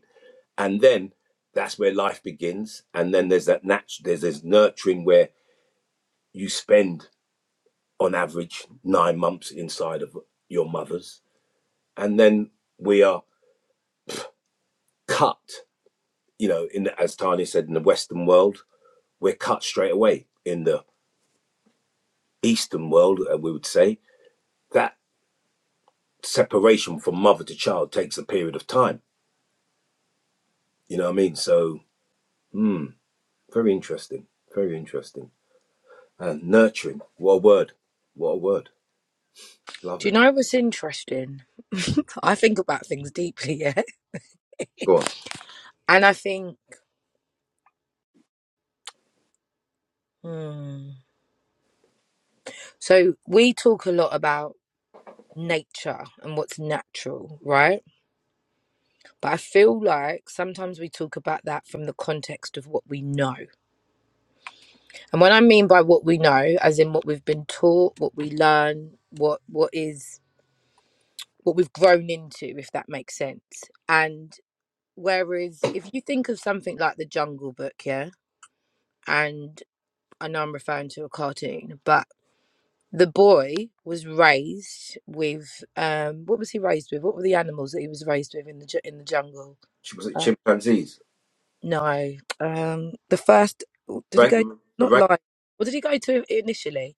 B: And then that's where life begins, and then there's that natural, there's this nurturing where you spend on average nine months inside of your mother's and then we are cut you know in the, as tani said in the western world we're cut straight away in the eastern world uh, we would say that separation from mother to child takes a period of time you know what i mean so hmm very interesting very interesting and nurturing what a word what a word love
D: do you
B: it
D: know what's interesting? I think about things deeply, yeah,
B: go on
D: and I think Mm. So we talk a lot about nature and what's natural, right? But I feel like sometimes we talk about that from the context of what we know. And what I mean by what we know, as in what we've been taught, what we learn, what what is what we've grown into, if that makes sense. And whereas if you think of something like the Jungle Book, yeah, and I know I'm referring to a cartoon, but the boy was raised with um what was he raised with what were the animals that he was raised with in the ju- in the jungle
B: Ch- was it
D: uh,
B: chimpanzees
D: no um the first did he
B: right,
D: go not
B: right.
D: lion what did he go to initially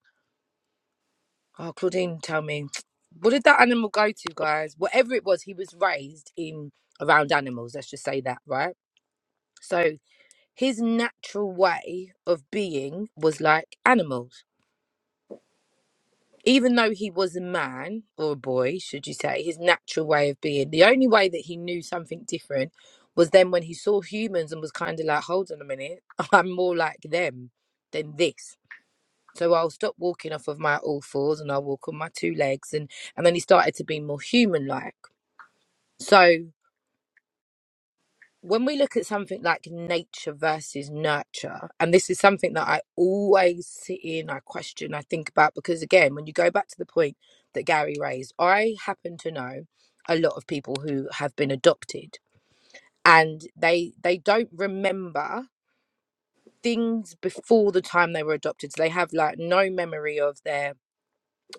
D: oh claudine tell me what did that animal go to guys whatever it was he was raised in around animals let's just say that right so his natural way of being was like animals even though he was a man or a boy, should you say, his natural way of being, the only way that he knew something different was then when he saw humans and was kind of like, hold on a minute, I'm more like them than this. So I'll stop walking off of my all fours and I'll walk on my two legs. And, and then he started to be more human like. So when we look at something like nature versus nurture, and this is something that I always sit in, I question, I think about, because again, when you go back to the point that Gary raised, I happen to know a lot of people who have been adopted and they they don't remember things before the time they were adopted. So they have like no memory of their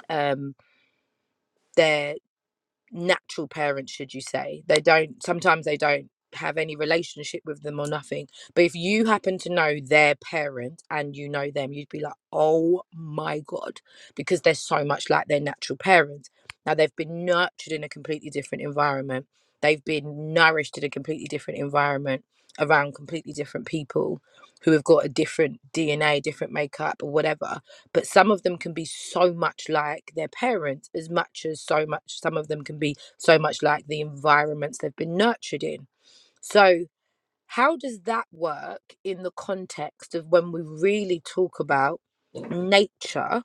D: um their. natural parents should you say they don't sometimes they don't have any relationship with them or nothing but if you happen to know their parent and you know them you'd be like oh my god because they're so much like their natural parents now they've been nurtured in a completely different environment they've been nourished in a completely different environment around completely different people who have got a different dna different makeup or whatever but some of them can be so much like their parents as much as so much some of them can be so much like the environments they've been nurtured in so how does that work in the context of when we really talk about nature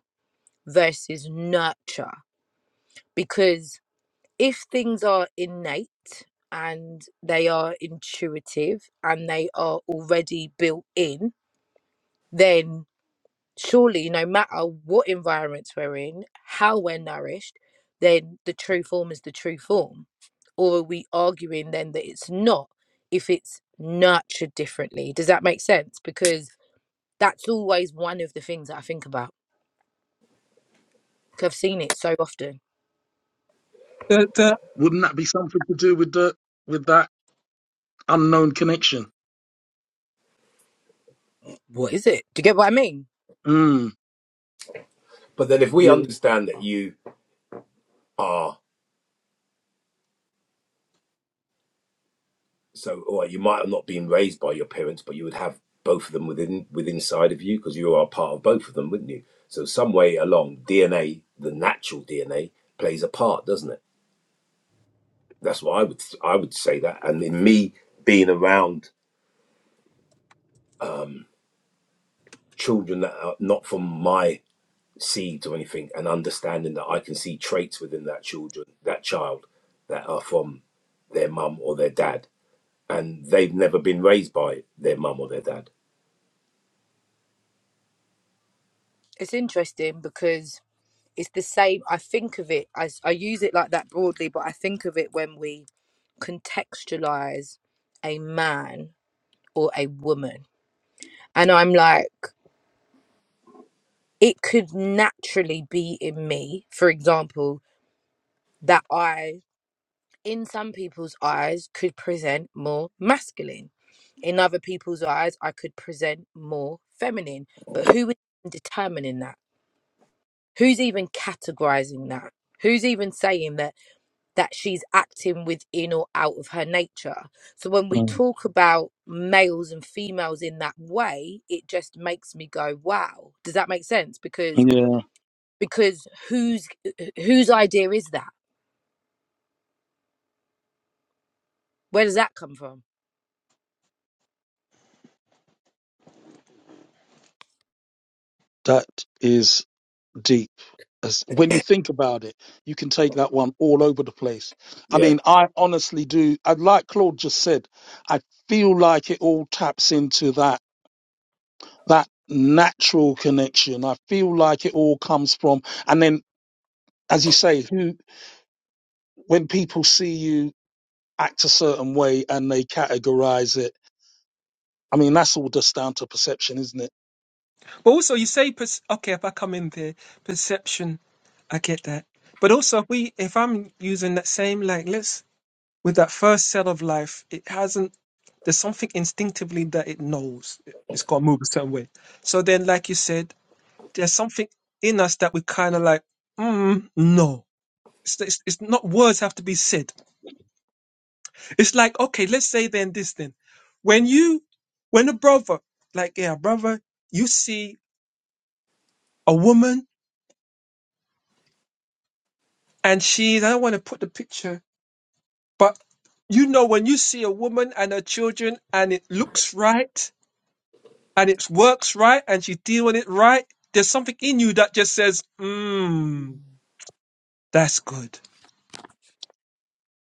D: versus nurture because if things are innate and they are intuitive and they are already built in then surely no matter what environments we're in how we're nourished then the true form is the true form or are we arguing then that it's not if it's nurtured differently does that make sense because that's always one of the things that i think about 'cause i've seen it so often
C: but, uh,
A: Wouldn't that be something to do with the with that unknown connection?
D: what is it do you get what i mean
A: Mm,
B: but then if we
A: yeah,
B: understand that you are So, or you might have not been raised by your parents, but you would have both of them within within side of you because you are part of both of them, wouldn't you? So, some way along, DNA, the natural DNA, plays a part, doesn't it? That's what I would I would say that. And in me being around children that are not from my seeds or anything, and understanding that I can see traits within that children, that child, that are from their mum or their dad, and they've never been raised by their mum or their dad.
D: it's interesting because it's the same i think of it as i use it like that broadly but i think of it when we contextualize a man or a woman And I'm like, it could naturally be in me, for example, that I, in some people's eyes, could present more masculine. In other people's eyes, I could present more feminine. But who is determining that? Who's even categorizing that? Who's even saying that that she's acting within or out of her nature? So when we
A: Mm,
D: talk about males and females in that way, it just makes me go, wow. Does that make sense? Because
A: yeah.
D: because whose whose idea is that where does that come from
A: That is. deep. As when you think about it, you can take that one all over the place. I
B: Yeah.
A: mean, I honestly do. I like Claude just said. I feel like it all taps into that that natural connection. I feel like it all comes from, and then as you say, who when people see you act a certain way and they categorize it. I mean, that's all just down to perception, isn't it?
C: but also you say pers- okay if i come in there perception i get that but also if we if i'm using that same like let's with that first set of life it hasn't there's something instinctively that it knows it- it's got to move a certain way so then like you said there's something in us that we kind of like, mm, no. It's, it's, it's not words have to be said. It's like, okay, let's say then this then. When you, when a brother, like, yeah, brother, you see a woman and she, I don't want to put the picture, but you know, when you see a woman and her children and it looks right and it works right and she's dealing it right, there's something in you that just says, mm, that's good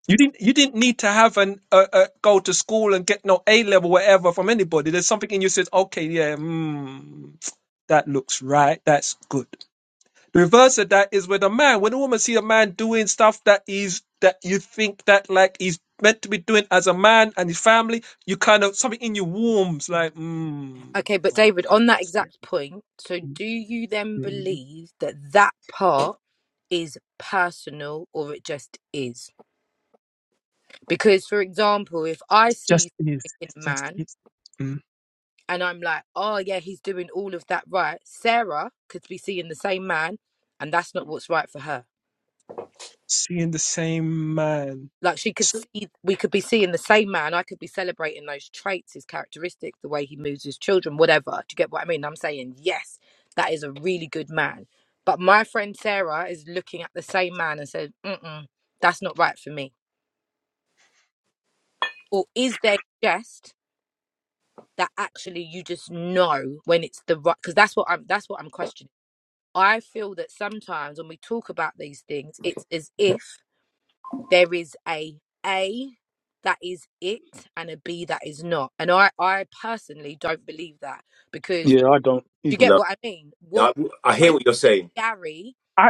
C: You didn't. You didn't need to have an uh, uh, go to school and get no A level whatever from anybody. There's something in you says, okay, yeah, mm, that looks right. That's good. The reverse of that is with a man. When a woman see a man doing stuff that is that you think that like he's meant to be doing as a man and his family, you kind of something in you warms like, mm,
D: okay but david
C: okay,
D: on that
C: yes, yeah,
D: exact point so
C: mm,
D: do you then
C: mm. It
D: believe that that part is personal or it just is because for example if i see
C: just
D: something
C: is.
D: in
C: It
D: a
C: just
D: man
C: is. Mm.
D: and i'm like oh yeah he's doing all of that right sarah could be seeing the same man and that's not what's right for her
C: Seeing the same man.
D: like she could
C: So
D: see we could be seeing the same man i could be celebrating those traits his characteristics the way he moves his children whatever do you get what i mean i'm saying yes that is a really good man but my friend sarah is looking at the same man and said Mm-mm, that's not right for me or is there just that actually you just know when it's the right because that's what i'm that's what i'm questioning i feel that sometimes when we talk about these things it's as if there is a A that is it and a B that is not. And I, I personally don't believe that because
A: Yeah, I don't
D: you
A: either.
D: get
B: no.
D: what I mean? What
B: I, I hear
D: trait
B: what you're
D: that
B: saying,
D: Gary
C: I.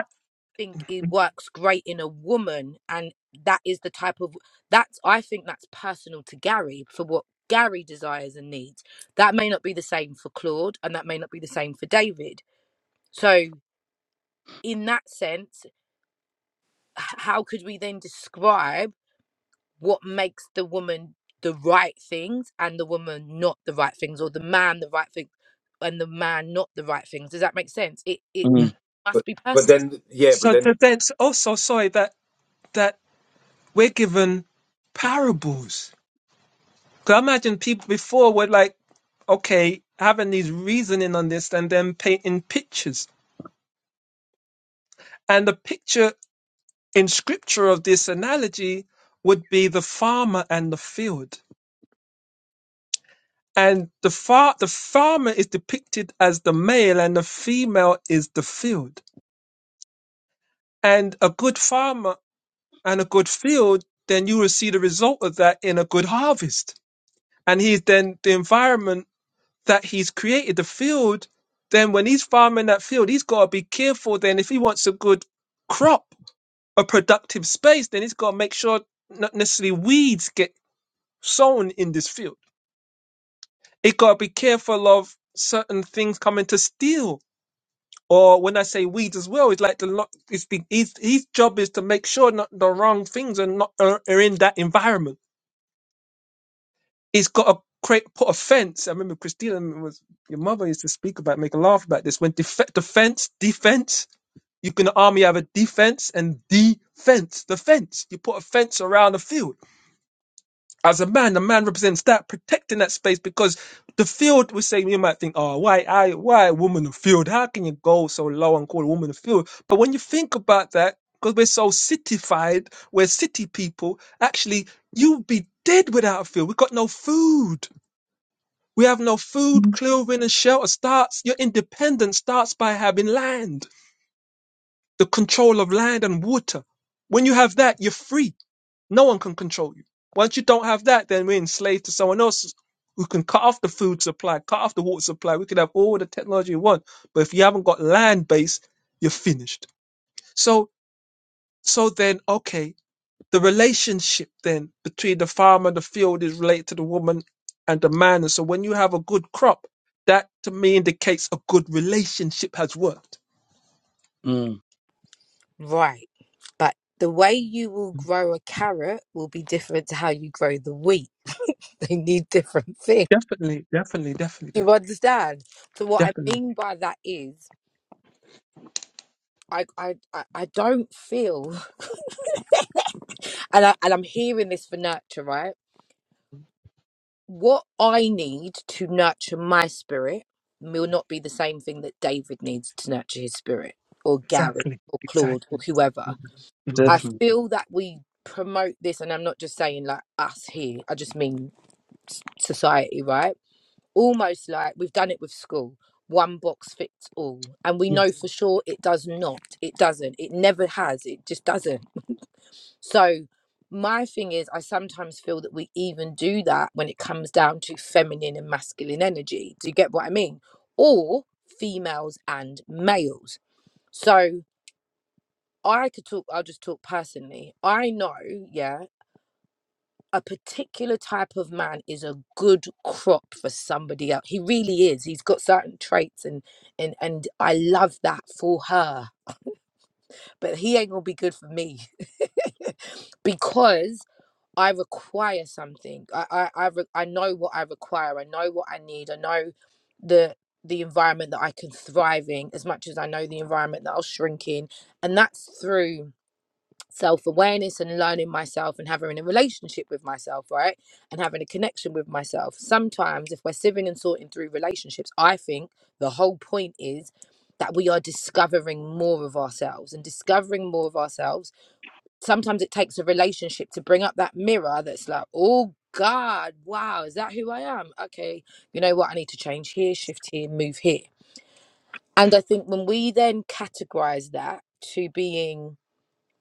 D: think it works great in a woman and that is the type of that's I think that's personal to Gary for what Gary desires and needs. That may not be the same for Claude and that may not be the same for David. So in that sense, h- how could we then describe? what makes the woman the right things and the woman not the right things or the man the right thing and the man not the right things does that make sense it it
A: Mm,
B: but
D: must be
B: but
D: personal
B: then yeah, but
C: So to
B: then
C: then s- also sorry that that we're given parables. Cause I imagine people before were like, okay, having these reasoning on this and then painting pictures. And the picture in scripture of this analogy would be the farmer and the field. And the far the farmer is depicted as the male and the female is the field. And a good farmer and a good field, then you will see the result of that in a good harvest and he's then the environment that he's created, the field. Then when he's farming that field, he's got to be careful. Then if he wants a good crop, a productive space, then he's got to make sure not necessarily weeds get sown in this field. It got to be careful of certain things coming to steal. Or when I say weeds as well, it's like the lo- it's the his, his job is to make sure not the wrong things are not are, are in that environment it's got to create put a fence. I remember Christina was your mother used to speak about make a laugh about this when def- defense defense. You can army have a defense and defense. The fence you put a fence around the field. As a man, the man represents that protecting that space because the field was saying you might think, oh, why I why a woman of field? How can you go so low and call a woman of field? But when you think about that. Because we're so cityfied, we're city people. Actually, you'd be dead without a field. We've got no food we have no food, clothing, and shelter. Starts your independence starts by having land, the control of land and water. When you have that, you're free. No one can control you. Once you don't have that, then we're enslaved to someone else who can cut off the food supply, cut off the water supply. We could have all the technology we want, but if you haven't got land base, you're finished. So, so then, okay the relationship then between the farmer and the field is related to the woman and the man. And so when you have a good crop, that to me indicates a good relationship has worked.
A: mm,
D: right but the way you will grow a carrot will be different to how you grow the wheat they need different things
C: Definitely, definitely, definitely,
D: Do
C: that.
D: you understand so what i
C: Definitely.
D: mean by that is i i i I don't feel and I, and i'm hearing this for nurture right what I need to nurture my spirit will not be the same thing that David needs to nurture his spirit, or Gareth,
C: Exactly.
D: or Claude, or
C: Exactly.
D: whoever.
C: exactly.
D: I
C: Mhm.
A: definitely.
D: feel that we promote this, and I'm not just saying like us here, I just mean society, right? Almost like we've done it with school. One box fits all. And we
C: Yes.
D: know for sure it does not. It doesn't. It never has. It just doesn't so my thing is, I sometimes feel that we even do that when it comes down to feminine and masculine energy. Do you get what I mean? Or females and males. So I could talk, I'll just talk personally. I know, yeah, a particular type of man is a good crop for somebody else. He really is. He's got certain traits and and and I love that for her. But he ain't gonna be good for me. because I require something. I I I, re- I know what I require. I know what I need. I know the the environment that I can thrive in as much as I know the environment that I'll shrink in, and that's through self awareness and learning myself and having a relationship with myself, right? And having a connection with myself. Sometimes, if we're sieving and sorting through relationships, I think the whole point is that we are discovering more of ourselves and discovering more of ourselves sometimes it takes a relationship to bring up that mirror that's like, oh God, wow, is that who I am? Okay, you know what? I need to change here, shift here, move here. And I think when we then categorize that to being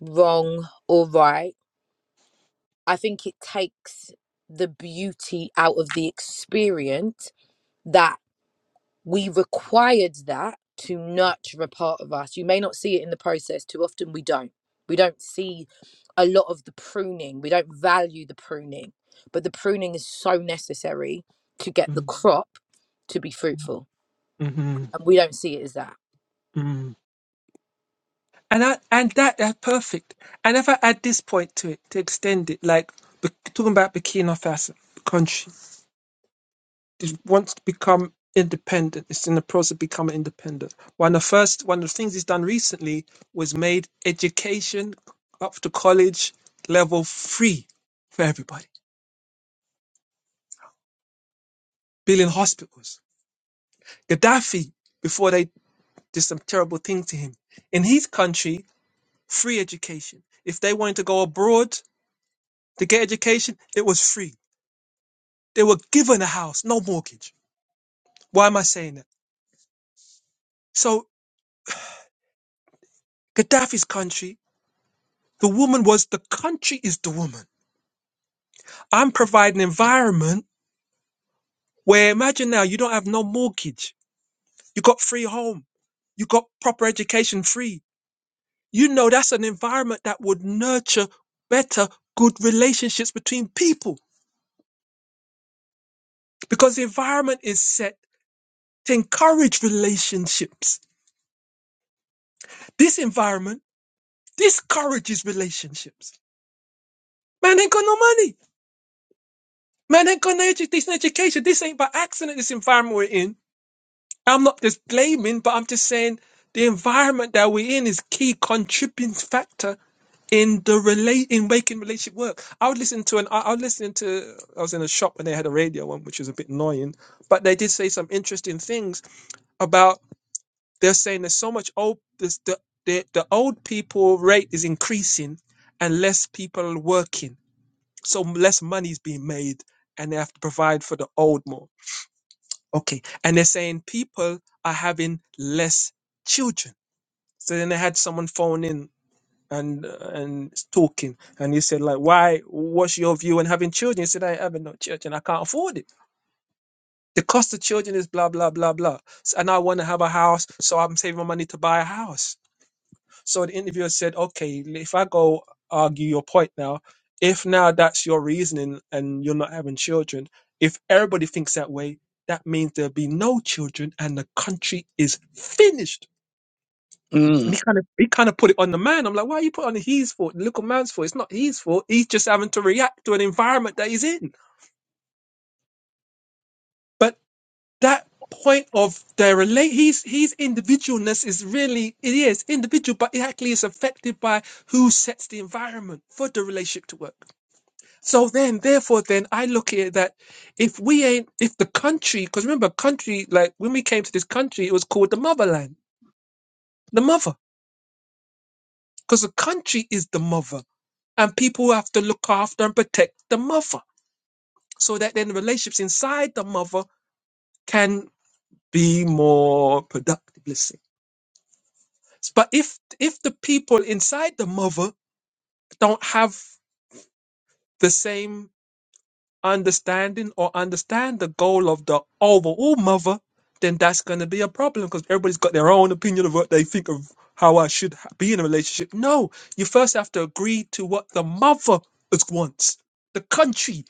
D: wrong or right, I think it takes the beauty out of the experience that we required that to nurture a part of us. You may not see it in the process. Too often we don't. We don't see a lot of the pruning. We don't value the pruning, but the pruning is so necessary to get the crop to be fruitful.
C: Mm-hmm.
D: And we don't see it as that.
C: Mm. And I, and that that's perfect. And if I add this point to it to extend it, like be- talking about Burkina Faso country, it wants to become independent. It's in the process of becoming independent. One of the first one of the things he's done recently was made education up to college level free for everybody, building hospitals. Gaddafi, before they did some terrible thing to him, in his country, free education. If they wanted to go abroad to get education, it was free. They were given a house, no mortgage. Why am I saying that? So Gaddafi's country, the woman was the country is the woman I'm providing an environment where imagine now you don't have no mortgage. You got free home. You got proper education free. You know that's an environment that would nurture better, good relationships between people because the environment is set to encourage relationships. This environment discourages relationships. Man ain't got no money. Man ain't got no edu- decent education. This ain't by accident, this environment we're in I'm not just blaming, but I'm just saying the environment that we're in is key contributing factor in the relate in making relationship work. I would listen to an I, I was listening to I was in a shop and they had a radio on, which was a bit annoying, but they did say some interesting things about they're saying there's so much old this, the, the the old people rate is increasing and less people are working, so less money is being made, and they have to provide for the old more. Okay. And they're saying people are having less children. So then I had someone phone in and uh, and talking, and he said like, "Why? What's your view on having children?" He said, "I have no children. I can't afford it. The cost of children is blah blah blah blah. S- And I want to have a house, so I'm saving my money to buy a house." So the interviewer said, okay, if I go argue your point now, if now that's your reasoning and you're not having children, if everybody thinks that way, that means there'll be no children and the country is finished.
A: Mm,
C: And he kind of he kind of put it on the man. I'm like, why are you put it on his fault? The little man's fault. It's not his fault. He's just having to react to an environment that he's in. that point of their relate he's he's individualness is really it is individual but it actually is affected by who sets the environment for the relationship to work so then therefore then i look at it that if we ain't if the country because remember country like when we came to this country it was called the motherland the mother because the country is the mother and people have to look after and protect the mother so that then the relationships inside the mother can be more productive let's say. But if if the people inside the mother don't have the same understanding or understand the goal of the overall mother, then that's going to be a problem because everybody's got their own opinion of what they think of how I should ha- be in a relationship. No, you first have to agree to what the mother is- wants. The country,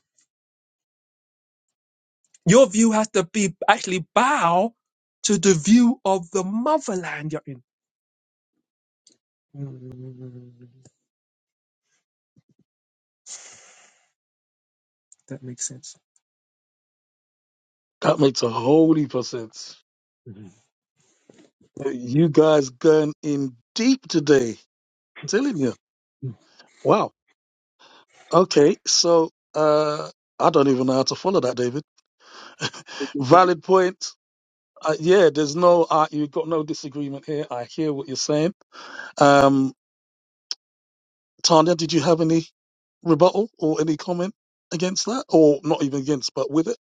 C: your view has to be actually bow to the view of the motherland you're in. Mm, That makes sense.
A: that makes a whole heap of sense. You guys gone in deep today. Telling you. Wow. Okay. So uh I don't even know how to follow that, David. Valid point. Uh, yeah, there's no uh, you got no disagreement here. I hear what you're saying. Um Tanya, did you have any rebuttal or any comment against that? Or not even against, but with it?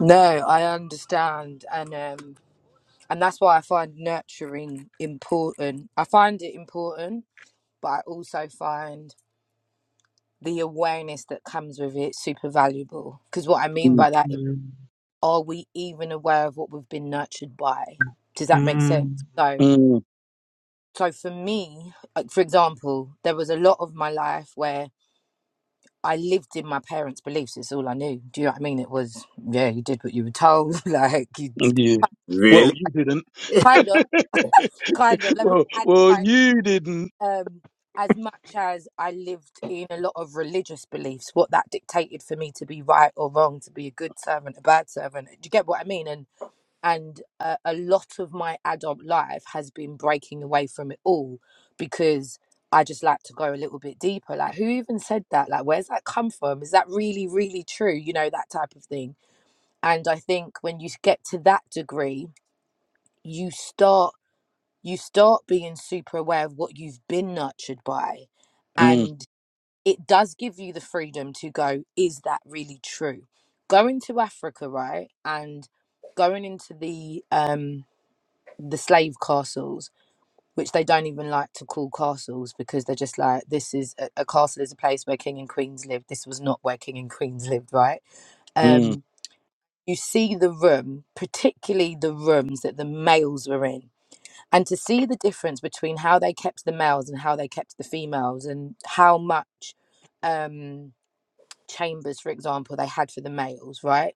D: No, I understand. And um and that's why I find nurturing important. I find it important, but I also find the awareness that comes with it super valuable. Because what I mean
A: Mm,
D: by that
C: Mhm.
D: are we even aware of what we've been nurtured by? Does that make
C: Mm,
D: sense? So,
A: mm,
D: so for me, like for example, there was a lot of my life where I lived in my parents' beliefs. It's all I knew. Do you know what I mean? It was yeah, you did what you were told. like you
A: yeah. Well,
B: really,
A: you didn't.
D: kind of, kind of. Let me
A: well,
D: add
A: well,
D: like,
A: you didn't.
D: um, as much as I lived in a lot of religious beliefs, what that dictated for me to be right or wrong, to be a good servant, a bad servant. Do you get what I mean? And and a, a lot of my adult life has been breaking away from it all because I just like to go a little bit deeper. Like, who even said that? Like, where's that come from? Is that really, really true? You know, that type of thing. And I think when you get to that degree, you start you start being super aware of what you've been nurtured by,
A: Mm,
D: and it does give you the freedom to go. Is that really true? Going to Africa, right, and going into the um the slave castles, which they don't even like to call castles because they're just like, this is a, a castle is a place where king and queens lived. This was not where king and queens lived, right?
A: mm,
D: Um, you see the room, particularly the rooms that the males were in. And to see the difference between how they kept the males and how they kept the females and how much. Um, chambers, for example, they had for the males, right?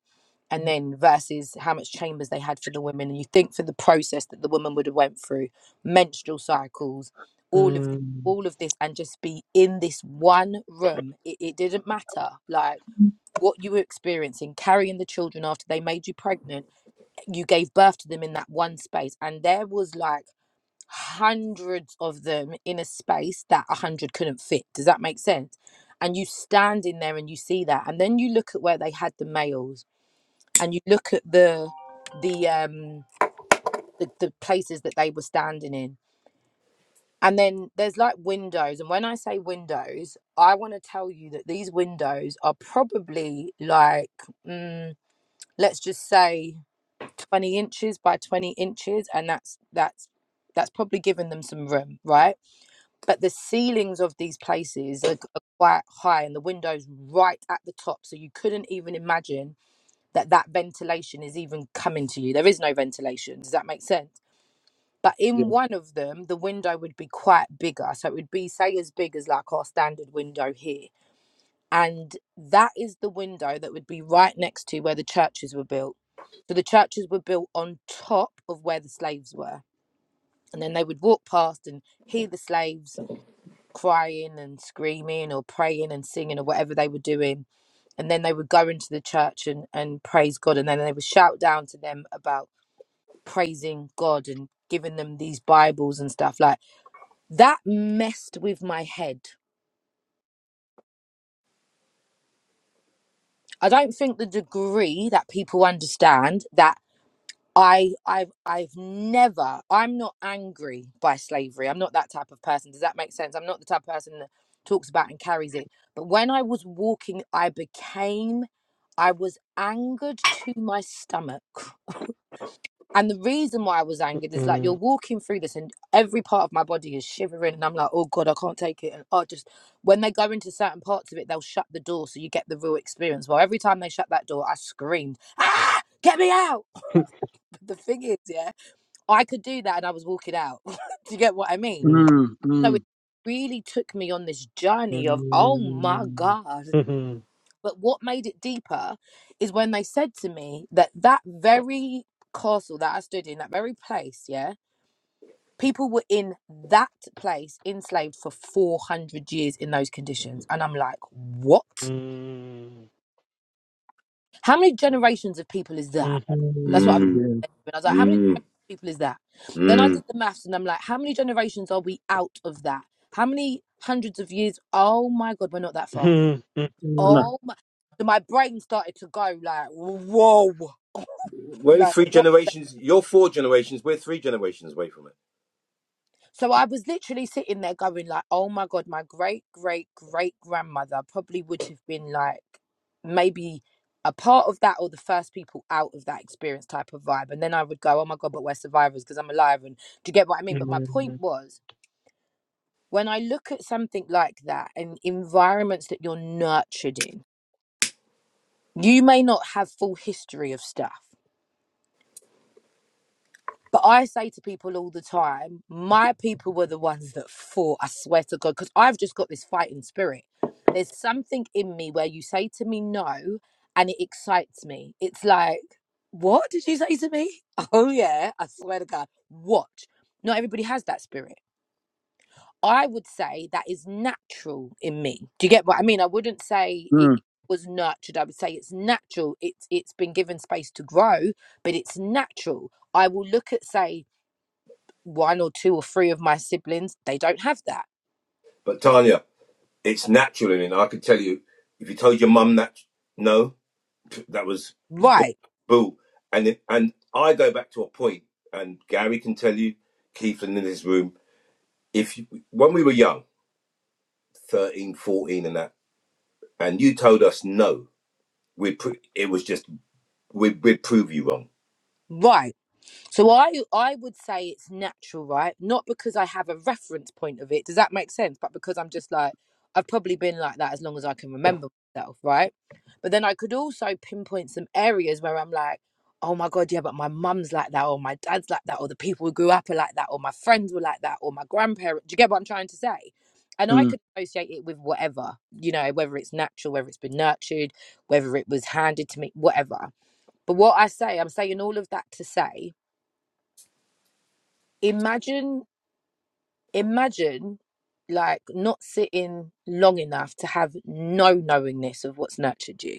D: And then versus how much chambers they had for the women. And you think for the process that the woman would have went through, menstrual cycles, all of this,
C: mm,
D: all of this, and just be in this one room. It, it didn't matter, like what you were experiencing, carrying the children after they made you pregnant. You gave birth to them in that one space, and there was like hundreds of them in a space that a hundred couldn't fit. Does that make sense? And you stand in there and you see that, and then you look at where they had the males, and you look at the the um the, the places that they were standing in. And then there's like windows, and when I say windows, I want to tell you that these windows are probably like, mm, let's just say, twenty inches by twenty inches, and that's that's that's probably giving them some room, right? but the ceilings of these places are, are quite high and the windows right at the top so you couldn't even imagine that that ventilation is even coming to you there is no ventilation does that make sense but
A: yeah.
D: in one of them the window would be quite bigger so it would be say as big as like our standard window here and that is the window that would be right next to where the churches were built so the churches were built on top of where the slaves were and then they would walk past and hear the slaves crying and screaming or praying and singing or whatever they were doing. And then they would go into the church and, and praise God. And then they would shout down to them about praising God and giving them these Bibles and stuff. Like that messed with my head. I don't think the degree that people understand that. I I've I've never I'm not angry by slavery. I'm not that type of person. Does that make sense? I'm not the type of person that talks about and carries it. But when I was walking, I became I was angered to my stomach. And the reason why I was angered is like you're
C: mm,
D: walking through this and every part of my body is shivering and I'm like, oh God, I can't take it. And oh just when they go into certain parts of it, they'll shut the door so you get the real experience. Well, every time they shut that door, I screamed, ah, get me out. But the thing is, yeah. I could do that and I was walking out. do you get what I mean?
C: mm,
A: Mm,
D: So
A: mm,
D: it really took me on this
C: mm,
D: journey of, oh my God.
C: mhm,
D: But what made it deeper is when they said to me that that very castle that I stood in, that very place, yeah, people were in that place enslaved for 400 years in those conditions. And I'm like, what?
C: mm,
D: How many generations of people is that? That's what I was
B: mm,
D: saying. And I was like, how many
B: mm,
D: generations of people is that? Then I
B: mm.
D: did the maths and I'm like, how many generations are we out of that? How many hundreds of years? Oh my God, we're not that
C: mhm,
D: far.
A: nah,
C: mhm, mhm,
D: Oh my. So my brain started to go like, whoa,
B: we're only
D: like
B: three
D: what?
B: generations. You're four generations. We're three generations away from it.
D: So I was literally sitting there going like, oh my God, my great great great grandmother probably would have been like maybe a part of that or the first people out of that experience type of vibe. And then I would go, oh my God, but we're survivors because I'm alive. And do you get what I mean? But my point
C: mhm.
D: was when I look at something like that and environments that you're nurtured in, you may not have full history of stuff. But I say to people all the time, my people were the ones that fought, I swear to God, because I've just got this fighting spirit. There's something in me where you say to me no, and it excites me. It's like, what did you say to me? Oh, yeah, I swear to God. What? Not everybody has that spirit. I would say that is natural in me. Do you get what I mean? I wouldn't say it
A: mm,
D: was nurtured. I would say it's natural. It's it's been given space to grow, but it's natural. I will look at say one or two or three of my siblings, they don't have that.
B: But Tanya, it's natural in it. I could tell you if you told your mum that no, that was
D: Right,
B: boo. And it, and I go back to a point, and Gary can tell you, Keith, and in this room, if you, when we were young, 13, 14, and that, and you told us no, we would it was just we'd, we'd prove you wrong
D: right. So I I would say it's natural, right? Not because I have a reference point of it. Does that make sense? But because I'm just like I've probably been like that as long as I can remember myself, right? But then I could also pinpoint some areas where I'm like, oh my god, yeah, but my mum's like that, or my dad's like that, or the people who grew up are like that, or my friends were like that, or my grandparents. Do you get what I'm trying to say? And I
A: mm.
D: could associate it with whatever, you know, whether it's natural, whether it's been nurtured, whether it was handed to me, whatever. But what I say, I'm saying all of that to say imagine imagine like not sitting long enough to have no knowingness of what's nurtured you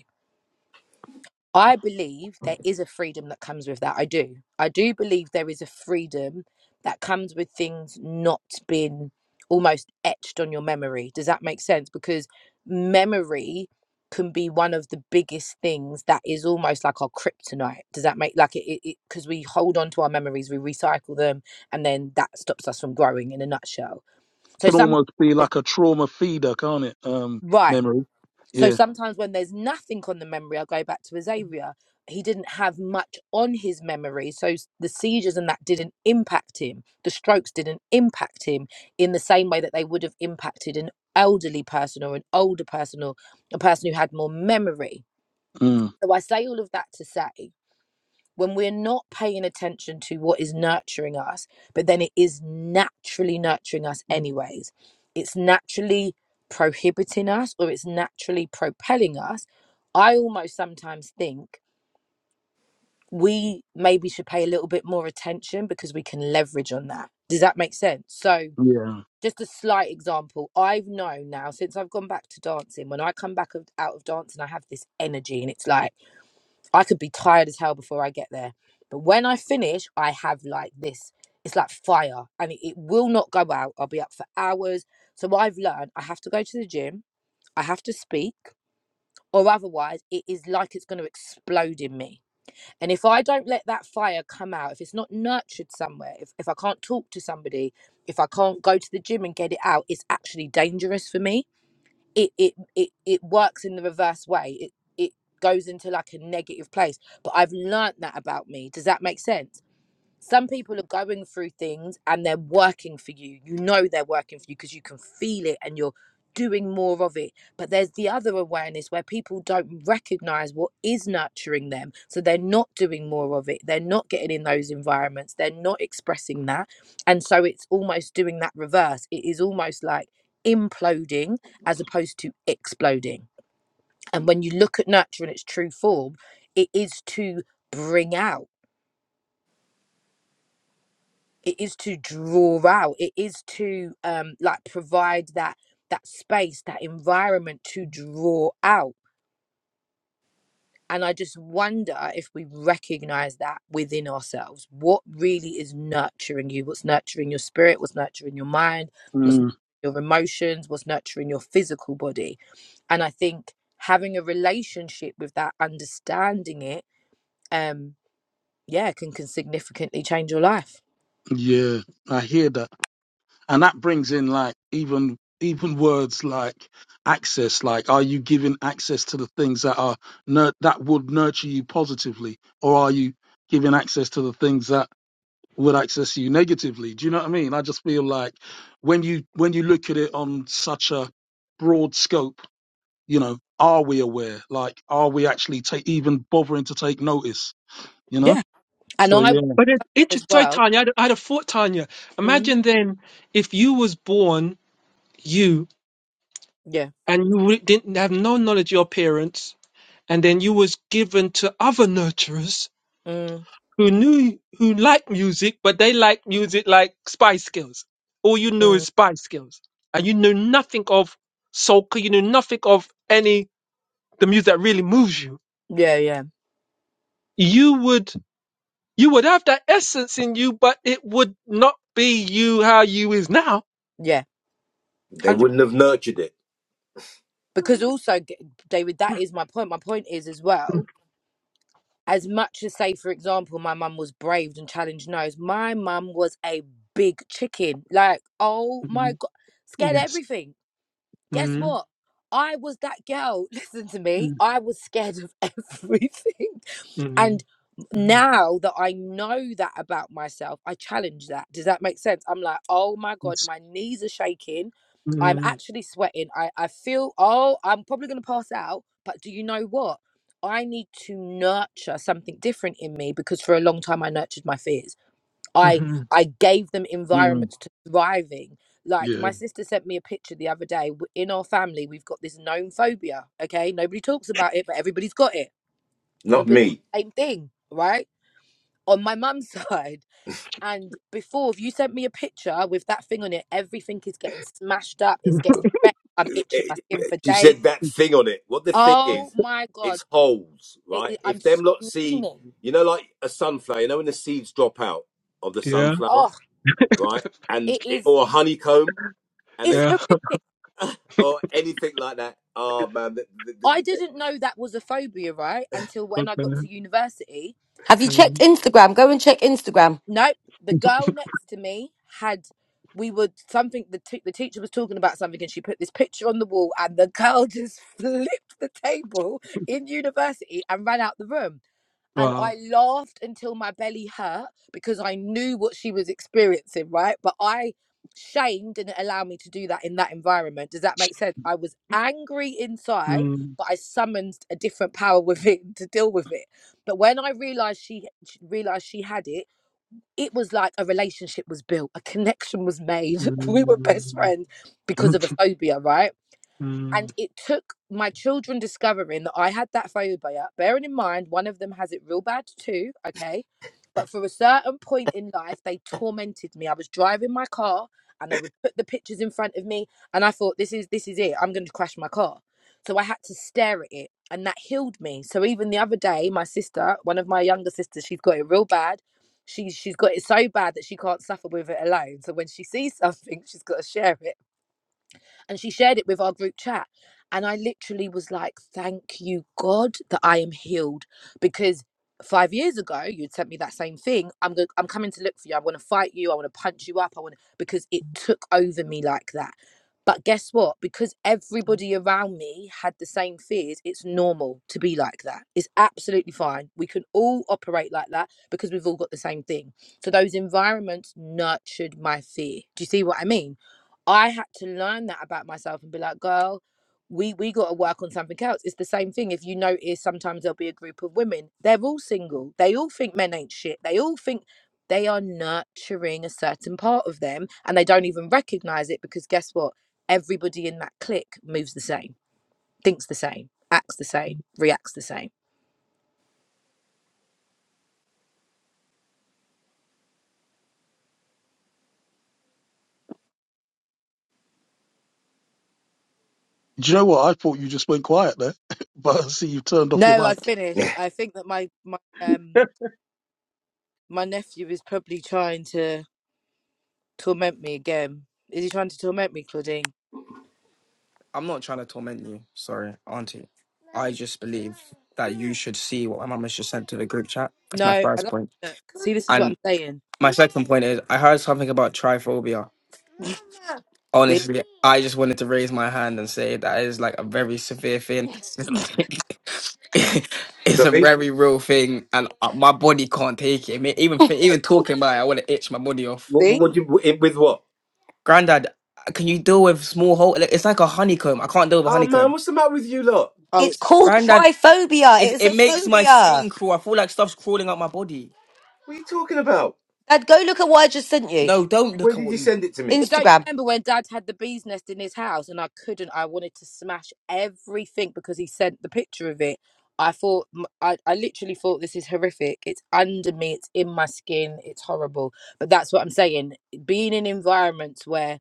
D: I believe there is a freedom that comes with that. I do. I do believe there is a freedom that comes with things not being almost etched on your memory. Does that make sense? Because memory can be one of the biggest things that is almost like our kryptonite. Does that make like it? Because it, because we hold on to our memories, we recycle them, and then that stops us from growing. In a nutshell. So
A: Can
D: some
A: almost be like a trauma feeder, can't it? Um,
D: right.
A: memory.
D: So
A: Yeah.
D: sometimes when there's nothing on the memory, I go back to Azaria. He didn't have much on his memory. So the seizures and that didn't impact him. The strokes didn't impact him in the same way that they would have impacted an elderly person or an older person or a person who had more memory.
A: Mm,
D: So I say all of that to say when we're not paying attention to what is nurturing us, but then it is naturally nurturing us anyways. It's naturally prohibiting us or it's naturally propelling us. I almost sometimes think we maybe should pay a little bit more attention because we can leverage on that. Does that make sense? So,
A: yeah.
D: just a slight example, I've known now since I've gone back to dancing, when I come back of, out of dancing, I have this energy and it's like, I could be tired as hell before I get there. But when I finish, I have like this. It's like fire and it, it will not go out. I'll be up for hours. So I've learned, I have to go to the gym, I have to speak, or otherwise it is like it's going to explode in me. And if I don't let that fire come out, if it's not nurtured somewhere, if, if I can't talk to somebody, if I can't go to the gym and get it out, it's actually dangerous for me it it it, it works in the reverse way it it goes into like a negative place but i've learnt that about me does that make sense some people are going through things and they're working for you. You know they're working for you because you can feel it and you're doing more of it. But there's the other awareness where people don't recognize what is nurturing them. So they're not doing more of it. They're not getting in those environments. They're not expressing that. And so it's almost doing that reverse. It is almost like imploding as opposed to exploding. And when you look at nurture in its true form, it is to bring out. it is to draw out it is to um like provide that that space that environment to draw out and i just wonder if we recognize that within ourselves what really is nurturing you what's nurturing your spirit what's nurturing your mind what's nurturing
A: Mm,
D: your emotions what's nurturing your physical body and i think having a relationship with that understanding it um yeah can can significantly change your life
A: yeah. I hear that. And that brings in like even even words like access, like are you giving access to the things that are nur- that would nurture you positively, or are you giving access to the things that would access you negatively? Do you know what I mean? I just feel like when you when you look at it on such a broad scope You know, are we aware? Like, are we actually take even bothering to take notice? You know?
D: yeah and
A: So
D: i
A: yeah,
C: But it, it's
D: as
C: just- sorry,
D: well
C: Tanya. I'd, I'd have thought, Tanya.
D: mm,
C: Imagine then if you was born you
D: yeah.
C: and you re- didn't have no knowledge of your parents, and then you was given to other nurturers.
D: Mm,
C: who knew who liked music, but they liked music like Spice Girls. All you knew
D: mm.
C: is Spice Girls, and you knew nothing of soca. You knew nothing of any the music that really moves you.
D: Yeah, yeah,
C: You would you would have that essence in you, but it would not be you how you is now.
D: yeah.
B: They
D: Hundred.
B: wouldn't have nurtured it.
D: Because also, g- David, that is my point. My point is as well. As much as say, for example, my mum was braved and challenged nose. My mum was a big chicken. Like, oh my
C: Mhm.
D: god, scared of
C: Yes.
D: everything. Guess
C: Mm,
D: what? I was that girl. Listen to me.
C: mm,
D: I was scared of everything.
C: mm,
D: And
C: mm,
D: now that I know that about myself, I challenge that. Does that make sense? I'm like, oh my God,
C: yes.
D: my knees are shaking. I'm
C: Mm,
D: actually sweating. I, I feel, oh, I'm probably going to pass out. But do you know what? I need to nurture something different in me because for a long time I nurtured my fears. I
C: mhm,
D: I gave them
A: mm,
D: environments to thrive in. Like
A: yeah.
D: my sister sent me a picture the other day. W- In our family, we've got this known phobia. Okay, nobody talks about it, but everybody's got it
B: Not
C: mm.
D: everybody
B: me.
D: got the same thing, right? On my mum's side. And before, if you sent me a picture with that thing on it, everything is getting smashed up. It's getting wrecked. I'm
B: It-
D: itching my
B: it-
D: skin for
B: She
D: days.
B: said that thing on it. What the thing
D: Oh
B: is,
D: my God.
B: it's holes,
D: It,
B: right?
D: it- I'm
B: If them lot see,
D: screaming.
B: you know, like a sunflower, you know, when the seeds drop out of the
C: Yeah.
D: Oh,
B: sunflower, right? And
D: it
B: it, or
D: is,
B: a honeycomb, and
D: it's
B: they
C: Yeah.
D: horrific.
B: or anything like that. Oh man, the, the, the,
D: I
B: the-
D: didn't know that was a phobia, right? Until when I got
C: Okay.
D: to university
E: Have you checked
C: Mm.
E: Instagram? Go and check Instagram.
D: Nope. The girl next to me had we were something the t- the teacher was talking about something and she put this picture on the wall and the girl just flipped the table in university and ran out the room. And I
C: Wow.
D: laughed until my belly hurt because I knew what she was experiencing, right? But I shame didn't allow me to do that in that environment. Does that make sense? I was angry inside,
C: Mm.
D: but I summoned a different power within to deal with it. But when I realized she realized she had it, it was like a relationship was built, a connection was made. we were best
C: mm.
D: friends
C: Yes,
D: because of a phobia, right?
C: yes,
D: and it took my children discovering that I had that phobia. Bearing in mind, one of them has it real bad too, okay? But for a certain point in life, they tormented me. I was driving my car and they would put the pictures in front of me and I thought this is this is it. I'm going to crash my car. So I had to stare at it and that healed me. So even the other day, my sister, one of my younger sisters, she's got it real bad. She's she's got it so bad that she can't suffer with it alone. So when she sees something, she's got to share it and she shared it with our group chat and i literally was like thank you god that i am healed because five years ago you'd sent me that same thing i'm go- i'm coming to look for you i want to fight you i want to punch you up i want to because it took over me like that but guess what because everybody around me had the same fears it's normal to be like that it's absolutely fine we can all operate like that because we've all got the same thing so those environments nurtured my fear do you see what i mean I had to learn that about myself and be like, girl, we we got to work on something else. It's the same thing. If you notice, sometimes there'll be a group of women. They're all single. They all think men ain't shit. They all think they are nurturing a certain part of them, and they don't even recognize it because guess what? Everybody in that clique moves the same, thinks the same, acts the same, reacts the same.
A: Do you know what? I thought you just went quiet there, but I see you've turned off your
D: No, I
A: mic.
D: finished. I think that my my um my nephew is probably trying to torment me again. Is he trying to torment me, Claudine?
E: I'm not trying to torment you. Sorry, Auntie. I just believe that you should see what my mum has just sent to the group chat. That's
D: No,
E: my
D: I don't
E: first
D: think
E: point.
D: that. See, this is what
E: And
D: I'm saying.
E: my second point is I heard something about triphobia.
D: See,
E: Honestly, I just wanted to raise my hand and say that is like a very severe thing. Like, it's a
B: sorry.
E: very real thing, and uh, my body can't take it. I mean, even thi- even talking about it, I want to itch my body off.
B: What,
D: see.
B: what do you with what?
E: Granddad, can you deal with small hole? Like, It's like a honeycomb. I can't deal with a
B: Oh man,
E: honeycomb.
B: what's the matter with you lot?
D: Oh,
E: It's
D: it's.
E: called Grandad, triphobia. it, It's a it makes my phobia. skin crawl. I feel like stuff's crawling up my body.
B: What are you talking about?
E: Dad, go look at what I just sent you. No, don't
B: Where
E: look at
B: did
E: what
B: you
E: you.
B: send it to me?
D: But don't you
E: Instagram.
D: remember when Dad had the bee's nest in his house, and I couldn't. I wanted to smash everything because he sent the picture of it. I thought, m- I, I literally thought this is horrific. It's under me. It's in my skin. It's horrible. But that's what I'm saying. Being in environments where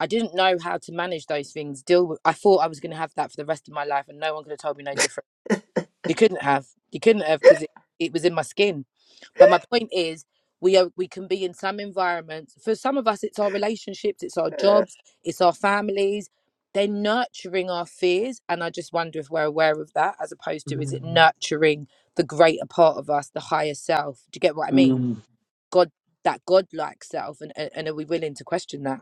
D: I didn't know how to manage those things, deal with. I thought I was going to have that for the rest of my life, and no one could have told me no different. You couldn't have. You couldn't have because it, it was in my skin But my point is, we are we can be in some environments. For some of us, it's our relationships, it's our jobs, it's our families. They're nurturing our fears, and I just wonder if we're aware of that, as opposed to is it nurturing the greater part of us, the higher self? Do you get what I mean?
A: Mm.
D: God, that godlike self, and and, and are we willing to question that?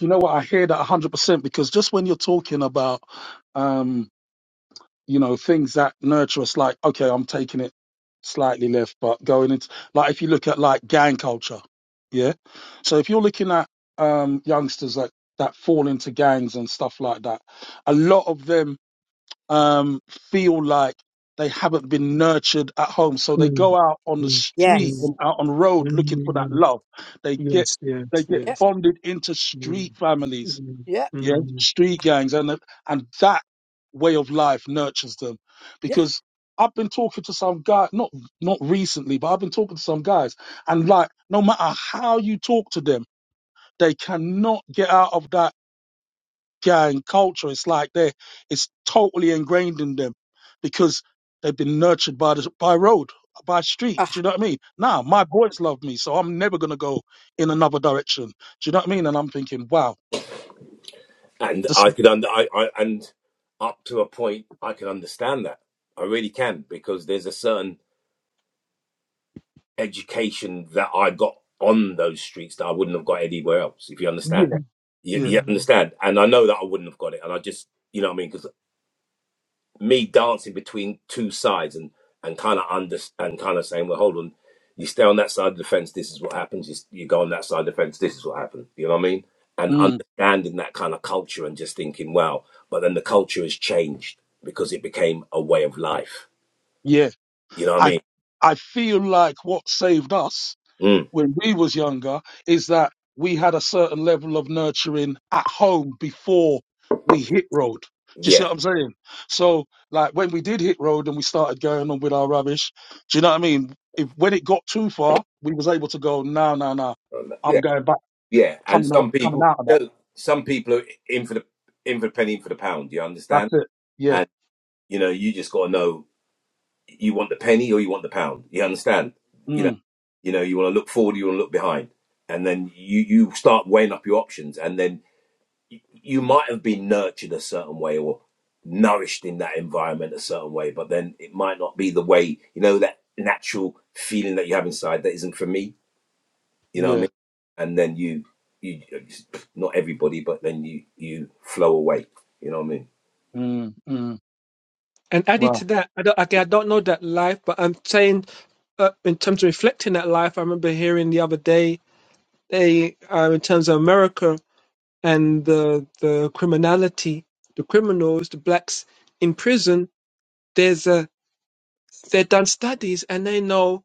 A: You know what? I hear that 100% because just when you're talking about, um, you know, things that nurture us, like, okay, I'm taking it slightly left, but going into, like, if you look at like gang culture, yeah. So if you're looking at um, youngsters that, that fall into gangs and stuff like that, a lot of them um, feel like they haven't been nurtured at home. So they go out on the street
D: Yes.
A: and out on the road looking for that love. They get they get
D: Yep.
C: yes.
A: bonded into
C: Mm,
A: street families,
C: mm,
D: Yep.
A: yeah,
C: mm,
A: street gangs, and and that way of life nurtures them.
D: Yeah.
A: Because I've been talking to some guy, not not recently, but I've been talking to some guys, and like no matter how you talk to them, they cannot get out of that and culture. It's like they it's totally ingrained in them because they've been nurtured by the by road, by street.
D: Uh,
A: Do you know what I mean? Now my boys love me, so I'm never gonna go in another direction. Do you know what I mean? And I'm thinking, wow,
B: and
A: this
B: I could under I, I and up to a point I can understand that I really can because there's a certain education that I got on those streets that I wouldn't have got anywhere else if you understand you, you
A: yeah,
C: mm.
B: understand and I know that I wouldn't have got it and I just you know what I mean because me dancing between two sides and and kind of under and kind of saying, well, hold on, you stay on that side of the fence, this is what happens. You, s- you go on that side of the fence, this is what happens. You know what I mean? And
A: mm,
B: understanding that kind of culture and just thinking, wow. But then the culture has changed because it became a way of life.
A: yeah.
B: You know what I
A: I
B: mean?
A: I feel like what saved us
B: Mm,
A: when we was younger is that we had a certain level of nurturing at home before we hit road. Do you see
B: yeah,
A: what I'm saying? So like when we did hit road and we started going on with our rubbish, do you know what I mean? If when it got too far, we was able to go, no, no, no, I'm
B: yeah,
A: going back,
B: yeah. And
A: coming out,
B: some
A: coming
B: people,
A: out of that.
B: no, some people are in for the in for the penny, in for the pound. You
A: That's
B: understand?
A: it. Yeah.
B: And you know, you just got to know you want the penny or you want the pound. You understand? You know,
A: Mm,
B: you know, you want to look forward, you want to look behind, and then you you start weighing up your options, and then y- you might have been nurtured a certain way or nourished in that environment a certain way, but then it might not be the way you know that natural feeling that you have inside that isn't for me. You know what I
A: yeah.
B: mean? And then you you not everybody, but then you you flow away. You know what I mean?
A: Mm, mm.
C: And added
A: Wow.
C: to that, I don't, okay, I don't know that life, but I'm saying uh, in terms of reflecting that life, I remember hearing the other day, they uh, in terms of America and the the criminality, the criminals, the blacks in prison. There's a they've done studies and they know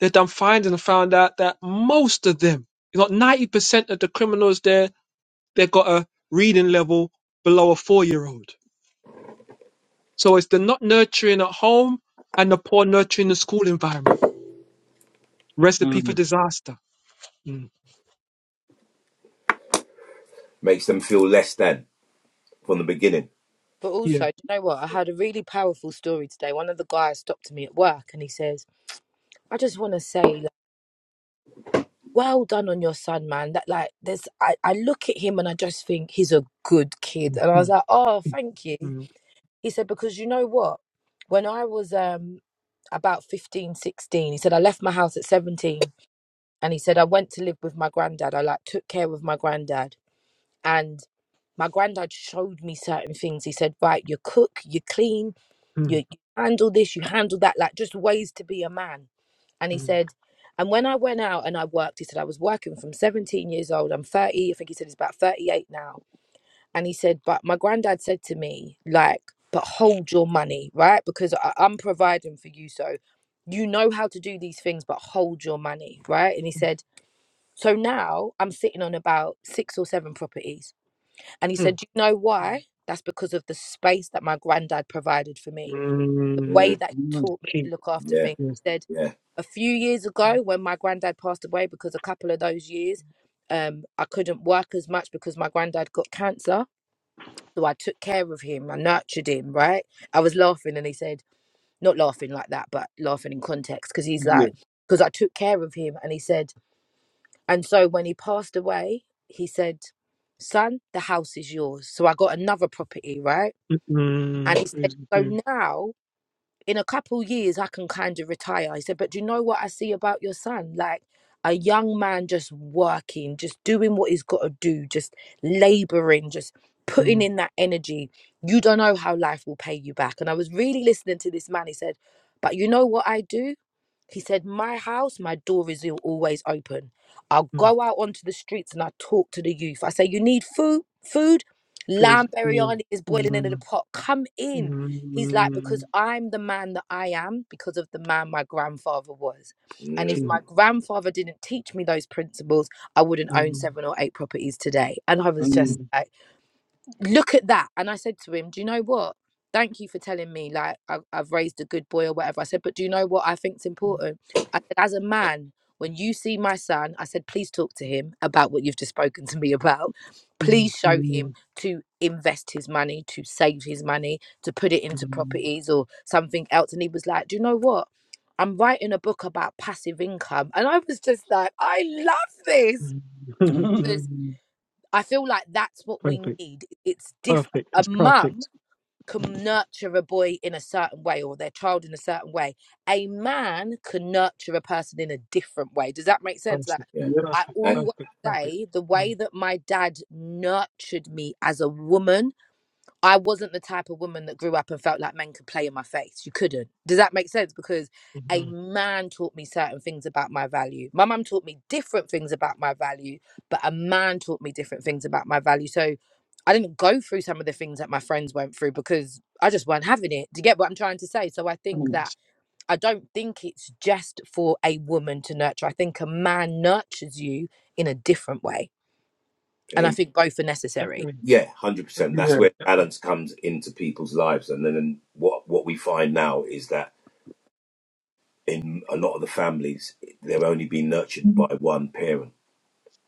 C: They've done findings and found out that most of them, you know, 90% of the criminals there, they've got a reading level below a four year old. So it's the not nurturing at home and the poor nurturing the school environment. Recipe
A: Mm,
C: for disaster. Mm,
B: Makes them feel less than from the beginning.
D: but
C: yeah.
D: also, do you know what? I had a really powerful story today. One of the guys stopped me at work, and he says, "I just want to say, like." well done on your son, man. That like there's I, I look at him and I just think he's a good kid.
C: Mm,
D: And I was
C: mm,
D: like, Oh, thank you.
C: mm,
D: He said, Because you know what? When I was um about 15, 16, he said, I left my house at 17 and he said I went to live with my granddad. I like took care of my granddad and my granddad showed me certain things. He said, Right, you cook, you clean, you, you handle this, you handle that, like just ways to be a man and he
C: mm,
D: said, and when I went out and I worked, he said I was working from 17 years old. I'm 30. I think he said he's about 38 now. And he said, but my granddad said to me, like, but hold your money, right? Because I, I'm providing for you, so you know how to do these things, but hold your money, right? And he said, so now I'm sitting on about six or seven properties. And he said,
C: mm,
D: do you know why? That's because of the space that my granddad provided for me
C: mm,
D: the way
B: Mm,
C: mm.
D: that he
A: mm,
D: taught me to
C: Key.
D: look after
B: yeah,
D: things.
C: Yes.
D: He said
B: yeah.
D: a few years ago when my granddad passed away, because a couple of those years, um, I couldn't work as much because my granddad got cancer. So I took care of him. I nurtured him, right? I was laughing and he said, not laughing like that, but laughing in context, because he's
A: yeah.
D: like, because I took care of him. And he said, and so when he passed away, he said, son, the house is yours. So I got another property, right?
C: Mm,
D: And
C: mm.
D: he said,
C: Crazy.
D: so
C: theory.
D: now in a couple years I can kind of retire. He said, but do you know what I see about your son? Like a young man just working, just doing what he's got to do, just laboring, just putting
C: Mm,
D: in that energy. You don't know how life will pay you back. And I was really listening to this man. He said, but you know what I do? He said, My house, my door is always open. I'll
C: mm.
D: go out onto the streets and I talk to the youth. I say, You need food? Food? Lamb
C: Crazy. theory.
D: biryani is boiling into the
C: Mm,
D: pot. Come in.
C: mm.
D: He's like, Because
C: mm.
D: I'm the man that I am, because of the man my grandfather was. And if
B: Mm.
C: Key.
D: my grandfather didn't teach me those principles, I wouldn't own
C: Mm,
D: seven or eight properties today. And I was
A: Mm,
D: just
C: mm.
D: like, look at that. And I said to him, Do you know what? Thank you for telling me, like, I, I've raised a good boy or whatever. I said, But do you know what I think's important? I said, As a man, when you see my son, I said, Please talk to him about what you've just spoken to me about.
C: mm,
D: Please show
C: mm,
D: him to invest his money, to save his money, to put it into
C: Mm,
D: properties or something else. And he was like, Do you know what? I'm writing a book about passive income. And I was just like, I love this.
C: mm,
A: mm,
D: Because
C: mm.
D: I feel like that's what we
C: Perfect,
D: need. It's diff
C: perfect.
D: a
C: It's
D: mum
C: perfect,
D: can nurture a boy in a certain way or their child in a certain way. A man can nurture a person in a different way. Does that make sense?
C: perfect,
D: Like
B: Yeah.
A: yeah.
D: I
C: perfect,
B: That
D: always
C: perfect, perfect.
D: say the
C: Mm,
D: way that my dad nurtured me as a woman I wasn't the type of woman that grew up and felt like men could play in my face. You couldn't. Does that make sense? Because a
C: mhm.
D: man taught me certain things about my value. My mum taught me different things about my value, but a man taught me different things about my value. So I didn't go through some of the things that my friends went through because I just weren't having it. Do you get what I'm trying to say? So I think
A: Mm,
D: that
C: Yes,
D: I don't think it's just for a woman to nurture. I think a man nurtures you in a different way. And I
B: came.
D: think both are necessary.
C: definitely,
B: Yeah, hundred percent. That's
C: definitely,
A: yeah.
B: where
C: definitely.
B: balance comes into people's lives, and then and what what we find now is that in a lot of the families, they're only being nurtured by one parent,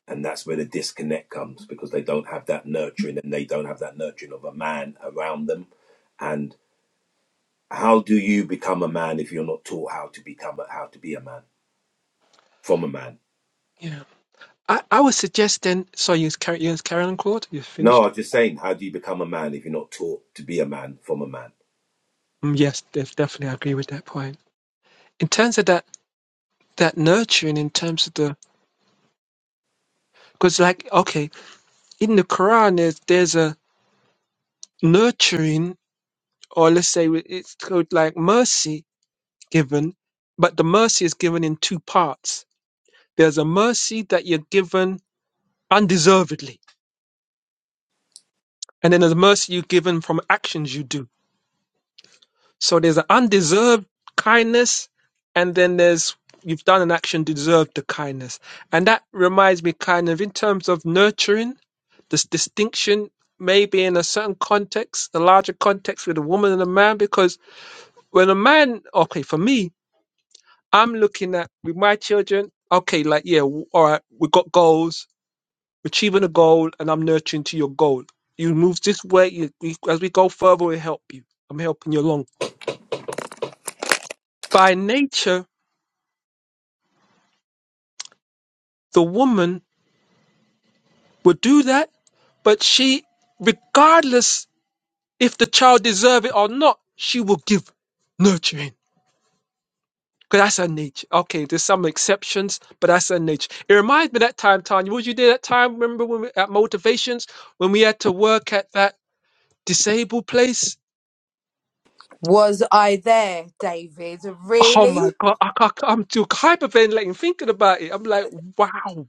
B: and that's where the disconnect comes because they don't have that nurturing, and they don't have that nurturing of a man around them. And how do you become a man if you're not taught how to become a, how to be a man from a man?
C: Yeah, I, I would suggest then. So you carry, you carry on, Claude. You
B: No,
C: finished.
B: I'm just saying, how do you become a man if you're not taught to be a man from a man?
C: Mm, yes, def- definitely, I agree with that point. In terms of that, that nurturing, in terms of the, because like, okay, in the Quran, there's there's a nurturing, or let's say it's called like mercy given, but the mercy is given in two parts There's a mercy that you're given undeservedly, and then there's mercy you're given from actions you do. So there's an undeserved kindness, and then there's you've done an action to deserve the kindness. And that reminds me kind of in terms of nurturing, this distinction maybe in a certain context, a larger context with a woman and a man, because when a man, okay, for me, I'm looking at with my children, okay, like, yeah, w- all right, we got goals, achieving a goal and I'm nurturing to your goal. You move this way, you, you, as we go further, we help you. I'm helping you along. By nature, the woman will do that, but she, regardless if the child deserve it or not, she will give nurturing. Because that's her nature. Okay, there's some exceptions, but that's her nature. It reminds me that time, Tanya. What you did that time, remember when we, at Motivations, when we had to work at that disabled place?
D: Was I there, David?
C: Oh my
D: Really?
C: God, I, I, I'm too hyperventilating thinking about it. I'm like, wow.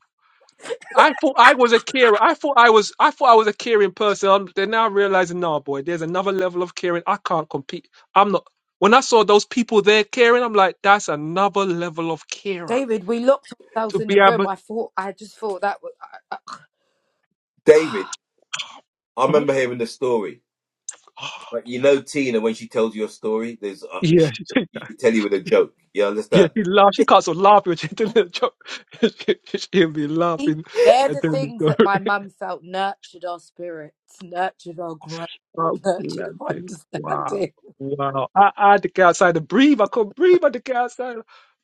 C: I thought I was a carer. I thought I was. I thought I was a caring person. I'm, they're now realizing, nah, boy, there's another level of caring. I can't compete. I'm not. When I saw those people there caring, I'm like, that's another level of carer
D: David, we locked ourselves
C: to
D: in
C: be
D: the room.
C: able.
D: I thought, I just thought that was. I,
B: David, I
C: Oh, look.
B: remember hearing the story But you know, Tina, when she tells you a story, there's uh,
C: yeah,
B: she,
C: she- did
B: she
C: that.
B: can tell you with a joke. You
C: yeah,
B: understand,
C: she laughed. She can't stop laughing when she did the joke. She'll be
D: I,
C: laughing
D: they're
C: and
D: the
C: telling the
D: things
C: story.
D: that my mum felt nurtured our spirits, nurtured our growth,
C: Wow.
D: nurtured our
C: Wow.
D: understanding.
C: Wow. I, I had to get outside to breathe. I couldn't breathe. I had to get outside.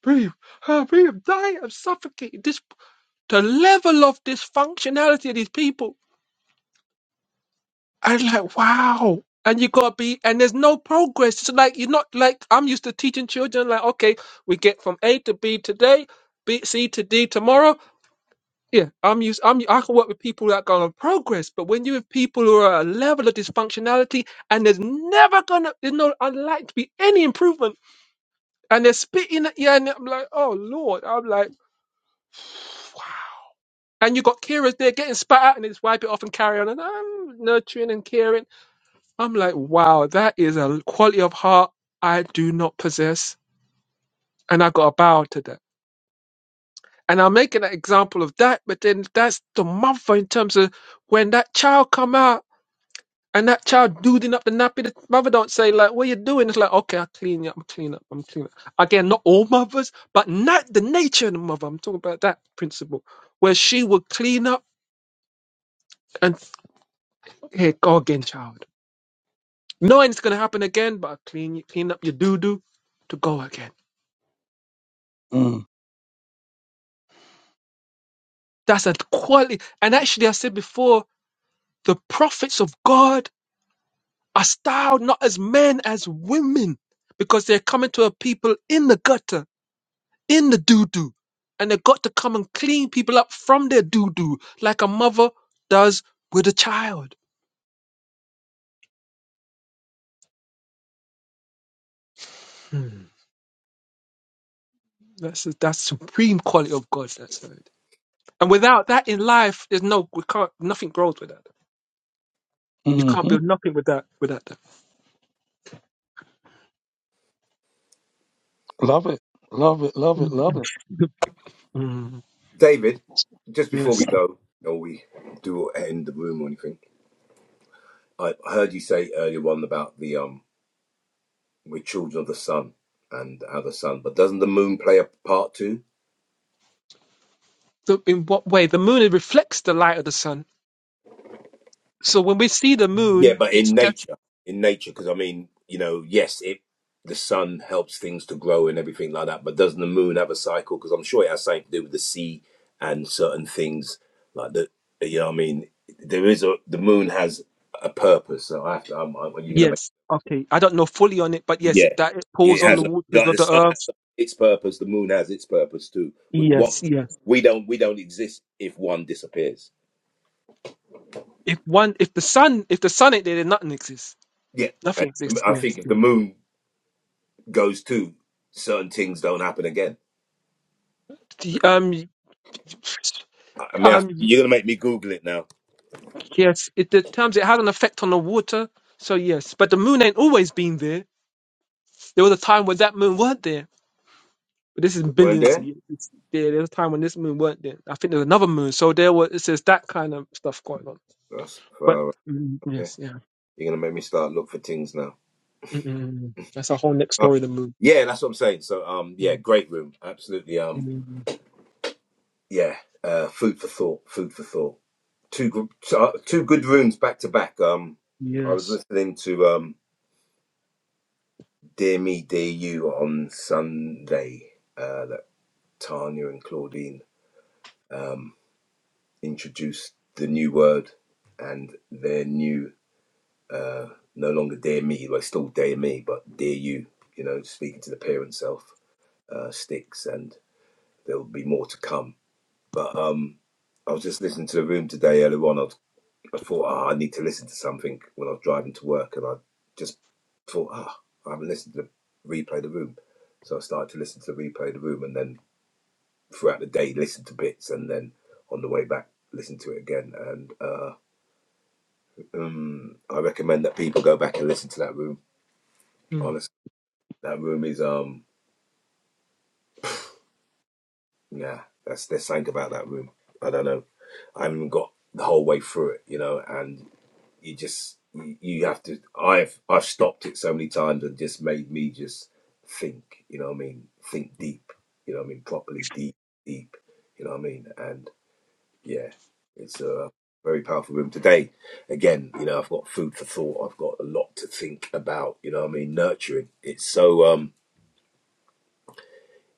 C: Breathe. Ah, breathe. I'm dying. I'm suffocating. This the level of dysfunctionality of these people. I'm like, wow. And you gotta be and there's no progress. It's like you're not like I'm used to teaching children like, okay, we get from A to B today, B C to D tomorrow. Yeah, I'm used. I'm. I can work with people that go on progress, but when you have people who are at a level of dysfunctionality, and there's never gonna, there's no unlikely to be any improvement, and they're spitting at you, and I'm like, oh lord, I'm like, and you got carers there getting spat out, and they just wipe it off and carry on, and I'm nurturing and caring. I'm like, wow, that is a quality of heart I do not possess, and I got to bow to that. And I'm making an example of that, but then that's the mother in terms of when that child come out. And that child doodling up the nappy, the mother don't say like, "What are you doing?" It's like, "Okay, I clean you up, I'm clean up, I'm clean up." Again, not all mothers, but not the nature of the mother. I'm talking about that principle where she would clean up and here go again, child, knowing it's gonna happen again, but I clean you, clean up your doo doo to go again.
A: Mm,
C: That's a quality. And actually, I said before, the prophets of God are styled not as men as women because they're coming to a people in the gutter in the doo doo. And they got to come and clean people up from their doo doo, like a mother does with a child. Hmm. That's that's supreme quality of God. That's it. And without that in life, there's no we can't nothing grows with that. You can't
A: mm
C: build nothing with that without that.
A: Love it. Love it. Love it. Love it.
C: Mhm. Mm,
B: David? Just before we
C: yes.
B: go, or we do end the room or anything, I heard you say earlier on about the um, we're children of the sun and how the sun. But doesn't the moon play a part too?
C: So in what way? The moon reflects the light of the sun. So when we see the
B: Yeah,
C: moon,
B: but
C: it's
B: in
C: just
B: nature, in nature, because I mean, you know, yes, it the sun helps things to grow and everything like that, but doesn't the moon have a cycle? Because I'm sure it has something to do with the sea and certain things like that. You know, what I mean, there is a the moon has a purpose. So I have to. I'm, I'm, are you going to
C: yes. Okay. I don't know fully on it, but
B: make?
C: yes,
B: Yeah,
C: it that it
B: it
C: pulls on the
B: has. A,
C: waters
B: like
C: of
B: the
C: the
B: sun has
C: earth.
B: its purpose. The moon has its purpose too. With what
C: Yes, yes.
B: we don't, we don't exist if one disappears.
C: If one, if the sun, if the sun ain't there, then nothing exists.
B: Yeah, and
C: Nothing exists.
B: I think
C: Yes.
B: if the moon goes too, certain things don't happen again.
C: The, um, y-
B: I mean, I,
C: um, y-
B: you're gonna make me Google it now.
C: yes. It the terms it had an effect on the water. So yes, but the moon ain't always been there. There was a time when that moon weren't there. But this is
B: It weren't
C: billions of
B: there?
C: years. It's there. There was a time when this moon weren't there. I think there's another moon. So there was. It says that kind of stuff going on.
B: That's
C: But mm,
B: okay.
C: yes, yeah.
B: You're gonna make me start look for things now.
C: Mm-mm. That's a whole next
B: Oh,
C: story. The moon.
B: yeah, that's what I'm saying. So, um, yeah,
C: Mm,
B: great room, absolutely.
C: mm,
B: Um,
C: mm, mm.
B: yeah, uh, food for thought, food for thought. Two gr- t- uh, two good rooms back to back. Um, I was
C: Yes.
B: listening to um, Dear Me, Dear You on Sunday. Uh, that Tanya and Claudine um introduced the new word and their new Uh, no longer dear me, well, still dear me, but dear you. You know, speaking to the parent self uh, sticks, and there'll be more to come. But um, I was just listening to the room today earlier on. I, was, I thought, ah, I need to listen to something when I was driving to work, and I just thought, ah, I haven't listened to the replay of the room. So I started to listen to the replay of the room, and then throughout the day, listen to bits, and then on the way back, listen to it again. And uh, um, I recommend that people go back and listen to that room.
C: Mm.
B: That room is um yeah, that's there's something about that room. I don't know. I haven't got the whole way through it, you know, and you just you you have to I've I've stopped it so many times and just made me just think, you know what I mean, think deep, you know what I mean, properly deep, deep, you know what I mean? And yeah, it's a very powerful room today. Again, you know, I've got food for thought. I've got a lot to think about, you know what I mean? Nurturing. It's so um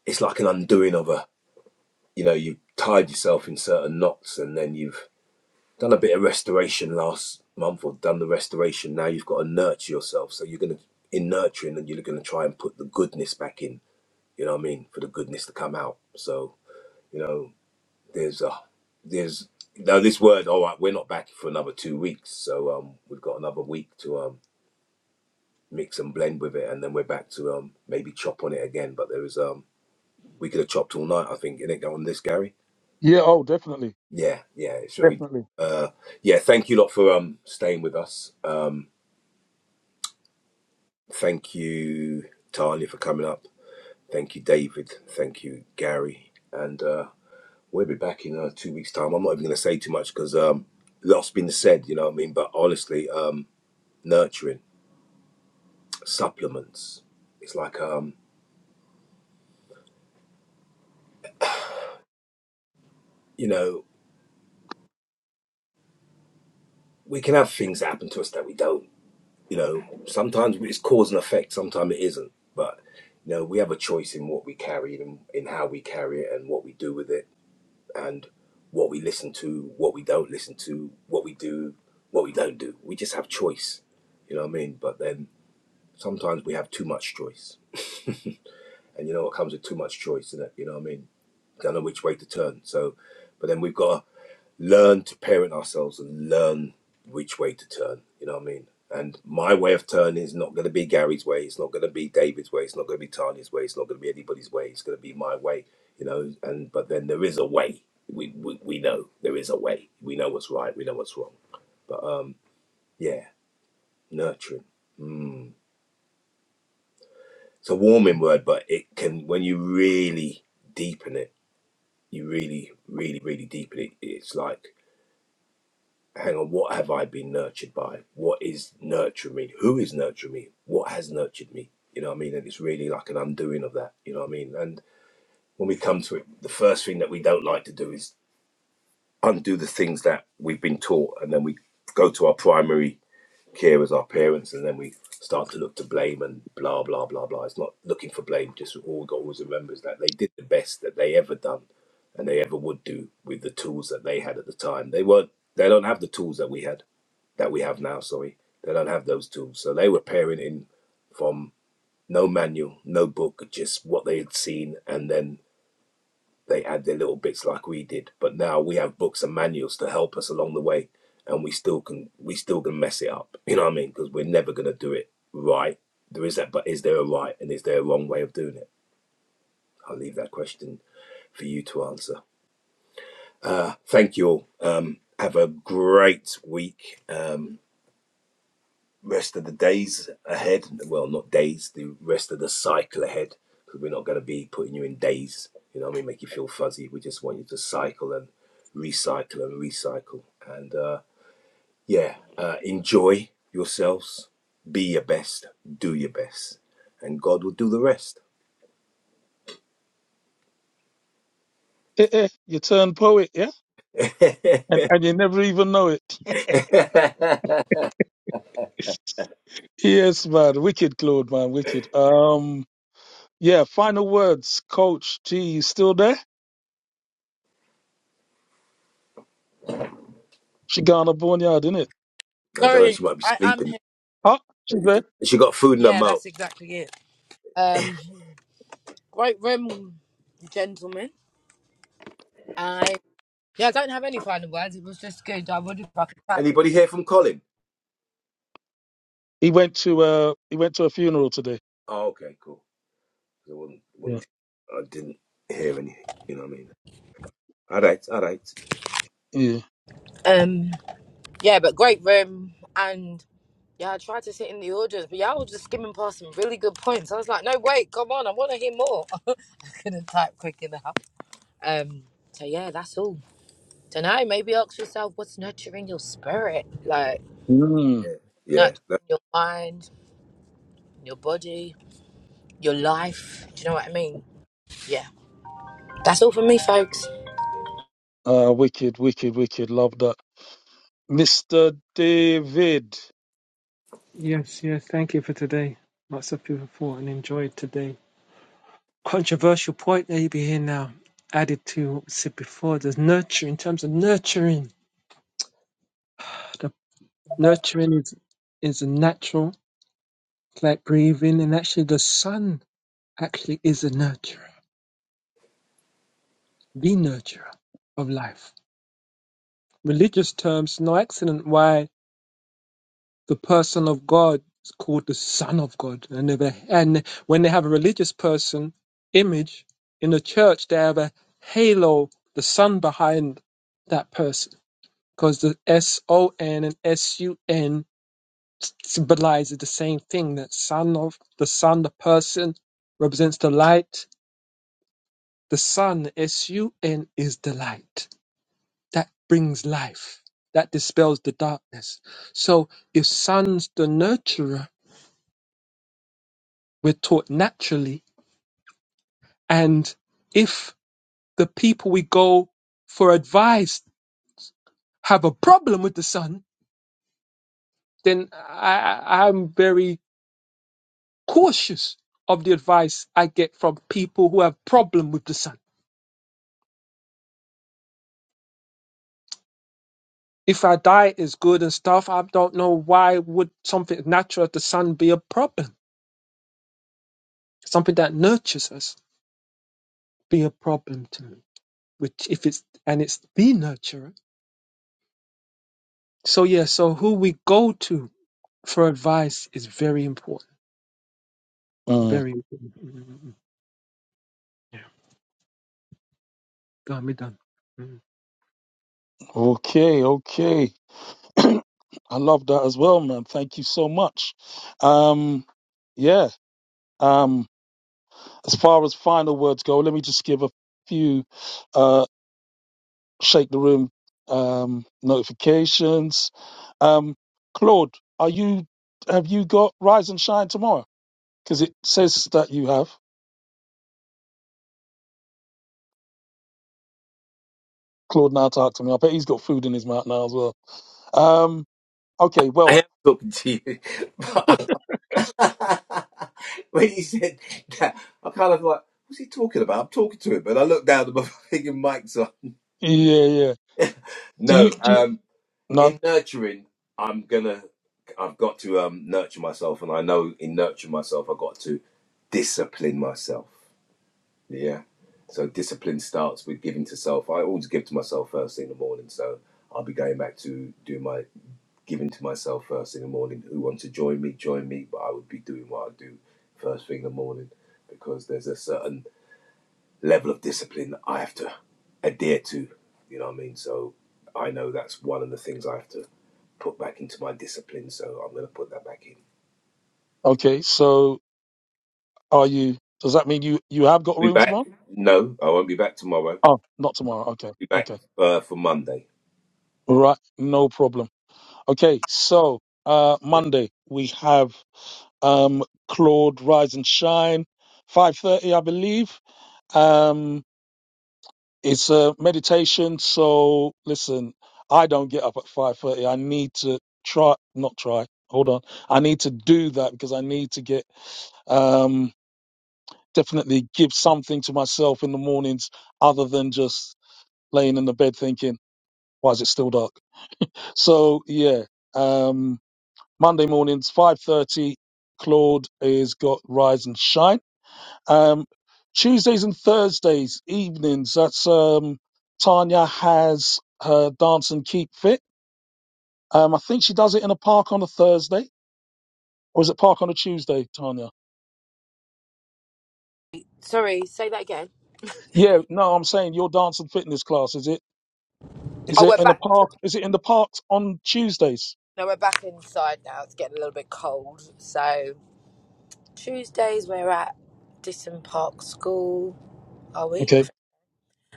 B: it's like an undoing of a you know you've tied yourself in certain knots and then you've done a bit of restoration last month or done the restoration now you've got to nurture yourself so you're going to in nurturing and you're going to try and put the goodness back in you know what i mean for the goodness to come out so you know there's a there's now this word all right we're not back for another two weeks so um we've got another week to um mix and blend with it and then we're back to um maybe chop on it again but there is um we could have chopped all night i think in it on this gary
A: Yeah, oh, definitely,
B: Yeah, yeah, it's very.
A: definitely.
B: Uh, yeah, thank you lot for um staying with us. Um, thank you Talia for coming up. Thank you David. Thank you Gary. And uh, we'll be back in uh, two weeks' time. I'm not even going to say too much because um, lot been said. You know what I mean? But honestly, um, nurturing supplements. It's like um, you know, we can have things that happen to us that we don't. you know, sometimes it's cause and effect, sometimes it isn't. But you know, we have a choice in what we carry and in how we carry it and what we do with it and what we listen to, what we don't listen to, what we do, what we don't do. We just have choice. You know what I mean? But then sometimes we have too much choice. And you know what comes with too much choice, is it? You know what I mean? Don't know which way to turn. So but then we've got to learn to parent ourselves and learn which way to turn. You know what I mean? And my way of turning is not going to be Gary's way. It's not going to be David's way. It's not going to be Tanya's way. It's not going to be anybody's way. It's going to be my way. You know. And but then there is a way. We we, we know there is a way. We know what's right. We know what's wrong. But um, yeah, nurturing. Mm. It's a warming word, but it can when you really deepen it. You really, really, really deepen it. It's like hang on, what have I been nurtured by? What is nurturing me? Who is nurturing me? What has nurtured me? You know what I mean? And it's really like an undoing of that. You know what I mean? And when we come to it, the first thing that we don't like to do is undo the things that we've been taught. And then we go to our primary care as our parents. And then we start to look to blame and blah, blah, blah, blah. It's not looking for blame. Just all God always remembers that they did the best that they ever done and they ever would do with the tools that they had at the time. They weren't, they don't have the tools that we had that we have now. Sorry, they don't have those tools, so they were parenting from no manual, no book, just what they had seen, and then they add their little bits like we did. But now we have books and manuals to help us along the way, and we still can we still can mess it up. You know what I mean? Because we're never gonna do it right. There is that, but is there a right and is there a wrong way of doing it? I'll leave that question for you to answer. Thank you all. Um, have a great week. Um, rest of the days ahead. Well, not days, the rest of the cycle ahead, because we're not going to be putting you in days. You know what I mean? Make you feel fuzzy. We just want you to cycle and recycle and recycle. And uh, yeah, uh, enjoy yourselves. Be your best. Do your best. And God will do the rest.
A: Eh, eh, you turn poet, yeah,
B: I
A: and and you never even know it. yes, man, wicked, Claude, man, wicked. Um, yeah, final words, Coach G, you still there? Shigana Boneyard, innit?
B: don't know,
D: Sorry,
B: she might be
D: I, I'm
B: sleeping.
D: here.
A: Ah, She's there.
B: She got food in her
D: Yeah,
B: mouth.
D: that's exactly it. Um, Great room, gentlemen. I yeah, I don't have any final words. It was just good. I would have fucking packed.
B: Anybody hear from Colin?
A: He went to uh, he went to a funeral today.
B: Oh, okay, cool. I, wasn't,
A: Yeah,
B: wasn't, I didn't hear anything. You know what I mean? All right, all right.
A: yeah.
D: um yeah, but great room, and. Yeah, I tried to sit in the audience, but y'all were just skimming past some really good points. I was like, no, wait, come on, I want to hear more. I couldn't type quick enough. Um, so yeah, that's all. So now maybe ask yourself what's nurturing your spirit, like
A: Mm.
B: Yeah, yeah.
D: nurturing
B: That,
D: your mind, your body, your life. Do you know what I mean? Yeah, that's all for me, folks.
A: Uh, wicked, wicked, wicked. Love that, Mister David.
C: Yes, yes. Thank you for today. Lots of people thought and enjoyed today. Controversial point that you be here now. Added to what was said before, there's nurture in terms of nurturing. The nurturing is is a natural, it's like breathing, and actually the sun actually is a nurturer, the nurturer of life. Religious terms, no accident. Why? the person of God is called the Son of God. And, if they- and when they have a religious person image in the church, they have a halo, the sun behind that person. Because the S O N and S U N symbolizes the same thing. That son of the sun, the person represents the light. The sun, S U N, is the light. That brings life. That dispels the darkness. So if sun's the nurturer, We're taught naturally. And if the people we go for advice have a problem with the son, then I, I- I'm very cautious of the advice I get from people who have problem with the sun. If our diet is good and stuff, I don't know why would something as natural as the sun be a problem. Something that nurtures us be a problem to me. Which if it's and it's the nurturer. So yeah, so who we go to for advice is very important.
A: Mm.
C: Very important. Mm, mm, mm. Yeah. Done. We done. Mm.
A: Okay, okay. I love that as well, man. Thank you so much. Um, yeah. Um, as far as final words go, let me just give a few uh, shake the room um, notifications. Um, Claude, are you have you got Rise and Shine tomorrow? Because it says that you have. Claude now talked to me. I bet he's got food in his mouth now as well. Um, okay,
B: I
A: well,
B: am talking to you. But when you said that, I kind of like, what's he talking about? I'm talking to him, and I look down at my fucking mic's on.
A: yeah, yeah. Do
B: No,
A: you do you,
B: um,
A: no?
B: in nurturing, I'm gonna, I've got to um nurture myself, and I know in nurturing myself, I've got to discipline myself. Yeah. So discipline starts with giving to self. I always give to myself first thing in the morning. So I'll be going back to do my giving to myself first thing in the morning. Who wants to join me, join me. But I would be doing what I do first thing in the morning because there's a certain level of discipline that I have to adhere to. You know what I mean? So I know that's one of the things I have to put back into my discipline. So I'm going to put that back in.
A: Okay, so are you? Does that mean you you have got a
B: Be
A: room
B: back?
A: tomorrow?
B: No, I won't be back tomorrow.
A: Oh, not tomorrow. Okay,
B: Be back
A: okay,
B: uh, for Monday.
A: all right, no problem. Okay, so uh, Monday we have um, Claude Rise and Shine, five thirty, I believe. Um, it's a meditation. So listen, I don't get up at five thirty. I need to try, not try. Hold on, I need to do that because I need to get um, definitely give something to myself in the mornings other than just laying in the bed thinking, why is it still dark? So yeah. Um, Monday mornings, 5.30, Claude is got Rise and Shine. Um, Tuesdays and Thursdays evenings, that's um, Tanya has her Dance and Keep Fit. Um, I think she does it in a park on a Thursday. Or is it park on a Tuesday, Tanya?
D: Sorry, say that again.
A: Yeah, no, I'm saying your dance and fitness class, is it? Is
D: Oh, we're
A: it in a
D: back.
A: park? Is it in the parks on Tuesdays?
D: No, we're back inside now. It's getting a little bit cold. So Tuesdays we're at Disson Park School. Are we?
A: Okay,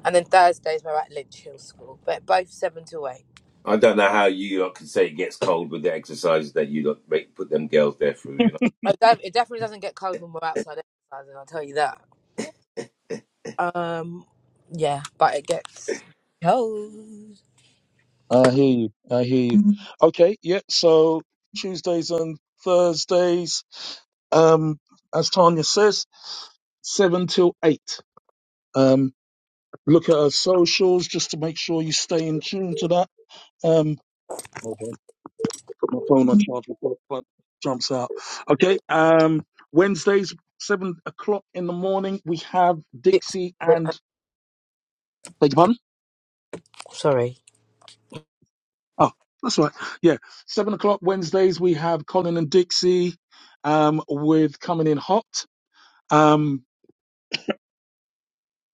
D: And then Thursdays we're at Lynch Hill School, but both seven to eight.
B: I don't know how you lot can say it gets cold with the exercises that you lot make put them girls there through. You know,
D: I don't- It definitely doesn't get cold when we're outside exercising. I'll tell you that. Um, yeah, but it gets cold.
A: I hear you. I hear you. Mhm. Okay, yeah, so Tuesdays and Thursdays um, as Tanya says, seven till eight. Um, look at our socials just to make sure you stay in tune to that. Um, hold on, put my phone on charge before the plug jumps out. Okay. Um, Wednesdays, seven o'clock in the morning, we have
D: Six,
A: Dixie and beg your pardon.
D: sorry.
A: Oh, that's right. Yeah, seven o'clock Wednesdays we have Colin and Dixie um, with coming in hot. Um,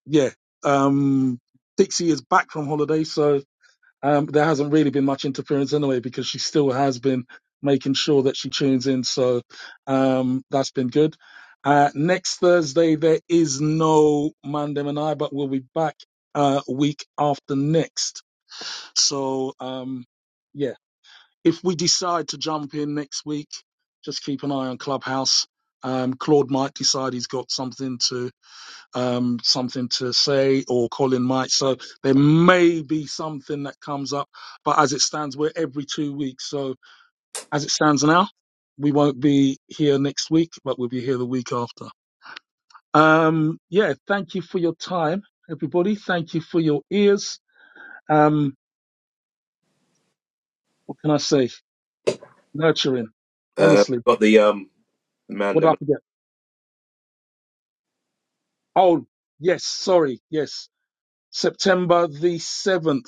A: yeah, um, Dixie is back from holiday, so um, there hasn't really been much interference anyway because she still has been making sure that she tunes in. So um, that's been good. Uh, next Thursday, there is no Mandem and I, but we'll be back uh, week after next. So, um, yeah, if we decide to jump in next week, just keep an eye on Clubhouse. Um, Claude might decide he's got something to um, something to say or Colin might. So there may be something that comes up, but as it stands, we're every two weeks. So as it stands now, we won't be here next week, but we'll be here the week after. Um, yeah, thank you for your time, everybody. Thank you for your ears. Um, what can I say? Nurturing,
B: uh,
A: honestly.
B: got the um man.
A: What did
B: Them,
A: I forget? Oh, yes, sorry, yes. September the 7th.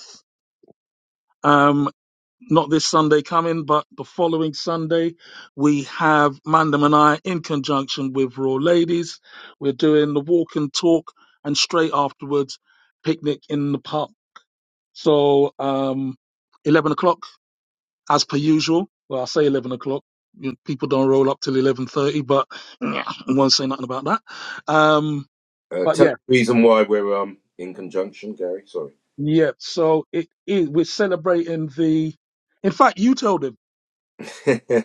A: not this Sunday coming, but the following Sunday, we have Mandam and I in conjunction with Raw Ladies. We're doing the walk and talk, and straight afterwards, picnic in the pub. So, um, 11 o'clock, as per usual. Well, I say 11 o'clock. You- People don't roll up till 11.30, but I won't say nothing about that. Um,
B: uh,
A: but
B: tell the
A: yeah,
B: reason why we're um in conjunction, Gary. Sorry,
A: yeah. So it is, we're celebrating the, in fact, you told him.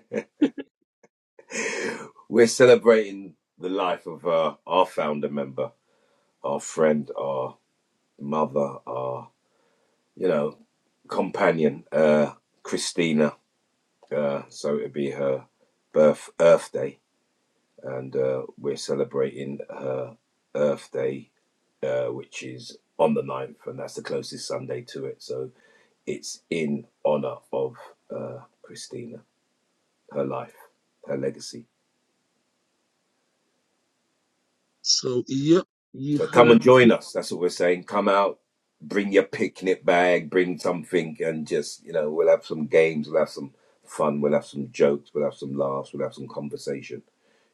B: we're celebrating the life of uh, our founder member, our friend, our mother, our you know companion, uh, Christina. Uh, so it'd be her birth Earth Day, and uh, we're celebrating her Earth Day uh, which is on the ninth, and that's the closest Sunday to it. So it's in honor of uh, Christina, her life, her legacy.
A: So, yep, you
B: So come and
A: heard
B: join us. That's what we're saying. Come out, bring your picnic bag, bring something, and just, you know, we'll have some games, we'll have some fun, we'll have some jokes, we'll have some laughs, we'll have some conversation.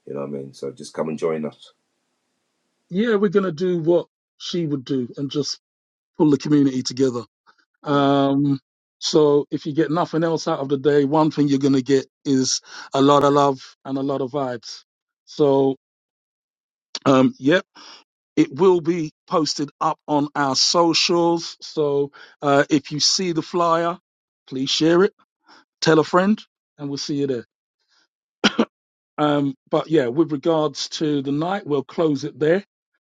B: You know what I mean? So just come and join us.
A: yeah, we're going to do what she would do and just pull the community together.
B: Mm.
A: Um, so if you get nothing else out of the day, one thing you're going to get is a lot of love and a lot of vibes. So, um, yep, it will be posted up on our socials. So, uh, if you see the flyer, please share it, tell a friend, and we'll see you there. Um, but yeah, with regards to the night, we'll close it there.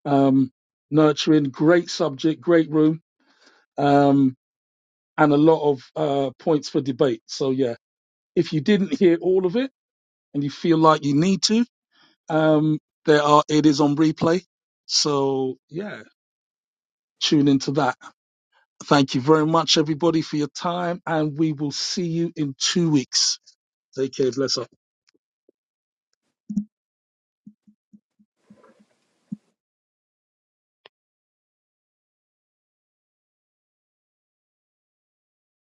A: Um, nurturing, great subject, great room um, and a lot of uh, points for debate. So yeah, if you didn't hear all of it and you feel like you need to, um, there are it is on replay. So yeah, tune into that. Thank you very much, everybody, for your time, and we will see you in two weeks. Take care, bless up.